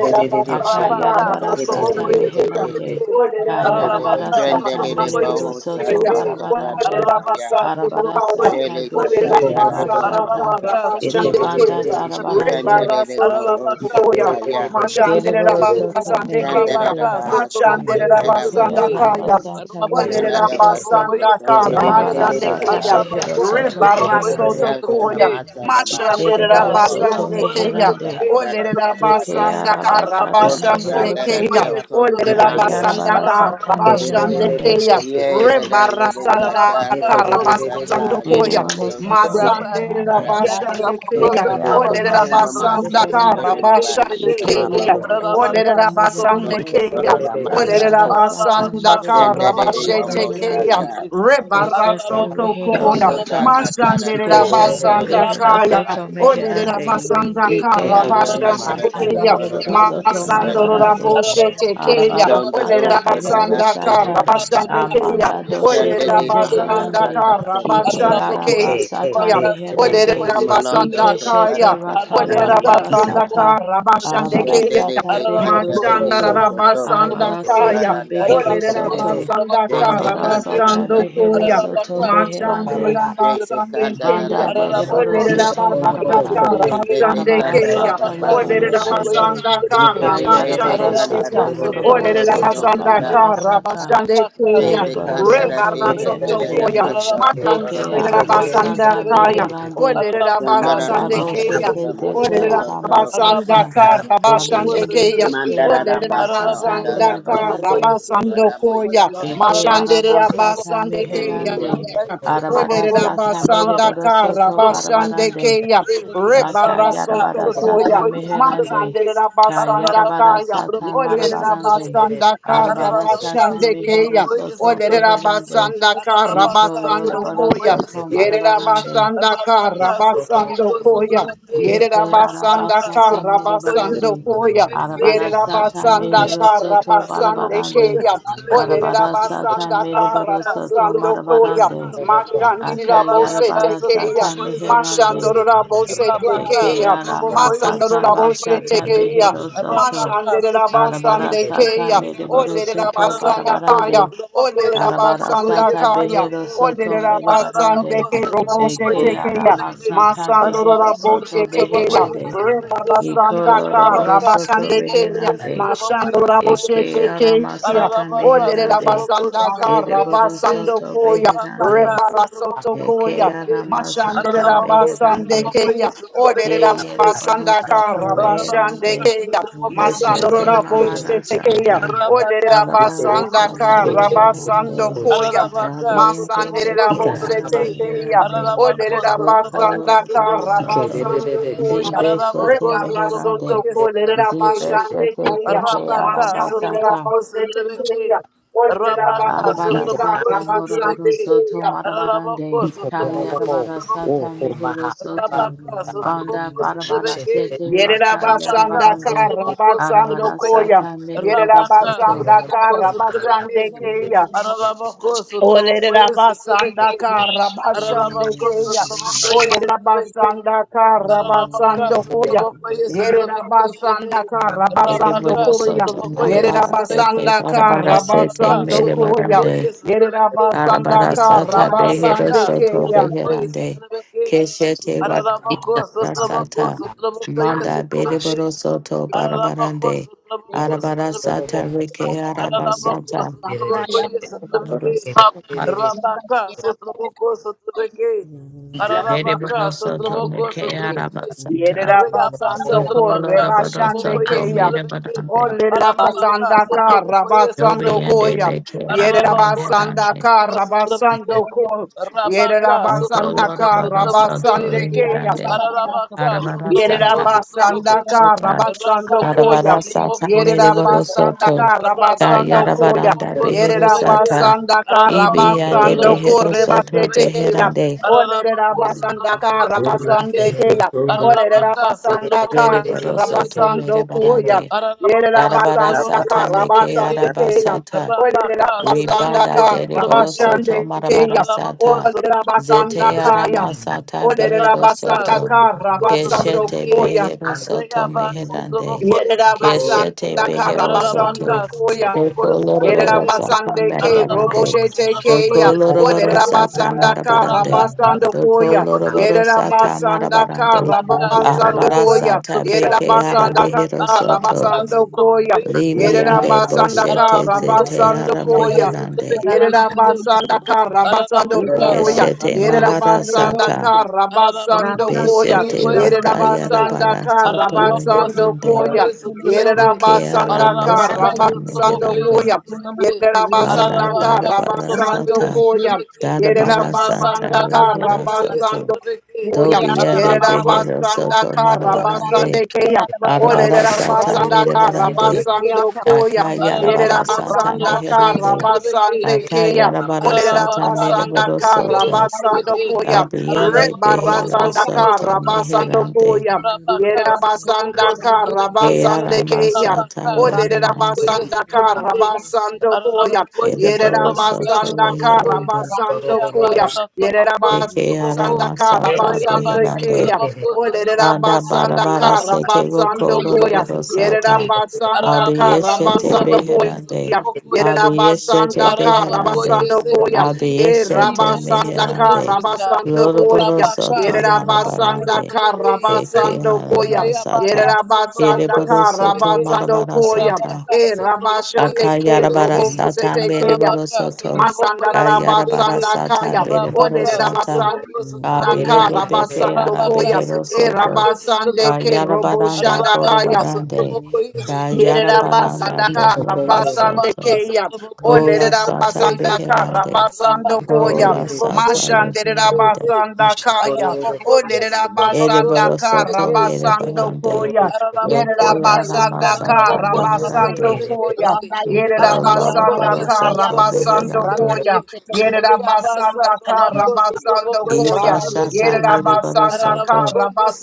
G: Rabaka,
F: Sakotoro
D: Akayarabarasata
G: Sotrabokoye,
F: Namasa,
D: meherande.
G: Sotrabeke, Rabaka,
D: Kayarabarasata
F: Shendele
G: Sotrabokoye,
C: Olelelabasandakababashandekeya.
D: mereboro
F: Boho
D: soto
F: Sata,
G: Sotrabeke,
D: barabarande.
F: Tatana Ya,
G: Rabaka, Sotrabokoye,
C: Olelelabasandakaya.
D: Arabarasata
F: Shere
C: Orera
G: Sotrabeke,
D: beshete
F: Takadara no
C: basanda
D: bashata.
C: kara
G: Rabaka,
C: basande
F: Marakasata,
G: Sotrabokoye,
D: Zibanda
C: keya.
G: Sotrabeke,
D: darabarande.
F: Shendele
C: Rebaraso
F: Boho
G: Rabaka,
F: Sata
C: tokoya.
F: Ya,
G: Sotrabokoye,
C: Mashandera
D: Kereboro
G: Sotrabeke,
D: soto
C: basande
F: Shendele
C: keya.
G: Rabaka,
D: meherande.
F: Bahasa
G: Sotrabokoye,
C: Mashandera
F: Keterama,
C: basanda
G: Sotrabeke,
C: kaya.
D: Kayarabasata
G: Rabaka,
C: Orera
D: behero
F: Shendele
D: soto.
G: Sotrobokoye,
C: basanda
F: Basokotoro
C: kara
G: Sotrobeke,
F: Namasa,
D: mahara
C: basande
F: Dada
D: Maharasata
C: keya.
D: behero
G: Arabako,
F: Basaka,
D: soto
G: Sotrobokoye,
C: Rebaraso
D: beherande.
F: Elsa
C: tokoya.
G: Sotrobeke,
F: Namasa Namasa,
G: Rabaka,
C: Mashandera
D: Dereboro
F: Toba
D: soto
F: Babo,
C: basande
G: Sotrobokoye,
C: keya.
D: meherande.
G: Sotrobeke,
F: Namakatara
C: Orera
G: Sotrobeke,
D: Deke
F: Kasata,
C: basanda
D: araba
C: kara
D: sata
F: Lord,
G: Arabaka,
F: the
C: basande
F: God
D: mehero
F: that I
C: keya.
D: soto.
G: Sotrobokoye,
F: tell close
C: Orera
F: about
G: Sotrobeke,
F: you.
C: basanda
D: Kayarabara
C: kara
D: sata
G: Arabaka,
D: mere
C: basande
J: kasih.
D: barande.
C: keya.
G: Sotrobokoye,
F: Yeah, let
G: Sotrobeke,
F: that let it cut
C: Rebarasanda
F: out,
G: Arabaka,
F: let it
C: kara
F: cut that
G: Sotroboko,
F: tie, you
C: basando
F: cut
D: Deriboro
F: those
D: soto
F: so so
G: Rabbi,
C: Masande
F: so
C: la
F: that I
D: reherande.
F: that's I.
C: basande
D: Deke
C: keya.
G: Yakarabakasa,
C: Ole
D: arama
C: la
F: You
G: Rabakasa,
F: know
D: sata
F: my
C: basanda
G: Rabakosa,
F: second that
C: kara
F: in
D: beherande.
F: the
G: Rebekation
F: man,
C: basande
D: Iko
G: Day,
C: keya.
D: loroboro
C: Ole
D: soto
C: la
G: Rabakasa,
F: no
C: basande
D: meherande.
G: Rabakoyas,
C: keya.
G: Rebeke,
C: Ole la
D: Arabara sata
C: basanda
D: mere
G: Arabakasa,
D: boro
C: kara
D: soto
G: Rabakosa,
C: basete
F: almost that
C: keya.
G: Rebekation
D: beherande.
G: Day,
C: Rebara
D: Keshete
C: soto
G: Arabakoyas,
D: rehero
C: koya.
F: Kondo ta
D: soto.
G: Rabakasa,
F: katara
C: Masande la
G: Rabako,
F: dia
D: Keshete
F: katoro to
D: behero
C: kaya.
D: soto
G: Rabakasa,
F: kopasa
C: Ole la
D: meherande.
G: Rabakosa,
F: tamasa.
C: basanda
G: Rebeke,
D: Ike
C: kara
F: Sondo
D: araba
F: na
C: basande
F: mara de
D: sata
G: Arabakosa,
C: keya.
F: katoro
D: mereboro
F: na
G: Rabakosa,
F: masa.
D: soto
F: Sondo
C: Masando
F: na
G: Rebeke,
C: la
D: marabarande.
F: masoko.
C: boshete
G: Arabakosa,
C: keya.
D: Arabara
F: Sondo
C: Ole
D: sata
F: do
G: Rabakasa,
C: la
F: de na
G: Rabako,
F: na
D: bereboro
C: basanda
F: te de
C: kara
D: sata.
F: kata.
C: basande
G: Rabakasa,
C: keya.
D: Amanda
C: Ole
G: Rabakosa,
C: la
D: doshete
F: Shandede
C: basanda
F: Maharada
D: zeherande.
G: Rabakoyas,
C: kara
F: kata
D: Ike
F: kosata
G: Ararabako,
C: basande
D: araba sata
C: Kaya,
G: Satrabaka,
C: Olera
G: Satrabako,
D: meherande.
F: Malondo
C: Basanda
D: Ike
G: Satrabeke,
F: Kotara
C: Kaya,
D: shete raka
G: Arabaka,
C: Olera
F: Takateria
D: yarabara
C: Basanda
F: Kaya
G: Satrabako,
D: sata.
C: Kara Bashande
G: Satrabeke,
D: Arabara
C: Kaya,
F: Vendere
D: sata
F: de
D: behero
G: Ararabako,
C: Mashanda
F: Katarede
D: soto.
G: Satrabaka,
F: Koto
C: Rabasanda
D: Arabara
G: Satrabako,
F: Toboko
C: Kaya,
D: sata
F: Tarandaya
D: behero
C: Olera
G: Ararabako,
D: soto.
C: Basanda
G: Satrabako,
F: Jete
C: Kara
D: Arabara
G: Satrabeke,
F: Kandara
D: sata
C: Basando
F: Toko
D: behero
C: Koya,
D: soto
G: Ararabaka,
F: yoko
C: Mashanda
G: Satrabako,
C: Mashande
D: beherande.
F: Jete
G: Satrabeke,
C: Rabasande
F: Kandara
D: Banda
C: Kaya,
D: de
G: Ararabako,
C: Olera
F: Masakoya
D: Reborosete
G: Satrabako,
C: Basanda Kara
D: Marabarande,
G: Satrabeke,
F: Jete
C: Bashande Kaya,
D: Arabarasata
F: Kandara
G: Ararabaka,
F: Bahado
C: Olera
G: Satrabako,
F: Konda
D: Lobieshete,
C: Basanda
G: Satrabeke,
C: Kara
F: Jete
C: Bashande
E: Thank
G: Ararabako,
C: Kaya,
F: Kandara
D: Kayarabarasata
F: Toko
G: Satrabako,
C: Olera
F: Toro
D: Moroborosoto
C: Basanda
F: Dokanda
G: Satrabeke,
C: Kara
D: Barabarasata,
C: Bashande
G: Rabaka
D: De
C: Kaya,
F: Jete
G: Sotobokoye
F: Kandara
D: Reborosoto
F: de
G: Sotobeki,
C: Rebarasoto
F: Katara
D: Beherande,
C: Koya,
F: Masako
G: Arabako
D: De
G: Sotobokoye
D: Aramasata
G: Sotobeki,
C: Makanderabasandakaya,
D: Beherande,
G: Arabaka
F: Sandarana
D: Banda
G: Sotobokoye
C: Orderabasandekaya,
D: Boshete
F: Makasana
D: Zete
G: Sotobeki,
F: Masaka Toroko
D: Aramasata,
G: Arabaka
F: Sata
G: Sotoboko
D: Dabiende
C: Orderabasandakarabasandekeya,
G: Sotobeki,
D: Beke
F: Mandara Baso and
D: Aramasata
G: Arabako
F: Dada Baso
D: Mirabarande,
G: Sotobokoye
F: Kotora
G: Sotobeki,
C: Orderabasandakarabasandokoya,
F: Damishikaya.
D: Eke
G: Ararabako,
D: arabasata
G: Satrabako,
C: Mashanderabasandekeya,
D: meherande.
F: Mm,
G: Satrabaka,
E: you.
G: Satrabako,
C: Olerera
D: Arabarasata
C: basanda
G: Rabaka,
C: kara
D: mereborosoto
G: Satrabako,
C: basande
D: barabarande.
C: keya.
G: Satrabeke,
D: Laka
G: Rabaka,
C: Rebarasoto
D: yarabarasata
C: koya.
G: Satrabako,
D: meherande.
G: Satrabeke,
C: Matsanderera
D: Ka
C: basanda
G: Ararabako,
C: kaya.
D: yarabarasata
G: Satrabako,
C: Olerera
D: marabarande.
G: Satrabeke,
C: basanda kara
G: Ararabaka,
D: Arabarasata
C: basande keya.
G: Satrabako,
D: meherosoto
C: Olerera
G: Satrabeke,
D: beherande.
C: basanda kara
G: Ararabaka,
D: Iko
C: basando
G: Satrabako,
C: koya.
D: loroborosoto
C: Yerera
G: Satrabeke,
D: marabarande.
C: basanda
G: Rabaka,
C: kara basando
G: Satrabako,
C: koya.
G: Satrabeke,
D: Deke
G: Rabaka,
C: Yerabasanda
D: arabasata mere
G: Satrabako,
C: Karabasando
D: barande.
C: Koya.
G: Satrabeke,
D: Arabarasata
C: Yerabasanda
D: mehero
G: Arabaka,
D: soto
C: Karabasande
D: barabarande.
G: Sotrobokoye,
C: Keya.
G: Sotrobekeshete,
D: Barabarasata
C: Olerabasanda
D: mere
G: Rabaka,
D: borosoto
C: Karabasando
G: Sotrobokoye,
C: Koya.
D: marabarande.
G: Sotroboko,
C: Mashandirabose
G: Rabaka,
D: Akayarabarasata
C: Tekeya.
G: Sotrobokoye,
D: meherande.
G: Sotrobeke,
C: Mashandorabose
G: Rabaka,
D: Eke
C: Tekeya.
G: Sotrobokoye,
D: aramasata
C: Masandorabose
G: Sotrobokoye,
D: bashata
C: Tekeya.
D: behero soto.
G: Rabaka, Sotrobokoye,
C: Mashandirabasande
D: Arabarasata
C: Keya.
G: Sotrobeke,
D: mere
E: Thank
D: borosoto
G: Rabaka,
C: Olerabasanda
D: barabarande.
C: Kaya. Olerabasanda
D: Arabarasata
C: Kaya.
D: behero soto mere barande.
C: Olerabasande Kerobose
D: Seke
C: Tekeya.
D: aramasata
C: Masandorora
D: behero
C: boche
D: soto
C: tekeya.
D: beherande.
C: Rebaba
D: Iko
C: sandaka
D: loroboro soto
C: rabashande keya.
D: beherande.
C: Mashandora
D: Eke
C: boche tekeya.
D: aramasata
C: Odere
D: beherande.
J: Thank
C: rabasandaka
D: Ereboro
C: rabasando
D: soto
C: koya.
D: beherande.
C: Rebara soto
D: Eke
C: koya.
G: Ararabako,
C: Mashandere
D: aramasata
C: rabasande
G: Sotrabako,
D: beherande.
C: keya.
D: Ke
C: Odere
G: Sotrabeke,
D: yereboro
C: rabasandaka
D: soto
C: rabashande
G: Rabaka
D: beherande.
C: keya.
G: Sutrabokoye
D: Keshete
C: Masandorora
G: Sutrabocation.
C: boche tekeya.
D: maharasata.
C: Odere
G: Rabaka
D: Arabara
G: Sutraboko
D: sata
C: rabasandaka
G: Sutrabocation.
C: rabasando
D: beherande.
C: koya.
G: Rabaka
D: Abiende
C: Masandere
G: Sutraboko
D: beke
C: rabose
G: Sutrabocation.
D: arameherande.
G: Rabako
C: Olerera
G: Sutrabaka
D: Rokola
C: basanda kara
G: Sutrabokoye.
D: Barosoto,
C: basando koya.
D: Zibeshete
G: Ararabako
C: Reba
G: sotraboko
D: Meherande,
C: rasoto kolerera
G: yesotrabekese.
C: basande
D: Zibeshete
C: keya.
D: Zete
G: Arabaka
C: Mashandera
D: Arabasata,
G: sotraboko
C: bosete
G: sotrabeke.
C: keya. Olerera
G: Arabaka
C: basanda
G: sotraboko
D: Arabarasata
C: kara basande
G: yesotrabeke.
D: Moroborosoto
C: keya.
G: Ararabako
D: Marabarande,
G: sotraboko sotraboko
D: Kayarabarasata
G: ye.
D: Meherosoto,
G: Arabaka
D: Banda
G: sotraboko sotrabeke.
D: Barabarasete
C: Yerera
D: Raka
G: Arabaka
C: basanda
D: Yarabarande,
C: kara
G: sotraboko
C: basando
G: sotraboko ye.
C: koya.
D: Arabarasata
C: Yerera
G: Arabaka
D: Mereborosoto,
C: basanda
G: sotraboko
C: kara
G: sotrabeke.
C: basande keya.
G: Ararabako
C: Olere
G: sotraboko yesotrabeke.
C: rabasanda karabashande
G: Ararabako
C: keya.
G: sotraboko
E: you.
C: Olere
G: yesotrabeke.
C: rabasanda
E: Shall
G: Arabaka
C: karabasando koya.
G: sutrabokoye
C: Yere
G: sutrabeke shete.
C: rabasanda karabasando
G: Rabaka
C: koya.
D: Ereborosoto
G: sutrabokoye
C: Yere
G: sutrabeke.
D: Marabarasete
C: rabasanda
D: Barabarasete
G: Arabaka
C: karabasando koya.
D: Merebarande,
G: sutrabokoye
C: Yere
G: sutrabeke.
C: rabasanda
D: Darabara sata behero
C: karabasande
G: Warabaka,
D: soto
C: keya.
G: Sotramokoi,
D: beherande.
G: Sotramaki,
D: Keshete wakara
G: Aramako, Sotramako,
J: you.
D: sata.
G: Sotramokoi,
D: Manda
G: Sotramaki,
D: bereboro soto
G: Aramako,
D: barabarande.
G: Sotramako,
D: Arabara
G: Sotramaki,
D: sata reke
G: Aramako,
D: arabasata.
G: Sotramokoi, Sotramaki, Rabaka, Sotramoko, Sotramaki, Aramaka,
D: Bereboro soto
G: Sotramoko,
D: meke
G: Sotramaki,
D: arabasata.
C: Yerera
G: Riabasa,
C: basando corre
G: Trabaka,
D: Rekoloraboro
C: basande
G: Sotramokoi,
D: soto
C: keya.
G: Sotramaki,
D: merebarande.
C: Olerera
G: Ararabaka,
C: basanda kara
G: Sotrabokoye,
D: Dobi
C: basando
G: Sotrabeke,
D: ende
C: koya.
D: beke
C: Yerera
G: Ararabako,
C: basanda
D: arameherande.
G: Sotraboko,
C: kara
G: Sotraboko,
C: basando ko.
G: Rabaka,
C: Yerera
J: Thank
C: basanda
G: Sotraboko,
C: kara
D: Rekoloraboro soto
G: Sotrabokoye,
C: basande keya.
D: reherande.
G: Ararabaka,
D: Arabara Sata.
G: Sotraboko,
C: Yerera
D: sata
G: Sotraboko,
C: basanda ka
D: arabara sata,
C: rabasando
G: Rabaka,
C: koya.
D: Arabarasata
G: Sotraboko,
C: Yerera
D: mereboro
G: Sotrabeke,
C: basanda
D: soto.
C: ka
G: Rabaka,
C: rabasando koya.
D: Kayarabaranda
G: Sotraboko,
D: behero
C: Yerera
G: Sotrabeke,
D: sata.
C: basanda ka
G: Ararabako,
D: Ibiyande
C: rabasando
D: behero
G: Sotrabokoye,
C: kore
D: soto
C: basete
G: Sotrabeke,
C: keya.
D: beherande.
C: Olerera
G: Ararabako,
C: basanda
G: Sotraboko,
C: ka rabasande
G: Sotrabeke,
C: keya. Olerera
G: Ararabaka,
C: basanda ka
G: Sotrabokoye,
D: Zereboro soto
C: rabasando
G: Sotrabeke,
C: koya.
D: merebarande.
G: Ararabako
C: Yerera
D: darabara
C: basanda
G: sotrabako
C: ka
D: sata meke
G: sotrabeke.
C: rabasande keya.
D: arabasata.
C: Olerera
G: Rabaka
C: basanda
G: sotrabako
D: Ribanda
C: ka
D: dereboro
G: sotrabeke.
D: soto
C: rabasande
D: marabara
C: keya.
G: Ararabako
D: sata
C: Olerera
G: sotrabako
C: basanda
D: Zete
G: sotrabeke.
C: kaya.
A: Ika,
D: aramasata
C: Olerera
D: behero
G: Rabaka
C: basanda
D: soto.
C: kara
G: sotrabako
C: basando
D: Keshete
G: sotrabeke.
E: I
C: koya.
D: behero
A: anda.
D: soto
E: Thank
G: Regaba
E: you.
G: sotrabako
D: meherande.
C: Yerera
G: sotrabeke.
D: Keshete
C: basanda kara
D: behero
G: Ararabaka
C: basando
D: soto.
C: koya.
G: sotrabako
D: Doko lorobaro
G: sotrabeke.
D: sata
C: Yerabasande ke
G: Ararabako
D: marabarande.
C: roboshete
G: sotrabako
C: ke
D: Doko
C: ya.
D: lorobaro
G: sotrabeke.
D: sata
C: Olerabasanda ka
D: marabarande.
G: Rabaka
C: rabasando
D: Doko
C: koya.
G: sotroboko
D: lorobaro
G: sotrobeke.
D: sata
C: Yerabasanda ka
D: marabarande.
G: Rabaka
C: rabasando
D: Arabara
G: sotroboko
C: koya.
D: sata
G: sotrobeke.
D: beke ara
C: Yerabasanda ka
D: behero soto.
G: Ararabaka
C: rabasando
G: sotroboko
C: koya.
G: sotrobeke.
D: Limiande
C: Yerabasanda ka
D: boshete
G: Ararabako
D: zete
C: rabasando
D: ara
G: sotroboko
C: koya.
D: meherande.
G: sotrobeke. Shite.
C: Yerabasanda ka rabasando
G: Ararabaka
C: koya.
D: Keshete
G: sotroboko
I: ande,
D: mahara
G: sotrobeke.
C: Yerabasanda
D: sata.
C: ka
J: you.
G: Ararabako
C: rabasando
J: Rata
C: koya.
D: Beshete
G: sotroboko
J: Cheria Mama Mama
G: sotrobeke.
D: rakayara
J: Suko,
C: Yerabasanda
D: bara
C: ka
D: soto
G: Ararabako
J: Yetria Mama
C: rabasando
D: meherande.
J: Kona
G: sotraboko
I: ah,
C: koya.
J: Suko,
A: Get
J: Leo
G: sotrebeke.
J: Boko,
D: Keala
C: Yerabasanda ka
I: socorro,
G: Ararabaka
J: Rada
D: Masata
G: sotraboko
C: rabasando
J: Yekitia
D: Meherande
C: koya.
J: Mama Kona
G: sotrebeke.
J: Suko, Leo
D: Banda
E: Shit.
J: Boko,
C: Yerabasandaka
G: Ararabaka
D: Barabara
J: Rata
G: sotraboko
C: Rabasando
D: Sata
J: She,
C: Koya.
G: sotrebeke.
J: Yamba
D: Darabara
J: Kona Suko,
G: Rabaka
D: Sata
J: Lala
C: Yerabasandaka
D: Rehera
J: Matia
G: sotraboko
J: Suko,
D: Soto
C: Rabasando
G: sotrebeke.
C: Koya.
J: Yetria Mama
D: Dobiande
G: Ararabako
J: Mama
D: Behero Soto
G: sotraboko
C: Yerabasandaka
J: Rata
G: sotrebeke.
D: Marabarande
C: Rabasande Kaya.
J: Matia Mama
D: Arabara
G: Rabaka
D: Sata
J: Rata
G: sotraboko
C: Olerabasandaka
D: Merebarande
G: sotrebeke.
J: Yetria
C: Rabasando Koya.
J: Matia Moko,
D: Akayarabara
G: Ararabako
D: Sata
J: Rata
G: sotraboko
C: Yerabasandaka
G: ye
J: Cheria
D: Meherande
J: Mama
G: sotrabeke
J: Rata Cheria Mama
C: Rabasande
G: shete.
C: Kaya.
D: Akayarabara Sata
G: Ararabaka
J: Rata
D: Mereboro
C: Olerabasandaka
G: sotraboko ye
D: Soto
C: Rabasando
G: sotrabeke.
C: Koya.
D: Dabiende
G: Ararabako
D: Behero
G: sotraboko
C: Rebarasandaka
D: Soto
J: Cheria
G: sotrabeke.
J: Mama
C: Rabasando
D: Meherande
C: Koya.
G: Rabaka sotraboko
C: Yerabasandaka
G: sotrabeke.
D: Keala
C: Rabasande Kaya.
D: Masata
G: Rabaka
C: Olere
G: sotraboko
D: Reherande
G: ye
C: rabasanda ka rabasando koya.
G: Aranabokoye
C: Yere
D: Ereboro
G: Sotomaka
D: Soto
C: rabasanda ka
G: Sotomokoye
D: Reherande
C: rabasando koya.
G: Reabasa
C: Yere
G: Tomoko
D: Deke ara
G: Sotomoko
C: rabasanda ka
D: masata
C: rabasando
G: Reabasa
D: beherande.
C: keya.
G: Tomoko
C: Olere
G: Sotomoko
D: Banda
C: rabasanda ka
D: barabara
G: Ramaka
D: sete
C: rabasando
D: roko
G: Sotomokoye
C: koya.
D: loroboro
C: Yere
G: Sotomiki
D: sata.
C: rabasanda ka
G: Aranabaka
D: Abiyeshete
C: rabasando
G: Sotomaka
C: koya.
D: beherande.
C: Yere
G: Sotomokoye
D: Abiyeshete
C: rabasanda ka
G: Ararabako,
D: beherande.
C: rabasando
G: yes, we
C: koya.
G: believe
C: E
G: we receive the
D: Abiyeshete
G: answers to
C: rabasanda
G: the
C: ka
D: meherande.
G: mysteries, God.
C: rabasando
D: Loroboro
C: koya.
G: Rabaka,
C: Yere
D: soto
G: Sotraboko,
C: rabasanda
D: marabarande.
C: ka
G: Sotrabeke, yes,
D: Deke
G: eh.
C: rabasando
D: ara
C: koya. Yere
G: Rayabaka,
D: masata.
E: Mm-hmm.
C: rabasanda
G: Sotraboko,
D: Ereboro
C: ka
D: soto
G: Sotrabeke,
C: rabasando
D: marabara
C: koya.
D: sata.
G: Rabaka,
C: E
G: Sotraboko,
C: rabashande
G: yes,
C: ke
D: Akayarabara
C: robo
G: Sotrabeke,
D: sata
C: sete keya.
D: mereboro
G: Ararabaka,
D: soto.
G: Sotraboko,
C: Masanda
G: yes,
D: Kayarabara
G: Sotrabeke,
C: rabasanda
D: sata
C: kaya.
D: bereboro
G: Rabaka,
C: Odere
D: sata.
C: rabasanda
G: Sotraboko,
C: Daka
G: Sotrabeke,
D: Abiende beke
C: rabasando
G: Rabaka,
D: arabehero
C: e
G: Sotraboko,
D: soto.
G: yes,
C: rabasande
G: Sotrabeke,
C: ke robo
D: Kayarabaranda
C: shanda
G: Ararabaka,
D: borobarande.
G: Sotraboko, yes, Sotrabeke,
D: Kayarabaranda
C: Yerabasandaka
D: bohoro
G: Ararabaka
D: soto.
C: Rabasandekeya.
G: Sutraboko
C: O
G: is
D: Kola sata
G: Sutrabacation.
C: Lerabasandaka
D: beherande.
G: Rabaka
C: Rabasandokoya.
D: Kola
G: Sutraboko
D: sata beherande.
G: Sutrabakasi.
C: Mashanderabasandakaya.
G: Araraboko
C: O
G: yes Sutraboko
D: Ereboro
C: Lerabasandaka
D: soto
G: Sutrabakasi.
D: merebarande.
C: Rabasandokoya.
D: Eke
G: Araraboko
J: Ramba
G: yes
J: yesu
C: Yerabasandaka
D: aramasata
J: kadadabati
G: Araraboko yes
J: anamasai.
D: beherande.
C: Rabasandokoya.
G: Sutrabakasi.
J: Ramba yesu
D: Iko
G: Araraboko
D: loroboro
G: yes
C: Yerabasandaka
J: kadadabati
D: soto
G: Sutraboko yes
D: beherande.
J: Ramba
C: Rabasandokoya.
G: Sutrabakasi.
J: yesu kadadabati
G: Riabasa
C: Yerabasandaka
G: Trabako Sutraboko yes
C: Rabasandokoya.
D: Iba
J: Ramba yesu
D: shata
G: Sutrabakasi.
J: kadadabati
D: mereboro
C: Yerabasandaka
D: soto.
G: Araraboko yes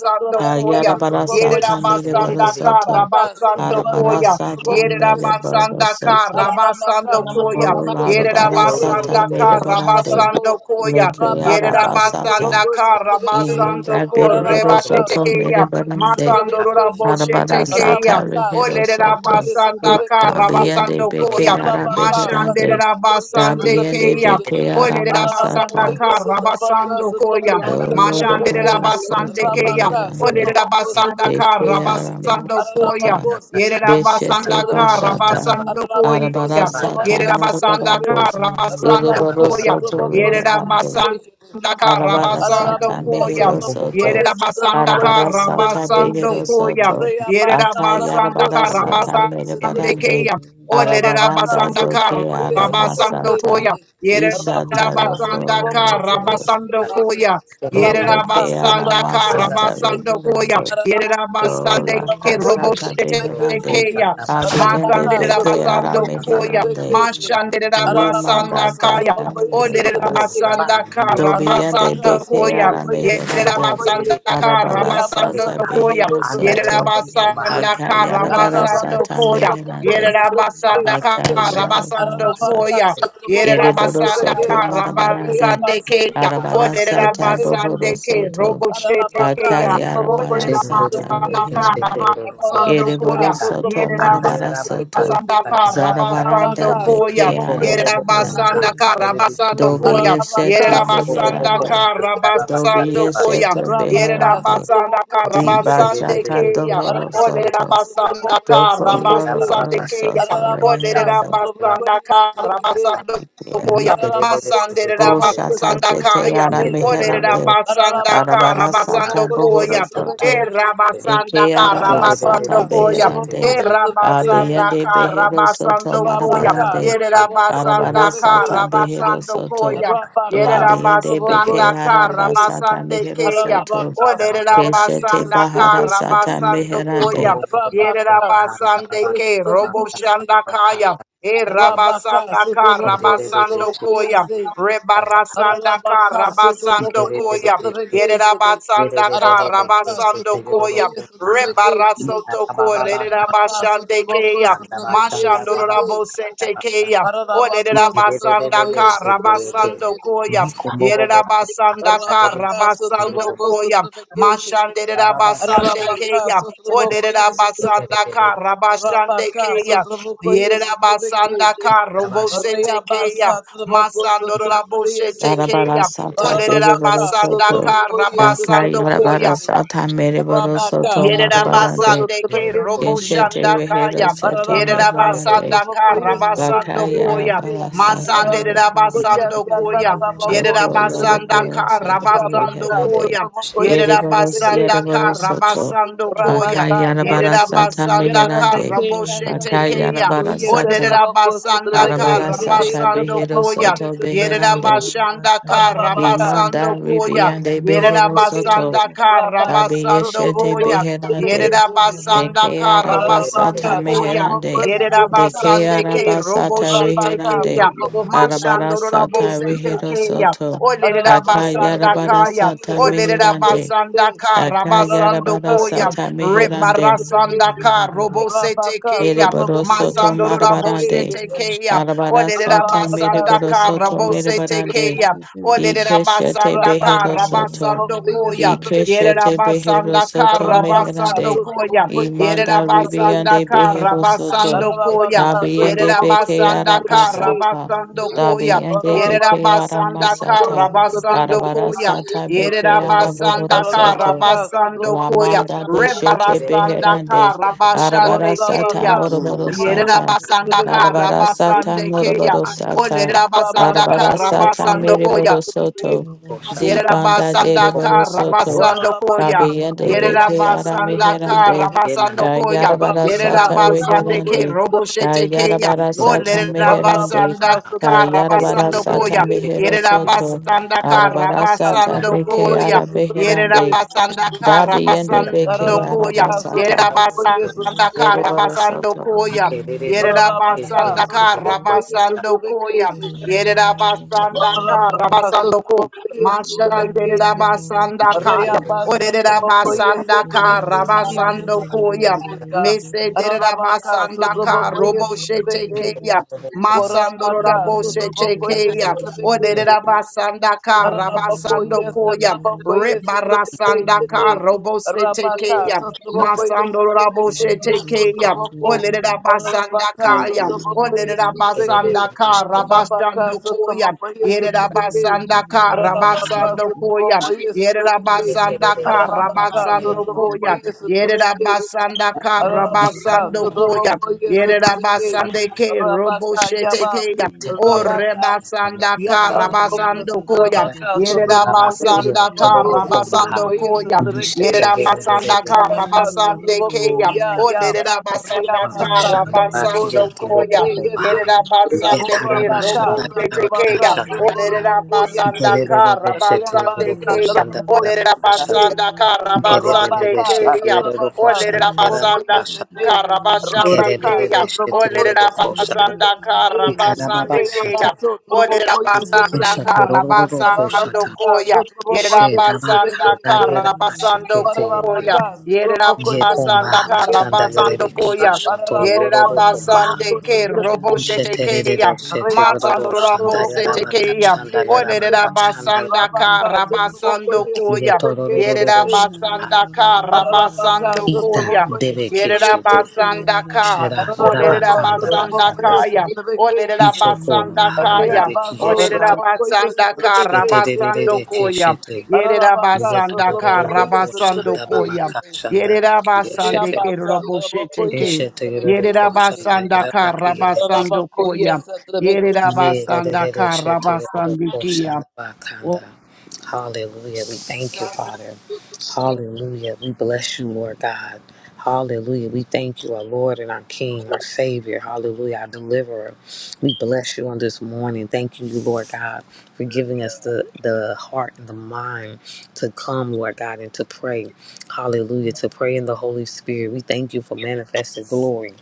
E: Thank
G: Sutrabaka
E: you.
G: Sutraboko
D: Kayarabarasa Tamere
G: yes.
C: Yerabasandaka
D: Borosoto.
G: Rabaka,
C: Rabasando
G: Sotrabako,
C: Koya.
D: Arabarasa
G: Sotraboko, yes.
D: Tamere
C: Yerabasandaka
J: Yesu
D: Borosoto.
J: anamasai
G: Ararabaka,
C: Rabasando
D: O
C: Koya.
J: anamasai
G: Sotrabako, Sotrabeke,
D: Larabarasa
C: Yerabasandaka
G: Shetea,
D: Tamere Barande.
G: Sotrabako.
C: Rabasando Koya.
D: Leke
G: Rabaka,
D: Arabasata.
G: Sotraboko,
C: Yerabasandaka
G: Sotrabeke.
C: Rabasando
D: Imunda
C: Ko
D: Bere
G: Ararabaka,
C: rebashe
D: Borosoto
C: tekeya,
D: Mere
G: Sotraboko, yes,
D: Barande.
C: Masando
G: Sotrabeke,
C: rora
G: Shetea.
C: boshe
D: Arabarasa
C: tekeya. Raboshetekeya.
G: Rabaka,
D: Tarihero
G: Sotraboko,
D: Soto.
G: yes, Sotrabeke,
C: Olerabasandaka
G: se.
D: Dabiende
C: Rabasando
D: Beke
C: Koya.
G: Ararabaka,
D: Arabeherande.
G: Satrabakoye,
D: Dabiende
C: Mashanderabasandekeya.
G: Satrabekishite.
D: Beke Aramasata.
G: Ararabakoye,
C: Olerabasandaka
G: Satrabaka,
C: Rabasando Koya.
G: Satrabokoye,
D: Dolo de
G: Satrabeke.
D: Borosoto
C: Mashanderabasandekeya.
J: anamasai
G: Rabaka,
D: Reherande.
C: Olerera
G: Satraboko,
C: basanda
D: Beke
C: kara
G: Satrabekishite.
C: basando koya.
G: Ararabako,
D: Bekearamasata,
C: Yerera
G: Satrabokoye,
C: basanda
D: Beshete
G: Satrabeke.
C: kara
D: Bashata,
C: basando
G: Ararabako,
C: koya.
D: Arabarasata,
G: Satrabaka,
C: Yerera basanda
G: Satrabeke.
D: Murabarabois,
C: kara basando
G: Rabaka,
C: koya.
D: Ereborosoto
G: Satraboko,
C: Yerera
D: Reherande,
G: Satrabekishite.
C: basanda
J: Thank
C: kara
D: Arabarasata
C: basando
G: Ararabako,
C: koya.
G: Sotrabokoye,
D: Meherosoto,
C: Yerera basanda
G: Sotrabokoye,
C: kara
D: Arabarasata
G: Sotrabekese,
C: basando koya.
D: Beherosoto,
C: Yerera
G: Rayabasa, Trabako,
C: basanda kara
D: Akayarabarasata
G: Sotrabokoye,
C: basande
G: Sotrabeke,
D: Merebarande,
C: keya. Olerera
G: Ararabaka,
D: Arabaranda
C: basanda
D: Doke
C: kara
G: Sotrabokoye,
C: basando
D: Aramasata,
C: koya.
G: Sotrabekese,
C: Yerera
D: Ishata
G: Rabaka,
C: basanda
G: Sotraboko,
C: kara
D: Rokoroboros,
C: basando
G: Sotrabekese,
C: koya.
E: Yeah.
D: Ole
G: Rabaka,
D: ke
C: Yerabasanda
G: Sotraboko,
D: Kearamasata
G: Sete,
C: Karabasando Koya,
D: Reherande,
G: Ararabocoia,
C: Yerabasande
D: Ola
G: Satrabocoia,
D: kasata
C: Keroboshete.
G: Satrabequeixe,
D: beherande.
C: Keya,
D: Abiende
C: Masande
G: Arabacá,
D: beke ara
C: Rabasando
G: Satrabocoia,
C: Koya,
D: meherande.
G: Satrabequeixe,
C: Mashande
G: Ararabocó,
D: Limanda
C: Rabasanda Kaya,
G: Satrabocoia,
C: Ode
D: dakaya bas.
G: Satrabequeixe,
C: Rabasanda
D: Dobiende
G: Arabacá,
C: Karabasando
D: beke
C: Koya,
D: ara
G: Satrabocoia,
D: meherande.
G: Satrabocoia,
C: Yerabasanda
D: Arabara
G: Riabá,
C: Karabasando
D: sata
C: Koya,
D: behero
G: Satrabocoia,
J: you.
D: soto.
G: Satrabequeixe,
J: Thank you.
C: Yerabasanda
D: Akayara
I: socorro,
D: bara
G: Ararabako,
C: Karabasando
D: sata
C: Koya,
G: Sotraboko,
D: meherande.
G: Sotrabeke,
C: Yerabasanda
I: Hallelujah.
G: Shinde,
D: Akayara bara
C: Karabasando
G: Ararabaka,
D: sata.
C: Koya,
G: Sotraboko,
D: Ereboro
C: Yerabasanda
G: Sotrabeke,
D: soto marabarande.
C: Karabasande
G: Reabaso,
C: Kaya,
G: Sotraboko,
D: Arabara sata
G: Sotrabeke, Shinde,
D: bohoro
C: Oderabasande K,
D: soto.
C: Roboshete
G: Ararabaka,
C: Kaya,
D: Akayara
G: Sotraboko,
D: bara sata
G: Sotrabeke,
C: Oderabasanda
G: Shinde,
D: meherande.
C: Karabasando
G: Arabaka,
D: Yereboro
C: Koya,
D: soto
G: Sotraboko,
D: marabara
G: Sotrabeke,
D: soto
C: Basanda
G: Shinde,
C: Karabasando
G: Rabaka,
D: zarabaranda
C: Koya,
D: beke
G: Sotraboko,
D: aram
G: Sotrabeke,
C: Yerabasanda
D: beherande.
G: Shinde,
C: Karabasando
D: Dobi
C: Koya,
G: Ararabaka,
D: yeshete
G: Sotraboko,
C: Yerabasanda
D: beherande.
G: Sotrabeke,
D: Dobi
G: Shinde,
C: Karabasando Koya,
D: yeshete
G: Rabaka,
D: beherande.
C: Yerabasanda
G: Sotraboko,
D: Di
G: Sotrabeke,
C: Karabasande
D: bachata
C: Kaya,
D: dohoro
G: Ararabaka,
D: soto.
C: Olerabasanda
G: Sutrabokoi,
D: Doko
G: Sutrabeke,
C: Karabasande
D: loroboro
C: Kaya,
D: soto
G: Ararabaka,
D: beherande.
G: Sutrabokoi,
C: Olerabasanda
G: Sutrabeke,
C: Karabasando
D: Yeah.
C: Koya,
G: Ararabako,
C: Masandera
D: Bo
G: Sutrabokoi,
D: shata
C: Basanda
D: zete
G: Sutrabeke,
C: Kaya,
D: ara
G: Say,
D: meherande.
C: Olerabasanda
G: Ararabaka,
D: Arabara sata
C: Karabasando
G: Sutrabokoi,
D: bohoro
C: Koya,
G: Sutrabeke,
D: soto.
G: Shitty,
C: Erabasanda
D: Eke ara
G: Ararabaka,
D: masata
C: Karabasando E
G: Sutrabokoi,
D: beherande.
G: Sutrabeke, Shitty,
C: rabasanda
D: Abeyende
C: ka
D: behero soto
C: rabasando koya.
G: Rabaka,
D: marabarande.
C: Yere
G: Sutrabokoi,
D: Arabara
C: rabasanda ka
D: sata
G: Sutrabeke,
D: behero
C: rabasando
D: soto.
C: koya.
G: Rabaka,
C: Yere
D: Labeyende
G: Sutrabokoi,
D: beke
C: rabasanda
D: ara
C: ka
G: Sutrabeke,
D: basata
C: rabasande
D: mehero
C: keya.
D: soto.
G: Ararabaka,
C: Olere
G: Sutrabokoi,
D: Keshete
C: rabasanda ka
D: bahara
G: Sutrabeke,
D: sata
G: Shitty,
C: rabasando koya.
D: meherande.
C: Yere
G: Rabaka
C: rabasande
G: sotoboko
C: ke
G: sotoboko
C: robo
G: yese.
C: shanda kaya. E
G: Rabaka
C: rabasanda ka
G: sotoboko
C: rabasando
G: sotoboko
C: koya.
G: yese.
C: Rebarasanda ka
G: Rabaka sotoboko
C: rabasando
G: yese
C: koya.
G: sotoboko
C: Yere
G: yese.
C: rabasanda ka
G: Rabaka
C: rabasando
G: sotoboko
C: koya.
G: yese sotoboko yese.
C: Rebarasotoko
G: Rabaka sotoboko
C: Lerabashandekeya.
G: sotoboko yese.
C: Mashandorora Bosetekeya.
G: Rabaka sotoboko
C: Olerabasandaka
G: yese sotoboko yese.
C: Rabasandokoya. Yerabasandaka
G: Rabaka sotraboko
C: Rabasandokoya.
G: sotrabecation. Arabaka
C: Mashanderabasandekeya.
G: sotraboko yes sotrabeke.
C: Olerabasandaka
G: Rabaka
C: Rabashandekeya.
G: sotraboko yes sotrabeke.
C: Yerabasandaka Robosetekeya.
G: Rayabasa traboko
C: Masandorora
G: sotraboko yes.
D: Arabara
C: Bosetekeya.
D: sata
G: Arabaka
D: behero soto.
C: Olerabasandaka
G: sotraboko yes
D: Dakai
C: Rabasandokoya.
G: sotrabecation.
D: arabara sata mereboro
E: Shaba,
G: Rabaka
D: soto
G: sotraboko
D: marabarande.
C: Yerabasande ke
G: sotrabecation.
D: Keshete
C: roboshanda
D: behero
C: kaya.
D: soto
G: Ararabaka,
C: Yerabasanda
D: meherande.
C: ka
G: Sotrobokoye,
C: rabasando
D: Bakaya
G: Sotrobeke,
C: koya.
G: Shete,
D: arabara
C: Masande
D: sata barasata
G: Ararabokoye,
C: rabasando koya.
D: The
G: Satarabako,
C: Yerabasanda
G: Sotrobeke,
D: Colorado
C: ka
D: Soto
C: rabasando
G: Rabaka,
D: Reherande.
C: koya.
G: Sotrobokoye,
D: Ereboro
G: Sotrobeke,
C: Yerabasanda ka
D: Siereboro
G: Shete,
D: Soto.
C: rabasando koya.
G: Rabaka, Yaba,
D: Bakayarabara Sata
C: Yerabasanda ka
D: Meherande.
G: Yarabeke,
C: roboshete keya.
D: Bakayarabara
G: Yasatrabokoye,
D: Sata.
G: Satrabako,
C: Oderabasanda ka
G: Sotrobeke,
D: Arabara
G: Shete,
D: Sata
C: rabasando
D: Behero
C: koya.
G: Yasatrabokoye,
D: Soto
G: Sotrobeke,
D: Beherande.
C: Yerabasanda ka
G: Ararabaka,
D: Imanda
C: rabasando koya.
G: Sotrobokoye,
D: Ribiande
C: Yerera
D: Behero
G: Sotrobokoye,
D: Soto.
C: basanda kara
G: Rabaka,
D: Dabi
C: basando
D: Yeshete
G: Sotroboko,
C: koya.
D: Beherande.
G: Sotrobeke,
C: Yerera
G: Shete,
D: De
C: basanda
D: que
C: kara
G: Arabaka,
E: Yeah.
D: arabasata
C: basando
G: Ararabaka,
C: koya.
D: meherande.
G: Sotramoko,
C: Yerera
D: De que
C: basande
G: Sotramekeshede,
C: ke robo
D: arabasata
C: shete
G: Rabaka,
D: reherande.
C: keya.
G: Sotramoko,
C: Mashando rabo
D: Arabarasata
G: Sotramekeshede,
C: sete
D: rehero
C: keya.
D: soto.
C: Olerera
G: Ararabaka,
C: basanda
G: Sotramoko,
C: kaya.
D: Akayarabarasata
C: Olerera
D: meherande.
C: basanda
G: Sotramekeshede,
C: kara basando
G: Ararabaka,
C: koya.
D: Akayarabarasata
G: Sotramoko,
C: Rebara
D: meherande.
C: sanda
G: Sotramekeshede,
C: kara robo sete
G: Rabaka,
C: keya.
D: Ereboro
G: Sotramoko,
D: soto
C: Masando rabo
D: marabarande.
C: sete
G: Sotramekeshede,
C: keya. Olerera
D: Arabarasata
G: Ararabaka,
C: basanda
D: mereboro
C: kara
G: Sotramoko,
D: soto
C: robo
G: Sotramekeshede,
C: sete
D: merebarande.
C: keya. Olele
D: Ikeshete
C: rabasanda ka
D: behero
G: Rabaka,
D: soto.
G: Sotramoko,
C: rabasando koya. Yere
G: Sotramekeshede,
D: Ikeshete behero
C: rabasanda ka
D: soto
G: Rabaka,
D: meherande.
C: rabasando koya.
G: Sotramoko,
C: Yere
D: Imanda
G: Sotramekeshede,
C: rabasanda
D: ribiande
C: ka
D: behero soto.
C: rabasando koya.
G: Ararabaka
C: Yere
D: Dabiende
G: sotraboko
D: beke
C: rabasanda ka
G: yesotrabeke.
D: arabasata.
C: rabasando koya.
D: Dabiende
C: Yere
D: deke
G: Ararabaka
C: rabasanda
G: sotraboko
C: ka
D: aramasata.
G: sotrabeke.
C: rabasando
D: Barabara
C: koya.
D: sata
C: Yere
D: beke arabohoro
C: rabasanda ka
D: soto.
G: Ararabaka
C: rabasando
G: sotraboko
C: koya.
D: Ramanda de Shete
G: yesotrabeke.
C: Rebarasanda ka
D: Beherande, Arabara
C: rabashande
D: Sata
C: keya.
G: Ararabaka
D: Moroboro
F: mm,
G: sotraboko
D: Sata,
C: Yerabasandaka
G: yesotrabeke.
D: Arabara Sata
C: Rabasande
D: Moroboro Sata,
G: Rabaka
C: Olerabasandaka
D: Arabara
A: Shete
D: Sata
G: sotraboko
C: rabasandokoya.
D: Meriboro Soto,
G: yesotrabeke.
D: Zibanda de
C: Yerabasanda
D: Riboro
C: ka
D: Soto,
C: rabasando koya.
G: Ararabaka
D: Rabiende
G: sotraboko
D: Beke Ara
C: Yerabasanda ka
D: Meherande,
G: yesotrabeke.
C: rabasando koya.
D: Yarabara
G: Rabaka
D: Sata
C: Yerabasande
G: sotraboko
C: ke
D: Reherande,
G: yesotrabeke.
C: roboshete keya.
D: Yarabara
C: O
D: Sata Meherande,
G: Ararabaka
C: lerabasanda ka
G: sotraboko
D: Yarabara
C: rabasando
D: Sata
C: koya.
G: yesotrabeke.
D: Mehero Soto,
C: Yerabasanda ka
D: Arabara
G: Rabaka
D: Sata
C: rabasando
G: sotraboko
D: Beke
C: koya.
D: Ara Beherande,
G: yesotrabeke.
C: Yerabasanda ka
D: Dabi and
C: rabasando
D: Beke
C: koya.
G: Tararabaka
D: Arabasata.
G: sotoboko
C: Yerabasanda
E: Shit.
C: ka
G: yesotrobeke.
D: Yereboro
C: rabasando
D: Soto.
E: Thank
C: koya.
G: Tararabaka
C: Yerabasanda ka
G: sotoboko
C: rabasando
G: yesotrobeke
C: koya.
G: shede.
C: Yerabasanda ka
G: Tararabaka
C: rabasando ko.
G: sotoboko yesotrobeke
C: Mashandera
G: shede.
C: basanda kaya,
G: Rayabasa
C: orera
G: sotoboko yese.
C: basanda
G: Believe we
C: kara
G: receive the
C: basando
G: answers to the
C: koya,
G: mysteries, God.
C: mesedera
G: Tararabaka
C: basanda kara
G: sotoboko
C: robo shete
G: yesotrobeke.
C: keya, masandoro
G: Orabaka,
C: rabo shete
G: Sotraboko,
C: keya, orera
G: yes,
C: basanda kara
G: Ararabako ye
C: basando koya,
G: satrabako ye satrabeke
C: rebarasanda
G: shete.
C: kara robo shete
G: Rabaka
C: keya,
G: satrabako ye
C: masandoro rabo
G: satrabeke ye
C: shete keya,
G: satrabako.
C: orera basanda
G: Ararabaka
F: mm.
C: kaya,
F: mm.
G: satrabako ye
C: orera
G: satrabeke.
C: basanda kara
G: Rabaka
E: you.
C: basando koya,
G: satrabako ye satrabeke.
C: Yerabasanda ka
G: Ararabaka
C: rabasando
G: satrabako
C: koya.
G: ye satrabeke.
C: Yerabasanda ka
G: Ararabaka
C: rabasando
G: satrabako
C: koya.
G: ye satrabeke.
C: Yerabasanda ka
G: Rabaka,
C: rabasando koya.
G: Sotoboko, yes, Rabaka,
C: Yerabasande ke
G: Rabaka,
C: roboshete
G: Yaba,
C: keya. O
G: Rabaka,
C: rebasanda ka
G: Yataraboko,
C: rabasando koya.
G: Rabaka, Sotoboko, yes,
C: Yerabasanda ka
G: Rabako, Sotoboko,
C: rabasando
G: yes,
C: koya.
G: Rabaka, Shete, yes,
C: Yerabasanda ka
G: Rabaka,
C: rabasande
G: Sotoboko,
C: keya.
G: Ya,
C: O
G: Ya,
C: derabasanda ka
G: Rayabasa, Raboko,
C: rabasando koya.
G: Sotoboko, yes, eh.
C: Yerabasande ke
G: Orabaka,
C: roboshete keya.
G: Satarabaka,
C: Olerera
G: Sotoraboko, yes,
C: basanda
G: eh.
C: kara basande
G: Rayabasa,
C: keya.
G: Raboko,
C: Olerera
G: yes, eh.
C: basanda kara basande
E: Shit.
G: Rabaka,
C: keya.
G: Satrabaka,
C: Olerera
G: Satraboko,
C: basanda
G: yes, a day.
C: kara basande
G: Rabaka,
C: keya.
G: Satraboko,
C: Olerera
G: yes, a
C: basanda
G: vacation
C: kara
G: day.
C: basande keya.
G: Reabaso,
C: Olerera
G: Turboko, yes, a
C: basanda
G: vacation.
C: kara basando
G: Rabaka,
C: koya.
G: Satraboko,
C: Yerera
G: yes, a
C: basanda
G: vacation.
C: kara basando koya.
G: Paralabaka,
C: Yerera
G: Satraboko, yes, a
C: basanda kara
G: vacation day.
C: basando koya.
G: Paralaboko,
C: Yerera basande
G: Satraboko,
C: ke
G: a
C: robo
G: vacation
C: shete
G: day.
C: keya.
E: Shit.
G: Reabasa,
C: Masandora Bose
G: Turboko, a
C: Tekeya,
G: vacation
C: Orera
G: day.
C: Basanda
G: Rabaka, Satraboko,
C: Karabasando
G: yes, a
C: Koya,
G: vacation
C: Yerera
G: day.
C: Basanda
G: Ararabaka,
C: Karabasando Koya,
G: Sotrabokoye,
C: Yerera
G: Sotrabokoye,
C: Basanda Ka,
G: Ararabaka,
C: Orera Basanda
G: Sotrabokoye,
C: Kaya, Orera
G: Sotrabokoye,
C: Basanda
E: Hallelujah,
C: Kaya,
G: Reabaso,
C: Orera
G: Sotrabokoye,
C: Basanda
G: Sotrabokoye,
C: Karabasando Koya, Yerera
G: Ararabaka,
C: Basanda
G: Sotrabokoye,
C: Karabasando Koya,
G: Sotrabokoye,
C: Yerera Basande
G: Reabasa,
C: Keroboshe
G: Sotrabokoye,
C: Teke,
J: Thank
C: Yerera
G: Sotrabokoye,
C: Basanda Karabasando
G: Ararabakoye,
C: Koya,
G: Sotrabokoye.
A: Yeah, that that that is shit to the little portion
C: Yererabasandakarabasandikia.
A: of our
C: Oh,
A: Yedidididishitidididokoshandabakanda. Hallelujah. We thank you, Father. Hallelujah. We bless you, Lord God. Hallelujah. We thank you, our Lord and our
J: you.
A: King, our Savior. Hallelujah. Our deliverer. We bless you on this morning. Thank you, Lord God, for giving us the, the heart and the mind to come, Lord God, and to pray. Hallelujah. To pray in the Holy Spirit. We thank you for manifested glory.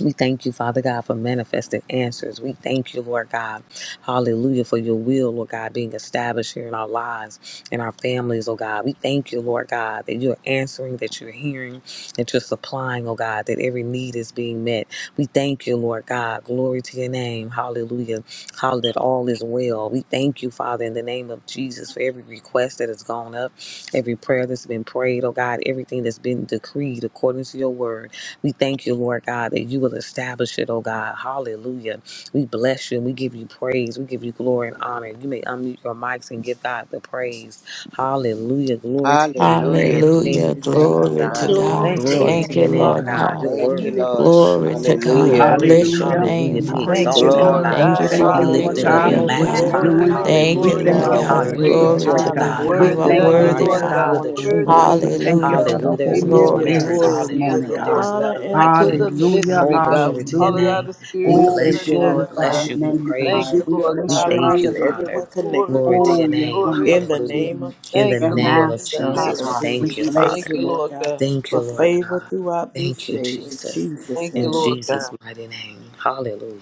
A: We thank you, Father God, for manifested answers. We thank you, Lord God. Hallelujah, for your will, Lord God, being established here in our lives and our families, oh God. We thank you, Lord God, that you're answering, that you're hearing, that you're supplying, oh God, that every need is being met. We thank you, Lord God. Glory to your name. Hallelujah. Hallelujah, that all is well. We thank you, Father, in the name of Jesus, for every request that has gone up, every prayer that's been prayed, oh God, everything that's been decreed according to your word. We thank you, Lord God, that you will establish it, oh God. Hallelujah. We bless you and we give you praise. We give you glory and honor. You may unmute your mics and give God the praise. Hallelujah. Glory to your name for
F: Hallelujah,
A: everything
D: Hallelujah.
F: Jesus.
A: you're
E: God.
A: doing,
E: We
F: Thank
A: oh
F: you,
D: Glory
E: give you
D: to
A: God.
E: the
F: Father.
D: God.
E: honor,
G: Thank
E: the
G: you,
A: Glory to
D: Thank
G: Lord
E: glory,
D: you,
A: your
E: and the
G: God.
A: name,
D: Lord
E: praise.
A: God.
D: God.
A: You're
F: Thank you,
A: worthy.
G: Hallelujah.
F: Lord.
E: Thank you for
D: Glory
E: what
D: to
E: we
G: Glory,
A: You are
E: prayed
D: God.
E: in
G: glory,
F: Hallelujah.
E: the
A: worthy.
G: glory.
D: Bless
E: spirit,
D: your
C: hallelujah.
E: what we
D: name,
A: Hallelujah.
C: We
A: Be
D: Father.
G: Thank
C: praise
G: you,
C: you,
E: manifested
A: exalted,
E: in
A: oh
G: Lord
C: God.
F: Glory,
E: the
A: God.
C: We
D: Thank you
G: God.
E: natural.
F: glory,
D: for
C: thank
E: God.
A: Be
C: you,
D: the
C: Lord
A: lifted up.
C: God,
D: victory,
F: hallelujah.
A: Be
G: Hallelujah.
C: for
D: oh
E: We
C: what
G: Thank
C: you're
G: you.
E: thank
D: God.
E: you,
G: We
A: magnified.
G: give
C: doing.
G: you
E: God.
I: Glory
E: We
G: the
I: to
D: Thank
C: We
D: you,
I: you,
G: glory,
A: Hallelujah.
G: the
C: thank
E: glorify
F: You
D: Lord
C: you
F: are
G: honor,
I: God.
E: you.
G: and
C: for
G: the
A: Hall-
D: God.
C: the
F: worthy,
A: You,
G: praise.
F: Lord
A: you
D: Glory
A: are
E: You are
C: victory,
D: to
A: the
F: God.
E: worthy
A: God.
C: God.
E: to
D: God.
I: Hallelujah.
C: We
A: Hall-
D: You
E: be
D: are
I: We
A: You're
G: Worthy
F: We
G: are
C: thank
A: the
I: honor
E: praised.
C: you,
G: you,
D: worthy,
A: only
I: you
F: honor you.
C: Lord
G: Lord
I: this
A: God.
G: God.
D: Father.
A: You're
C: God.
A: the
I: morning,
E: God,
I: Lord
A: true
E: thank
G: Worthy
I: God.
A: God.
E: you
C: Oh,
G: are
E: for
C: we
G: you,
E: being the
C: thank
G: Lord
C: you
D: Hallelujah.
G: God.
C: for
E: author
G: We
C: the
E: and
A: Hallelujah. There's
I: We
G: believe
C: Holy
A: no
E: finisher
G: we
I: give
E: of
A: one
I: you
D: Glory
E: our
G: receive
D: to
A: else.
C: Spirit
E: faith.
I: glory.
D: God.
G: every
C: this
I: We give
C: morning,
G: answer,
A: Hallelujah.
I: you
G: Lord
C: God.
A: There's
G: God,
I: honor
A: none
I: and
A: like
G: to
I: praise
A: you.
G: the
E: Mercy
I: in the
C: Hallelujah.
E: upon us
G: mystery,
A: Whole
I: name of
E: this
G: God.
A: glory
I: Jesus.
G: We
A: to
E: morning.
A: your
G: call
E: We
G: it
C: Hallelujah.
G: out
E: thank
A: name.
G: of
E: you,
G: spirit
A: We
I: We
E: God.
C: Oh,
G: into
C: we
G: the
I: thank
A: bless
I: you,
A: you. We
I: Lord
G: natural,
C: glorify
A: bless
G: God.
C: your
I: God.
A: you. We
I: We
C: name,
I: decree
G: Thank
A: praise
C: God.
A: you.
G: you,
C: We
I: victory over
G: Lord
A: We
C: bless
G: God.
I: our
C: your
A: thank
I: lives
A: you,
C: name,
I: and
C: oh
A: Father.
G: Hallelujah.
C: God.
I: everyone
G: Glory,
I: connected
A: Glory
I: to us
A: to
C: Oh,
A: your
G: glory,
C: you're
A: name.
G: glory.
I: in the
C: wonderful to
A: Hallelujah.
I: name
C: you.
I: of
A: In the
G: Thank
C: Your
I: Jesus.
G: you,
A: name
G: Lord.
A: of
G: In the
C: master, oh
G: name
A: Jesus, we
G: of
C: God. We
I: Hallelujah.
A: thank you,
I: We
G: Jesus.
I: thank
G: Thank
C: bless
A: Father.
I: you,
G: you,
C: you.
I: Lord
G: Lord
I: God,
G: God.
A: Thank you,
I: for
A: Lord
I: favor
A: God.
I: throughout this
A: Thank you,
I: day in
A: Jesus.
I: Jesus'
G: Thank you,
A: In
I: name.
G: Lord
A: Jesus'
G: God.
A: mighty name. Hallelujah.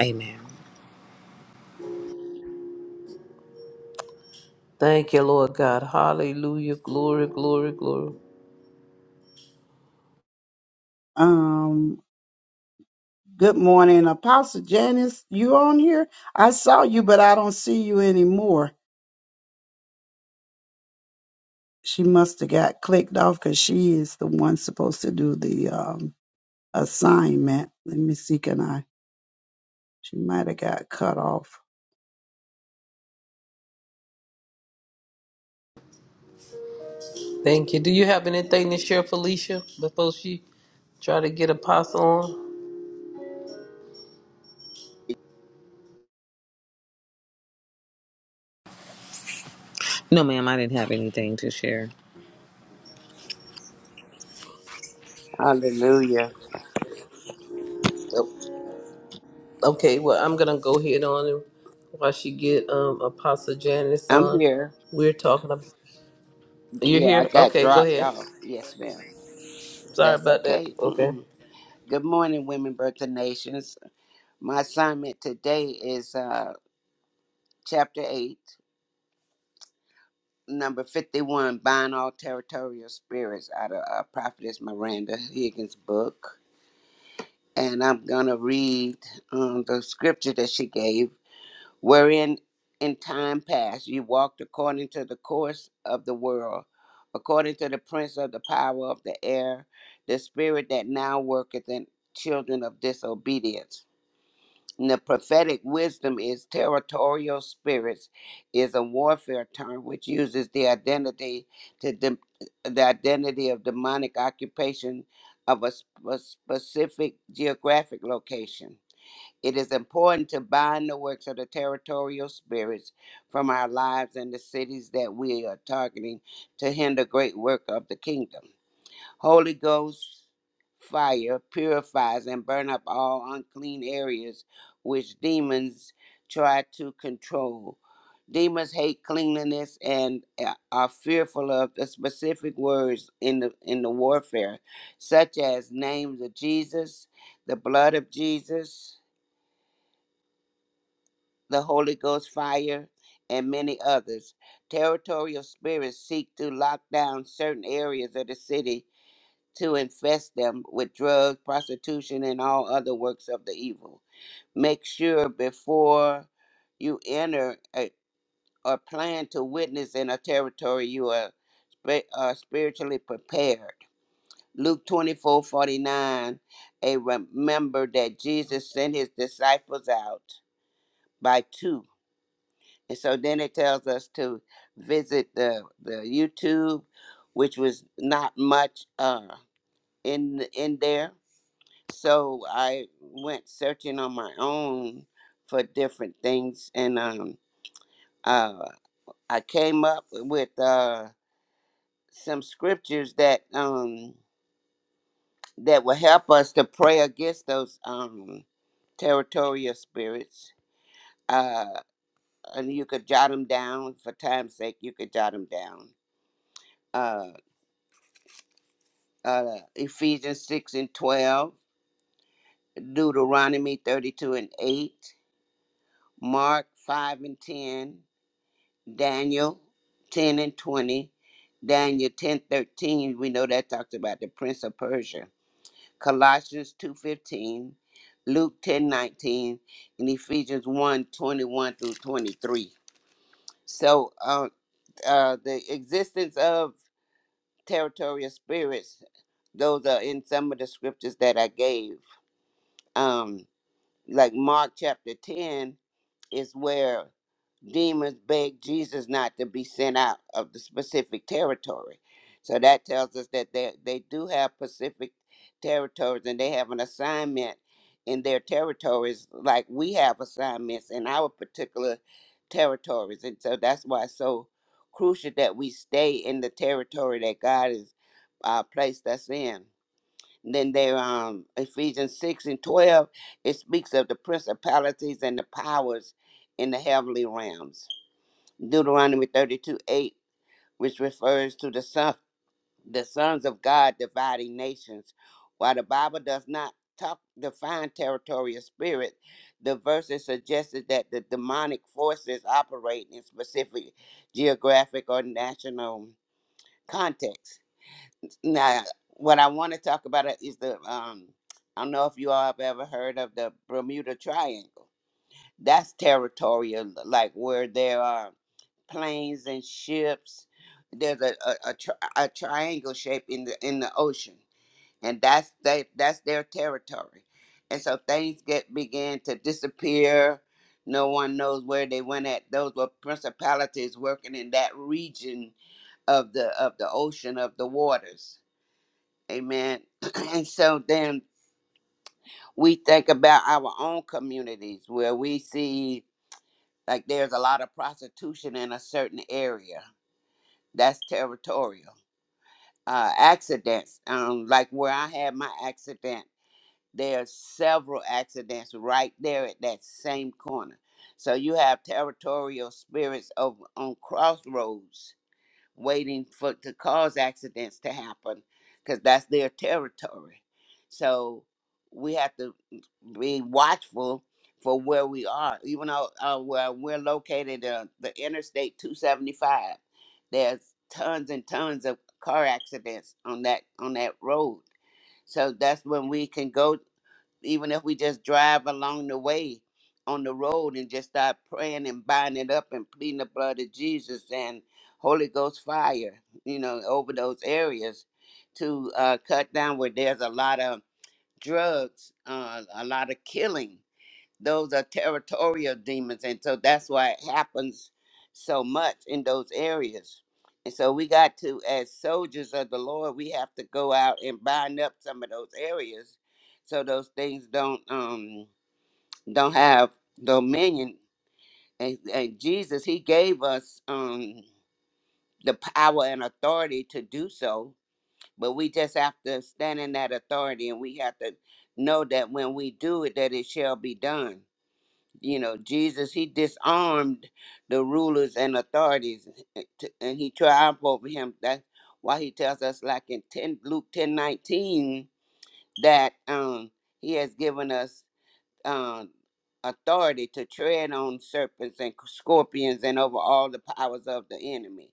A: Amen.
G: Thank you, Lord God. Hallelujah. Glory, glory, glory.
C: Um, good morning, Apostle Janice. You on here? I saw you, but I don't see you anymore. She must have got clicked off because she is the one supposed to do the um, assignment. Let me see, can I? She might have got cut off.
G: Thank you. Do you have anything to share, Felicia, before she try to get Apostle on?
A: No, ma'am, I didn't have anything to share.
F: Hallelujah.
G: Nope. Okay, well, I'm gonna go ahead on and while she get um Apostle Janice
F: I'm
G: on.
F: here.
G: We're talking. About, you're
F: Yeah, I
G: here.
F: got
G: Okay, go
F: dropped
G: ahead.
F: off. Yes, ma'am.
G: Sorry
F: That's
G: about that.
F: okay.
G: Okay.
F: Mm-mm. Good morning, Women Birth of Nations. My assignment today is uh, chapter 8, number 51, Bind All Territorial Spirits out of uh, Prophetess Miranda Higgins' book. And I'm going to read um, the scripture that she gave, wherein in time past you walked according to the course of the world, according to the prince of the power of the air, the spirit that now worketh in children of disobedience And the prophetic wisdom is territorial spirits, is a warfare term which uses the identity to dem the identity of demonic occupation of a, sp- a specific geographic location. It is important to bind the works of the territorial spirits from our lives and the cities that we are targeting to hinder great work of the kingdom. Holy Ghost fire purifies and burn up all unclean areas which demons try to control. Demons hate cleanliness and uh, are fearful of the specific words in the in the warfare, such as names of Jesus, the blood of Jesus, the Holy Ghost fire, and many others. Territorial spirits seek to lock down certain areas of the city to infest them with drugs, prostitution, and all other works of the evil. Make sure before you enter a, or plan to witness in a territory you are, spi- are spiritually prepared. Luke twenty four forty nine. a remember that Jesus sent his disciples out by two. And so then it tells us to visit the, the YouTube, which was not much uh, in in there So I went searching on my own for different things, and um, uh, I came up with uh, some scriptures that um, that will help us to pray against those um, territorial spirits. Uh, and you could jot them down for time's sake. You could jot them down. Uh, uh, Ephesians six and twelve, Deuteronomy thirty-two and eight, Mark five and ten, Daniel 10 and 20, Daniel 10 13. we know that talks about the prince of Persia, Colossians 2 15, Luke 10 19, and Ephesians one 21 through 23. So uh, uh, the existence of territorial spirits, those are in some of the scriptures that I gave. Um, like Mark chapter 10, is where demons begged Jesus not to be sent out of the specific territory. So that tells us that they, they do have specific territories and they have an assignment in their territories, like we have assignments in our particular territories. And so that's why it's so crucial that we stay in the territory that God has uh, placed us in. Then there, um, Ephesians 6 and 12, it speaks of the principalities and the powers in the heavenly realms. Deuteronomy 32 8, which refers to the, son, the sons of God dividing nations. While the Bible does not talk, define territory or spirit, the verses suggested that the demonic forces operate in specific geographic or national contexts. Now, what I want to talk about is the um. I don't know if you all have ever heard of the Bermuda Triangle. That's territorial, like where there are planes and ships. There's a a, a, tri- a triangle shape in the in the ocean, and that's they that's their territory. And so things get began to disappear. No one knows where they went at. Those were principalities working in that region of the of the ocean of the waters Amen. And so then we think about our own communities where we see like there's a lot of prostitution in a certain area. That's territorial. Uh, accidents, um, like where I had my accident, there's several accidents right there at that same corner. So you have territorial spirits over on crossroads waiting for to cause accidents to happen because that's their territory. So we have to be watchful for where we are. Even though uh, where we're located, uh, the Interstate 275, there's tons and tons of car accidents on that on that road. So that's when we can go even if we just drive along the way on the road and just start praying and binding it up and pleading the blood of Jesus and Holy Ghost fire, you know, over those areas to uh, cut down where there's a lot of drugs, uh, a lot of killing those are territorial demons and so that's why it happens so much in those areas and so we got to as soldiers of the lord we have to go out and bind up some of those areas so those things don't um don't have dominion and, and jesus he gave us um the power and authority to do so but we just have to stand in that authority and we have to know that when we do it that it shall be done you know jesus he disarmed the rulers and authorities and he triumphed over him that's why he tells us like in 10 luke ten nineteen that um he has given us um authority to tread on serpents and scorpions and over all the powers of the enemy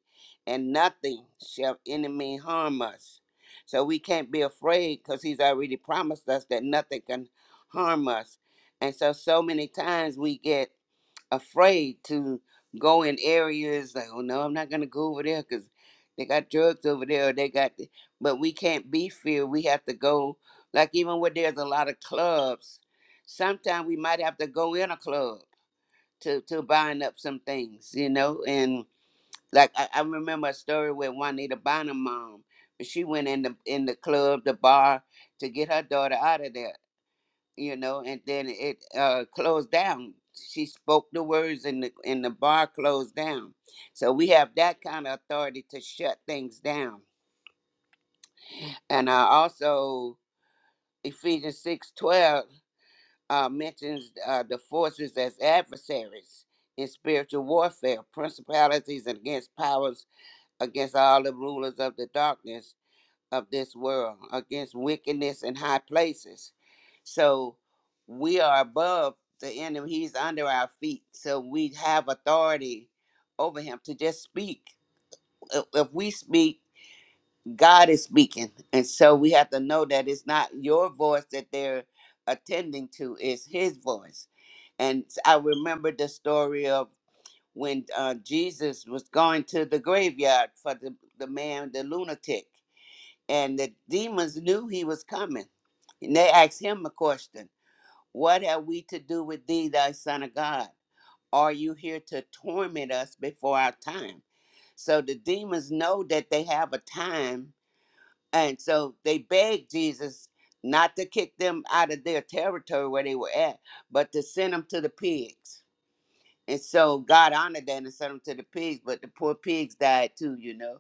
F: and nothing shall enemy harm us so we can't be afraid because he's already promised us that nothing can harm us and so so many times we get afraid to go in areas like, oh no, I'm not gonna go over there because they got drugs over there. Or they got, th-" but we can't be feared. We have to go. Like even where there's a lot of clubs, sometimes we might have to go in a club to to bind up some things, you know. And like I, I remember a story with Juanita Bynum mom. She went in the in the club, the bar, to get her daughter out of there you know, and then it uh, closed down. She spoke the words, and the and the bar closed down. So we have that kind of authority to shut things down. And uh, also Ephesians six twelve uh, mentions uh, the forces as adversaries in spiritual warfare, principalities and against powers, against all the rulers of the darkness of this world, against wickedness in high places. So we are above the enemy, he's under our feet. So we have authority over him to just speak. If if we speak, God is speaking. And so we have to know that it's not your voice that they're attending to, it's his voice. And I remember the story of when uh, Jesus was going to the graveyard for the, the man, the lunatic and the demons knew he was coming. And they asked him a question What have we to do with thee, thy son of God? Are you here to torment us before our time? So the demons know that they have a time, and so they beg Jesus not to kick them out of their territory where they were at, but to send them to the pigs. And so God honored that and sent them to the pigs, but the poor pigs died too, you know.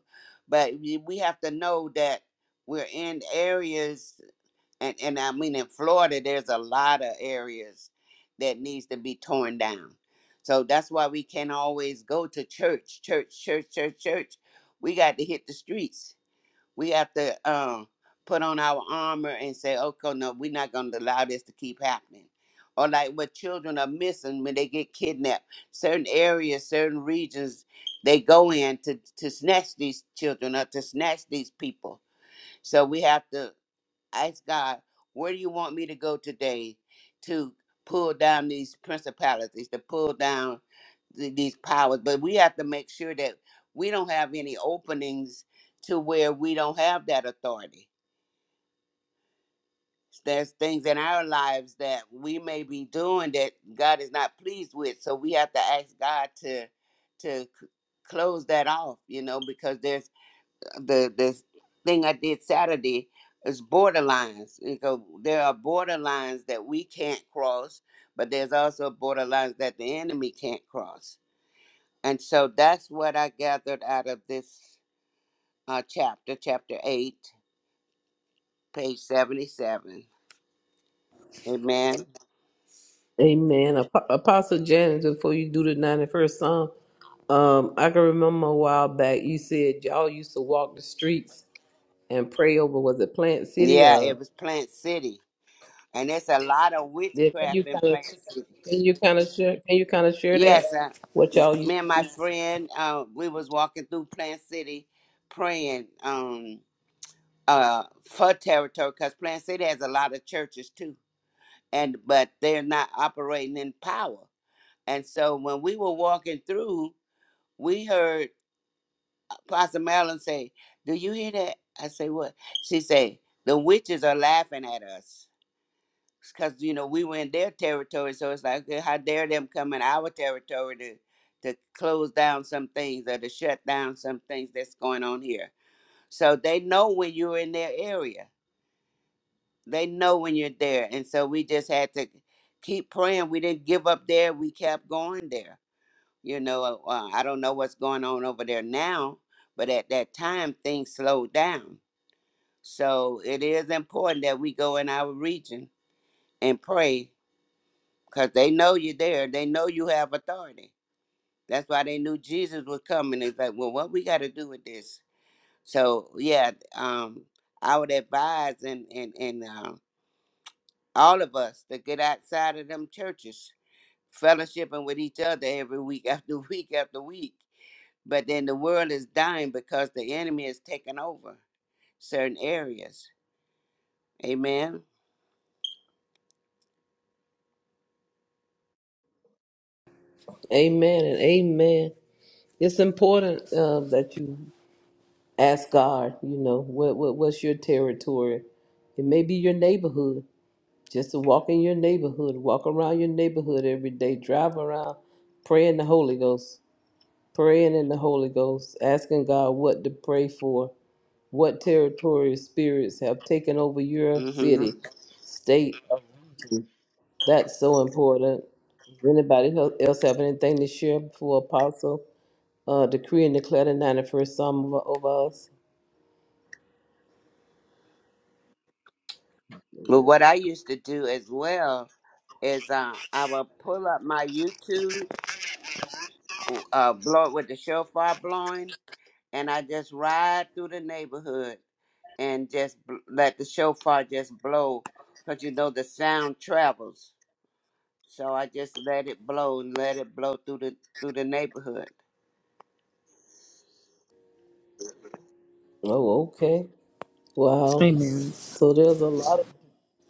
F: But we we have to know that we're in areas, and, and I mean in Florida, there's a lot of areas that needs to be torn down. So that's why we can't always go to church, church, church, church, church. We got to hit the streets we have to um, put on our armor and say, okay, no, we're not going to allow this to keep happening. Or like what children are missing when they get kidnapped, certain areas, certain regions they go in to, to snatch these children up, to snatch these people. So we have to ask God, where do you want me to go today to pull down these principalities, to pull down th- these powers? But we have to make sure that we don't have any openings to where we don't have that authority. There's things in our lives that we may be doing that God is not pleased with. So we have to ask God to to c- close that off, you know, because there's the the thing I did Saturday is borderlines because there are borderlines that we can't cross, but there's also borderlines that the enemy can't cross. And so that's what I gathered out of this uh, chapter, chapter eight, page seventy-seven. Amen.
G: Amen. Ap- Apostle Janice, before you do the 91st Psalm, um, I can remember a while back you said y'all used to walk the streets and pray over was it Plant City
F: Yeah,
G: or?
F: it was Plant City, and there's a lot of
G: Yeah, can
F: witchcraft
G: you
F: in
G: kind of
F: Plant City.
G: can you kind of share can you kind of share that
F: Yes, uh,
G: what
F: m-
G: y'all you
F: me and my friend, uh, we was walking through Plant City, praying. Um, uh for territory because Plant City has a lot of churches too, and but they're not operating in power. And so when we were walking through, we heard Pastor Marilyn say, "Do you hear that?" I say, "What?" She said, "The witches are laughing at us." Because you know we were in their territory, so it's like "Okay, how dare them come in our territory to to close down some things or to shut down some things that's going on here. So they know when you're in their area they know when you're there and so we just had to keep praying we didn't give up there we kept going there you know uh, uh, i don't know what's going on over there now but at that time things slowed down so it is important that we go in our region and pray because they know you're there they know you have authority that's why they knew jesus was coming it's like well what we got to do with this so yeah um i would advise and and and um all of us that get outside of them churches, fellowshipping with each other every week after week after week. But then the world is dying because the enemy has taken over certain areas. Amen.
G: Amen and amen. It's important uh, that you ask God. You know what, what what's your territory? It may be your neighborhood. Just to walk in your neighborhood, walk around your neighborhood every day, drive around, pray in the Holy Ghost, praying in the Holy Ghost, asking God what to pray for, what territory spirits have taken over your
F: hmm
G: city, state, That's so important. Does Anybody hel- else have anything to share before Apostle? Uh, decree and declare the 91st Psalm over, over us.
F: But what I used to do as well is uh, I would pull up my YouTube, uh, blow it with the shofar blowing, and I just ride through the neighborhood and just bl- let the shofar just blow because you know the sound travels So I just let it blow and let it blow through the through the neighborhood.
G: Oh, okay. Wow.
A: Amen.
G: So there's a lot of.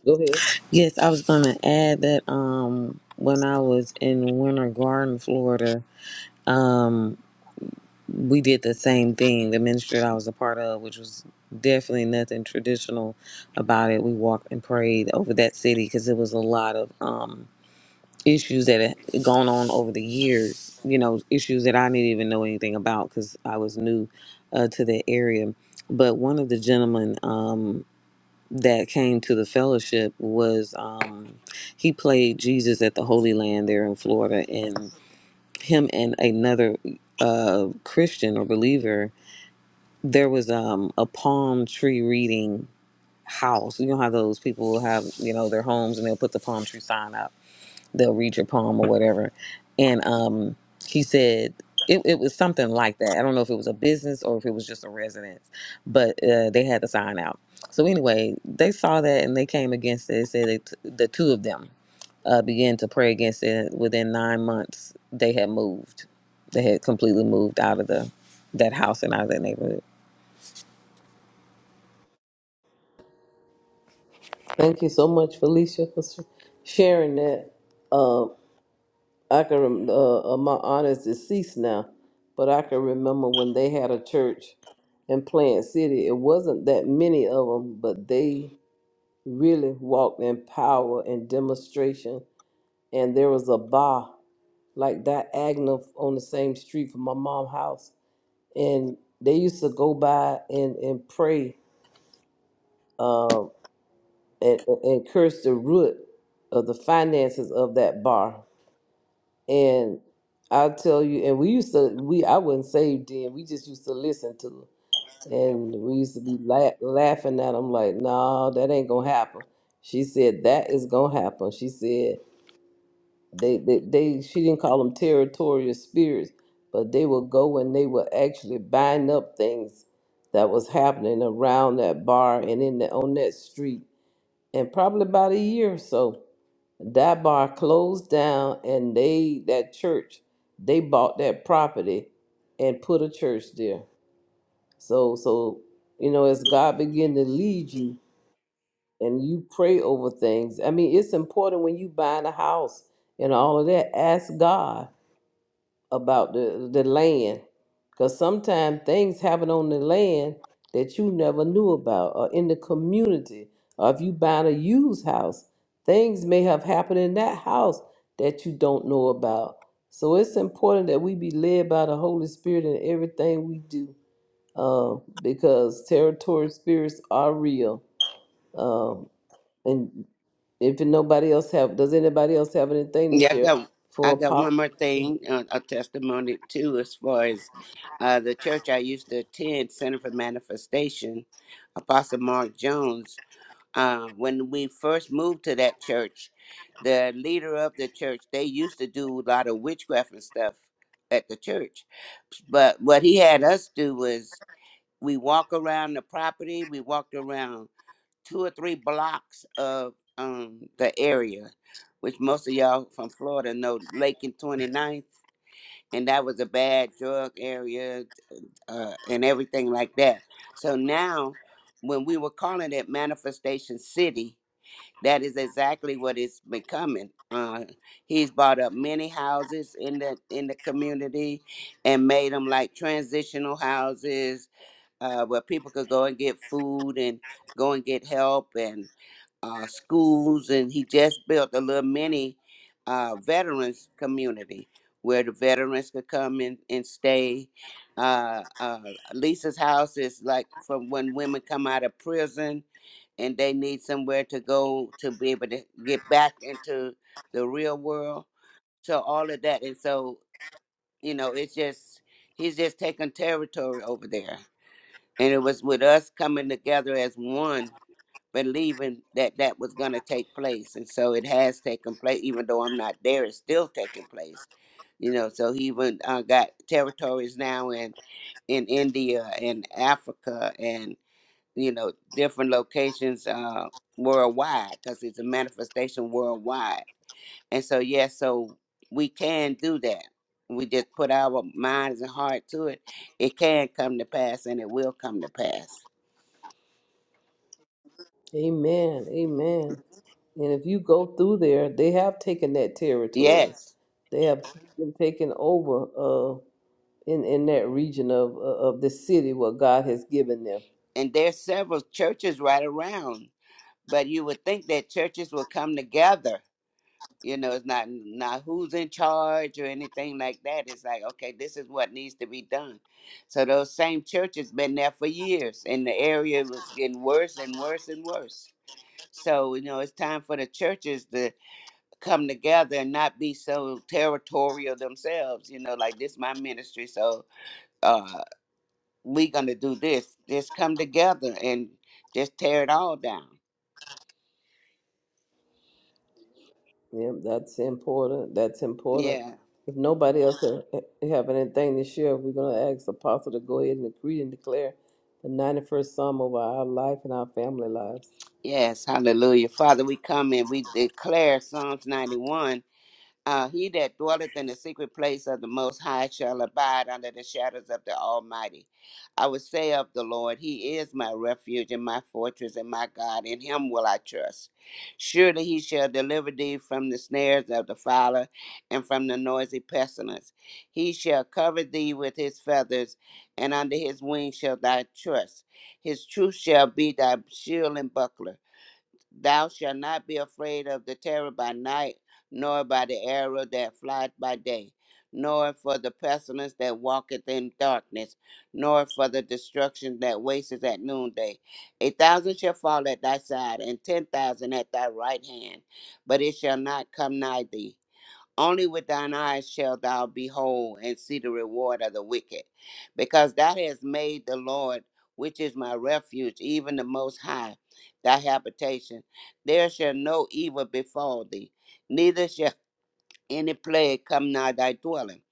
G: Go ahead.
A: Yes, I was going to add that um, when I was in Winter Garden, Florida, um, we did the same thing. The ministry that I was a part of, which was definitely nothing traditional about it, we walked and prayed over that city because it was a lot of. Um, issues that had gone on over the years, you know, issues that I didn't even know anything about because I was new uh, to the area. But one of the gentlemen um, that came to the fellowship was um, he played Jesus at the Holy Land there in Florida, and him and another uh, Christian or believer, there was um, a palm tree reading house. You know how those people have, you know, their homes and they'll put the palm tree sign up they'll read your poem or whatever. And um, he said it, it was something like that. I don't know if it was a business or if it was just a residence, but uh, they had to sign out. So anyway, they saw that and they came against it. They said they t- the two of them uh, began to pray against it. Within nine months, they had moved. They had completely moved out of the that house and out of that neighborhood.
G: Thank you so much, Felicia, for s- sharing that. Um, I can. rem- Uh, uh, my aunt is deceased now, but I can remember when they had a church in Plant City. It wasn't that many of them, but they really walked in power and demonstration and there was a bar like diagonal on the same street from my mom's house. And they used to go by and, and pray um, and, and curse the root of the finances of that bar. And I'll tell you, and we used to, we I wasn't saved then. We just used to listen to them. And we used to be la- laughing at them like, no, that ain't going to happen. She said, that is going to happen. She said, they, they, they she didn't call them territorial spirits, but they would go and they would actually bind up things that was happening around that bar and in the, on that street. And probably about a year or so, that bar closed down, and they that church they bought that property and put a church there. So so you know, as God begin to lead you and you pray over things. I mean, it's important when you buying a house and all of that. Ask God about the, the land because sometimes things happen on the land that you never knew about or in the community or if you buy a used house things may have happened in that house that you don't know about so it's important that we be led by the holy spirit in everything we do uh, because territory spirits are real um, and if nobody else have does anybody else have anything to
F: Yeah, I
G: share
F: got
G: for
F: I
G: a
F: got
G: pop
F: one more thing, uh, a testimony too, as far as uh, the church I used to attend, Center for Manifestation, Apostle Mark Jones. Uh, when we first moved to that church, the leader of the church, they used to do a lot of witchcraft and stuff at the church. But what he had us do was we walk around the property, we walked around two or three blocks of um the area, which most of y'all from Florida know Lake and Twenty Ninth, and that was a bad drug area uh, and everything like that. So now, when we were calling it Manifestation City, that is exactly what it's becoming. Uh, he's bought up many houses in the in the community and made them like transitional houses uh, where people could go and get food and go and get help and uh, schools, and he just built a little mini uh, veterans community where the veterans could come in and stay. Uh, uh, Lisa's house is like for when women come out of prison and they need somewhere to go to be able to get back into the real world. So all of that, and so you know, it's just he's just taking territory over there, and it was with us coming together as one believing that that was going to take place and so it has taken place even though i'm not there it's still taking place you know so he even uh, got territories now in in india and africa and you know different locations uh worldwide because it's a manifestation worldwide and so yes so we can do that we just put our minds and heart to it it can come to pass and it will come to pass
G: amen amen And if you go through there, they have taken that territory.
F: yes
G: They have been taken over uh, in in that region of uh, of the city what God has given them.
F: and there's several churches right around. But you would think that churches would come together. You know, it's not not who's in charge or anything like that. It's like, okay, this is what needs to be done. So those same churches been there for years, and the area was getting worse and worse and worse. So you know, it's time for the churches to come together and not be so territorial themselves. You know, like this my ministry, so uh, we gonna do this. Just come together and just tear it all down.
G: Yeah, that's important. That's important.
F: Yeah.
G: If nobody else ha- ha- have anything to share, we're gonna ask Apostle to go ahead and agree and declare the ninety first Psalm over our life and our family lives.
F: Yes. Hallelujah. Father, we come and we declare Psalms 91 Uh, he that dwelleth in the secret place of the Most High shall abide under the shadows of the Almighty. I will say of the Lord, He is my refuge and my fortress and my God. In Him will I trust. Surely He shall deliver thee from the snares of the fowler and from the noisy pestilence. He shall cover thee with His feathers, and under His wings shall thy trust. His truth shall be thy shield and buckler. Thou shalt not be afraid of the terror by night, nor by the arrow that flieth by day, nor for the pestilence that walketh in darkness, nor for the destruction that wasteth at noonday. A thousand shall fall at thy side, and ten thousand at thy right hand, but it shall not come nigh thee. Only with thine eyes shalt thou behold and see the reward of the wicked, because thou hast made the Lord, which is my refuge, even the Most High, thy habitation. There shall no evil befall thee, neither shall any plague come nigh thy dwelling.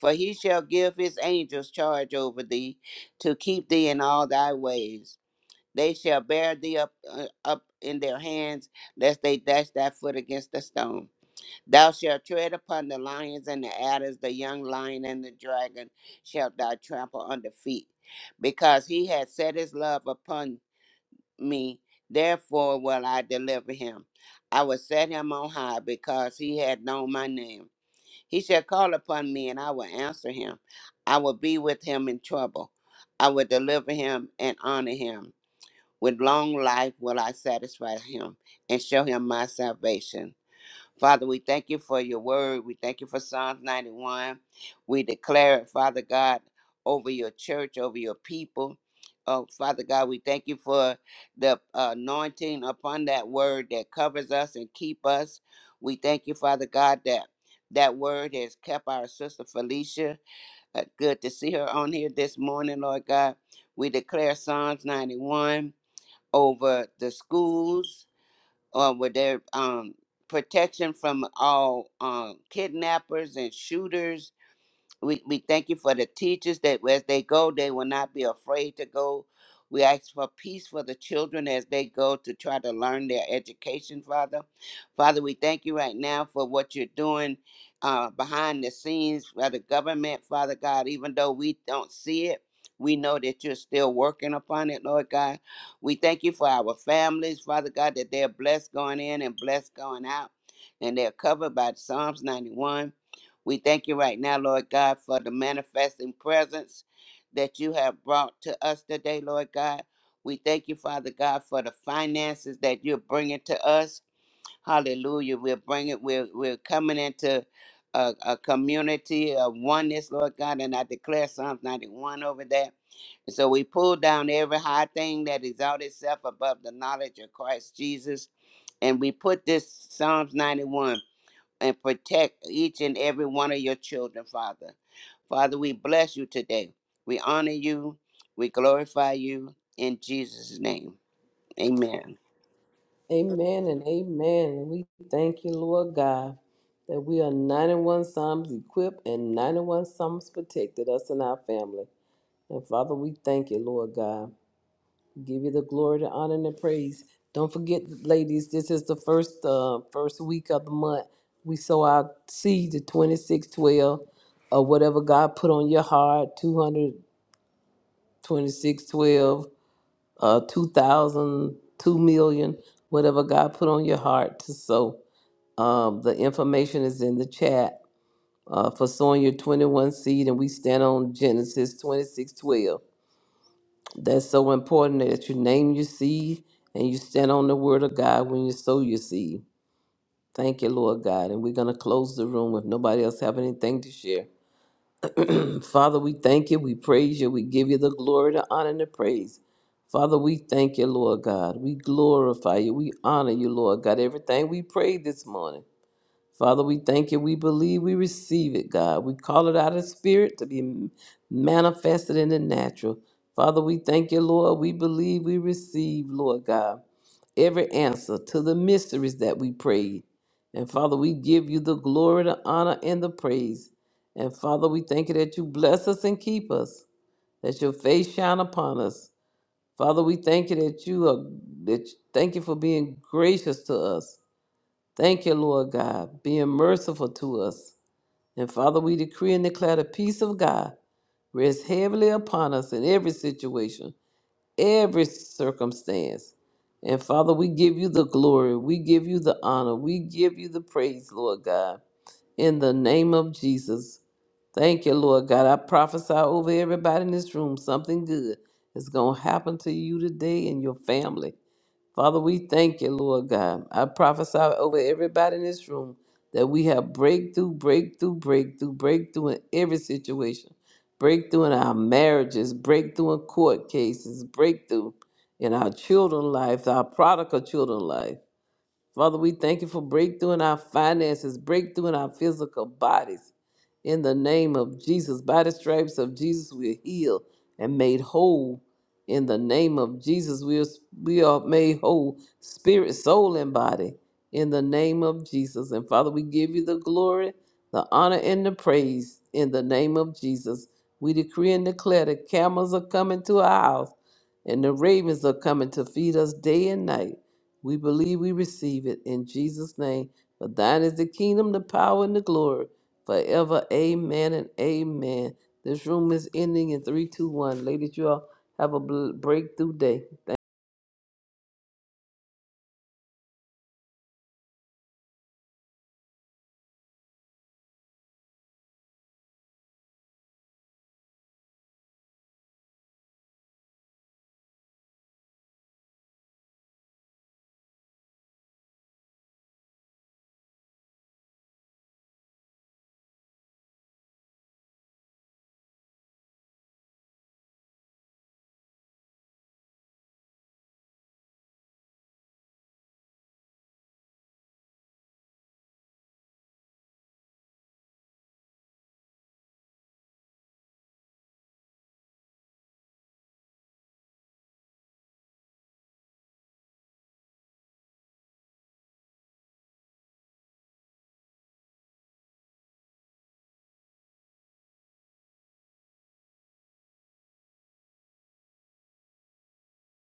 F: For he shall give his angels charge over thee to keep thee in all thy ways. They shall bear thee up, uh, up in their hands, lest they dash thy foot against a stone. Thou shalt tread upon the lions and the adders, the young lion and the dragon shalt thou trample under feet. Because he hath set his love upon me, therefore will I deliver him. I will set him on high because he hath known my name. He shall call upon me and I will answer him. I will be with him in trouble. I will deliver him and honor him. With long life will I satisfy him and show him my salvation. Father, we thank you for your word. We thank you for Psalms 91. We declare it, Father God, over your church, over your people. Oh, Father God, we thank you for the uh, anointing upon that word that covers us and keep us. We thank you, Father God, that that word has kept our sister Felicia. Uh, good to see her on here this morning, Lord God. We declare Psalms 91 over the schools, or with their um, protection from all um, kidnappers and shooters we, we thank you for the teachers that as they go, they will not be afraid to go. We ask for peace for the children as they go to try to learn their education, Father. Father, we thank you right now for what you're doing uh, behind the scenes for the government, Father God. Even though we don't see it, we know that you're still working upon it, Lord God. We thank you for our families, Father God, that they're blessed going in and blessed going out, and they're covered by Psalms 91. We thank you right now, Lord God, for the manifesting presence that you have brought to us today, Lord God. We thank you, Father God, for the finances that you're bringing to us. Hallelujah. We're bringing, we're, we're coming into a, a community of oneness, Lord God, and I declare Psalms 91 over that. And so we pull down every high thing that exalts itself above the knowledge of Christ Jesus. And we put this Psalms 91 and protect each and every one of your children, Father. Father, we bless you today. We honor you. We glorify you in Jesus' name. Amen.
G: Amen and amen. And we thank you, Lord God, that we are 91 Psalms equipped and 91 Psalms protected, us and our family. And Father, we thank you, Lord God. Give you the glory, the honor, and the praise. Don't forget, ladies, this is the first uh, first week of the month. We sow our seed to 2612 or whatever God put on your heart, 22612, uh, 2,000, whatever God put on your heart to sow. Um, the information is in the chat uh, for sowing your 21 seed, and we stand on Genesis 26 12. That's so important that you name your seed and you stand on the word of God when you sow your seed. Thank you, Lord God. And we're going to close the room if nobody else have anything to share. Father, we thank you. We praise you. We give you the glory, the honor, and the praise. Father, we thank you, Lord God. We glorify you. We honor you, Lord God. Everything we prayed this morning. Father, we thank you. We believe we receive it, God. We call it out of spirit to be manifested in the natural. Father, we thank you, Lord. We believe we receive, Lord God, every answer to the mysteries that we prayed. And Father, we give you the glory, the honor, and the praise. And Father, we thank you that you bless us and keep us, that your face shine upon us. Father, we thank you that you are that thank you for being gracious to us. Thank you, Lord God, being merciful to us. And Father, we decree and declare the peace of God rests heavily upon us in every situation, every circumstance. And Father, we give you the glory, we give you the honor, we give you the praise, Lord God, in the name of Jesus. Thank you, Lord God. I prophesy over everybody in this room something good is going to happen to you today and your family. Father, we thank you, Lord God. I prophesy over everybody in this room that we have breakthrough, breakthrough, breakthrough, breakthrough in every situation. Breakthrough in our marriages, breakthrough in court cases, breakthrough in our children's life, our prodigal children's life. Father, we thank you for breakthrough in our finances, breakthrough in our physical bodies. In the name of Jesus, by the stripes of Jesus, we are healed and made whole. In the name of Jesus, we are, we are made whole, spirit, soul, and body. In the name of Jesus. And Father, we give you the glory, the honor, and the praise. In the name of Jesus, we decree and declare the camels are coming to our house and the ravens are coming to feed us day and night. We believe we receive it in Jesus' name. For thine is the kingdom, the power, and the glory forever. Amen and amen. This room is ending in 321. Ladies, you all have a bl- breakthrough day.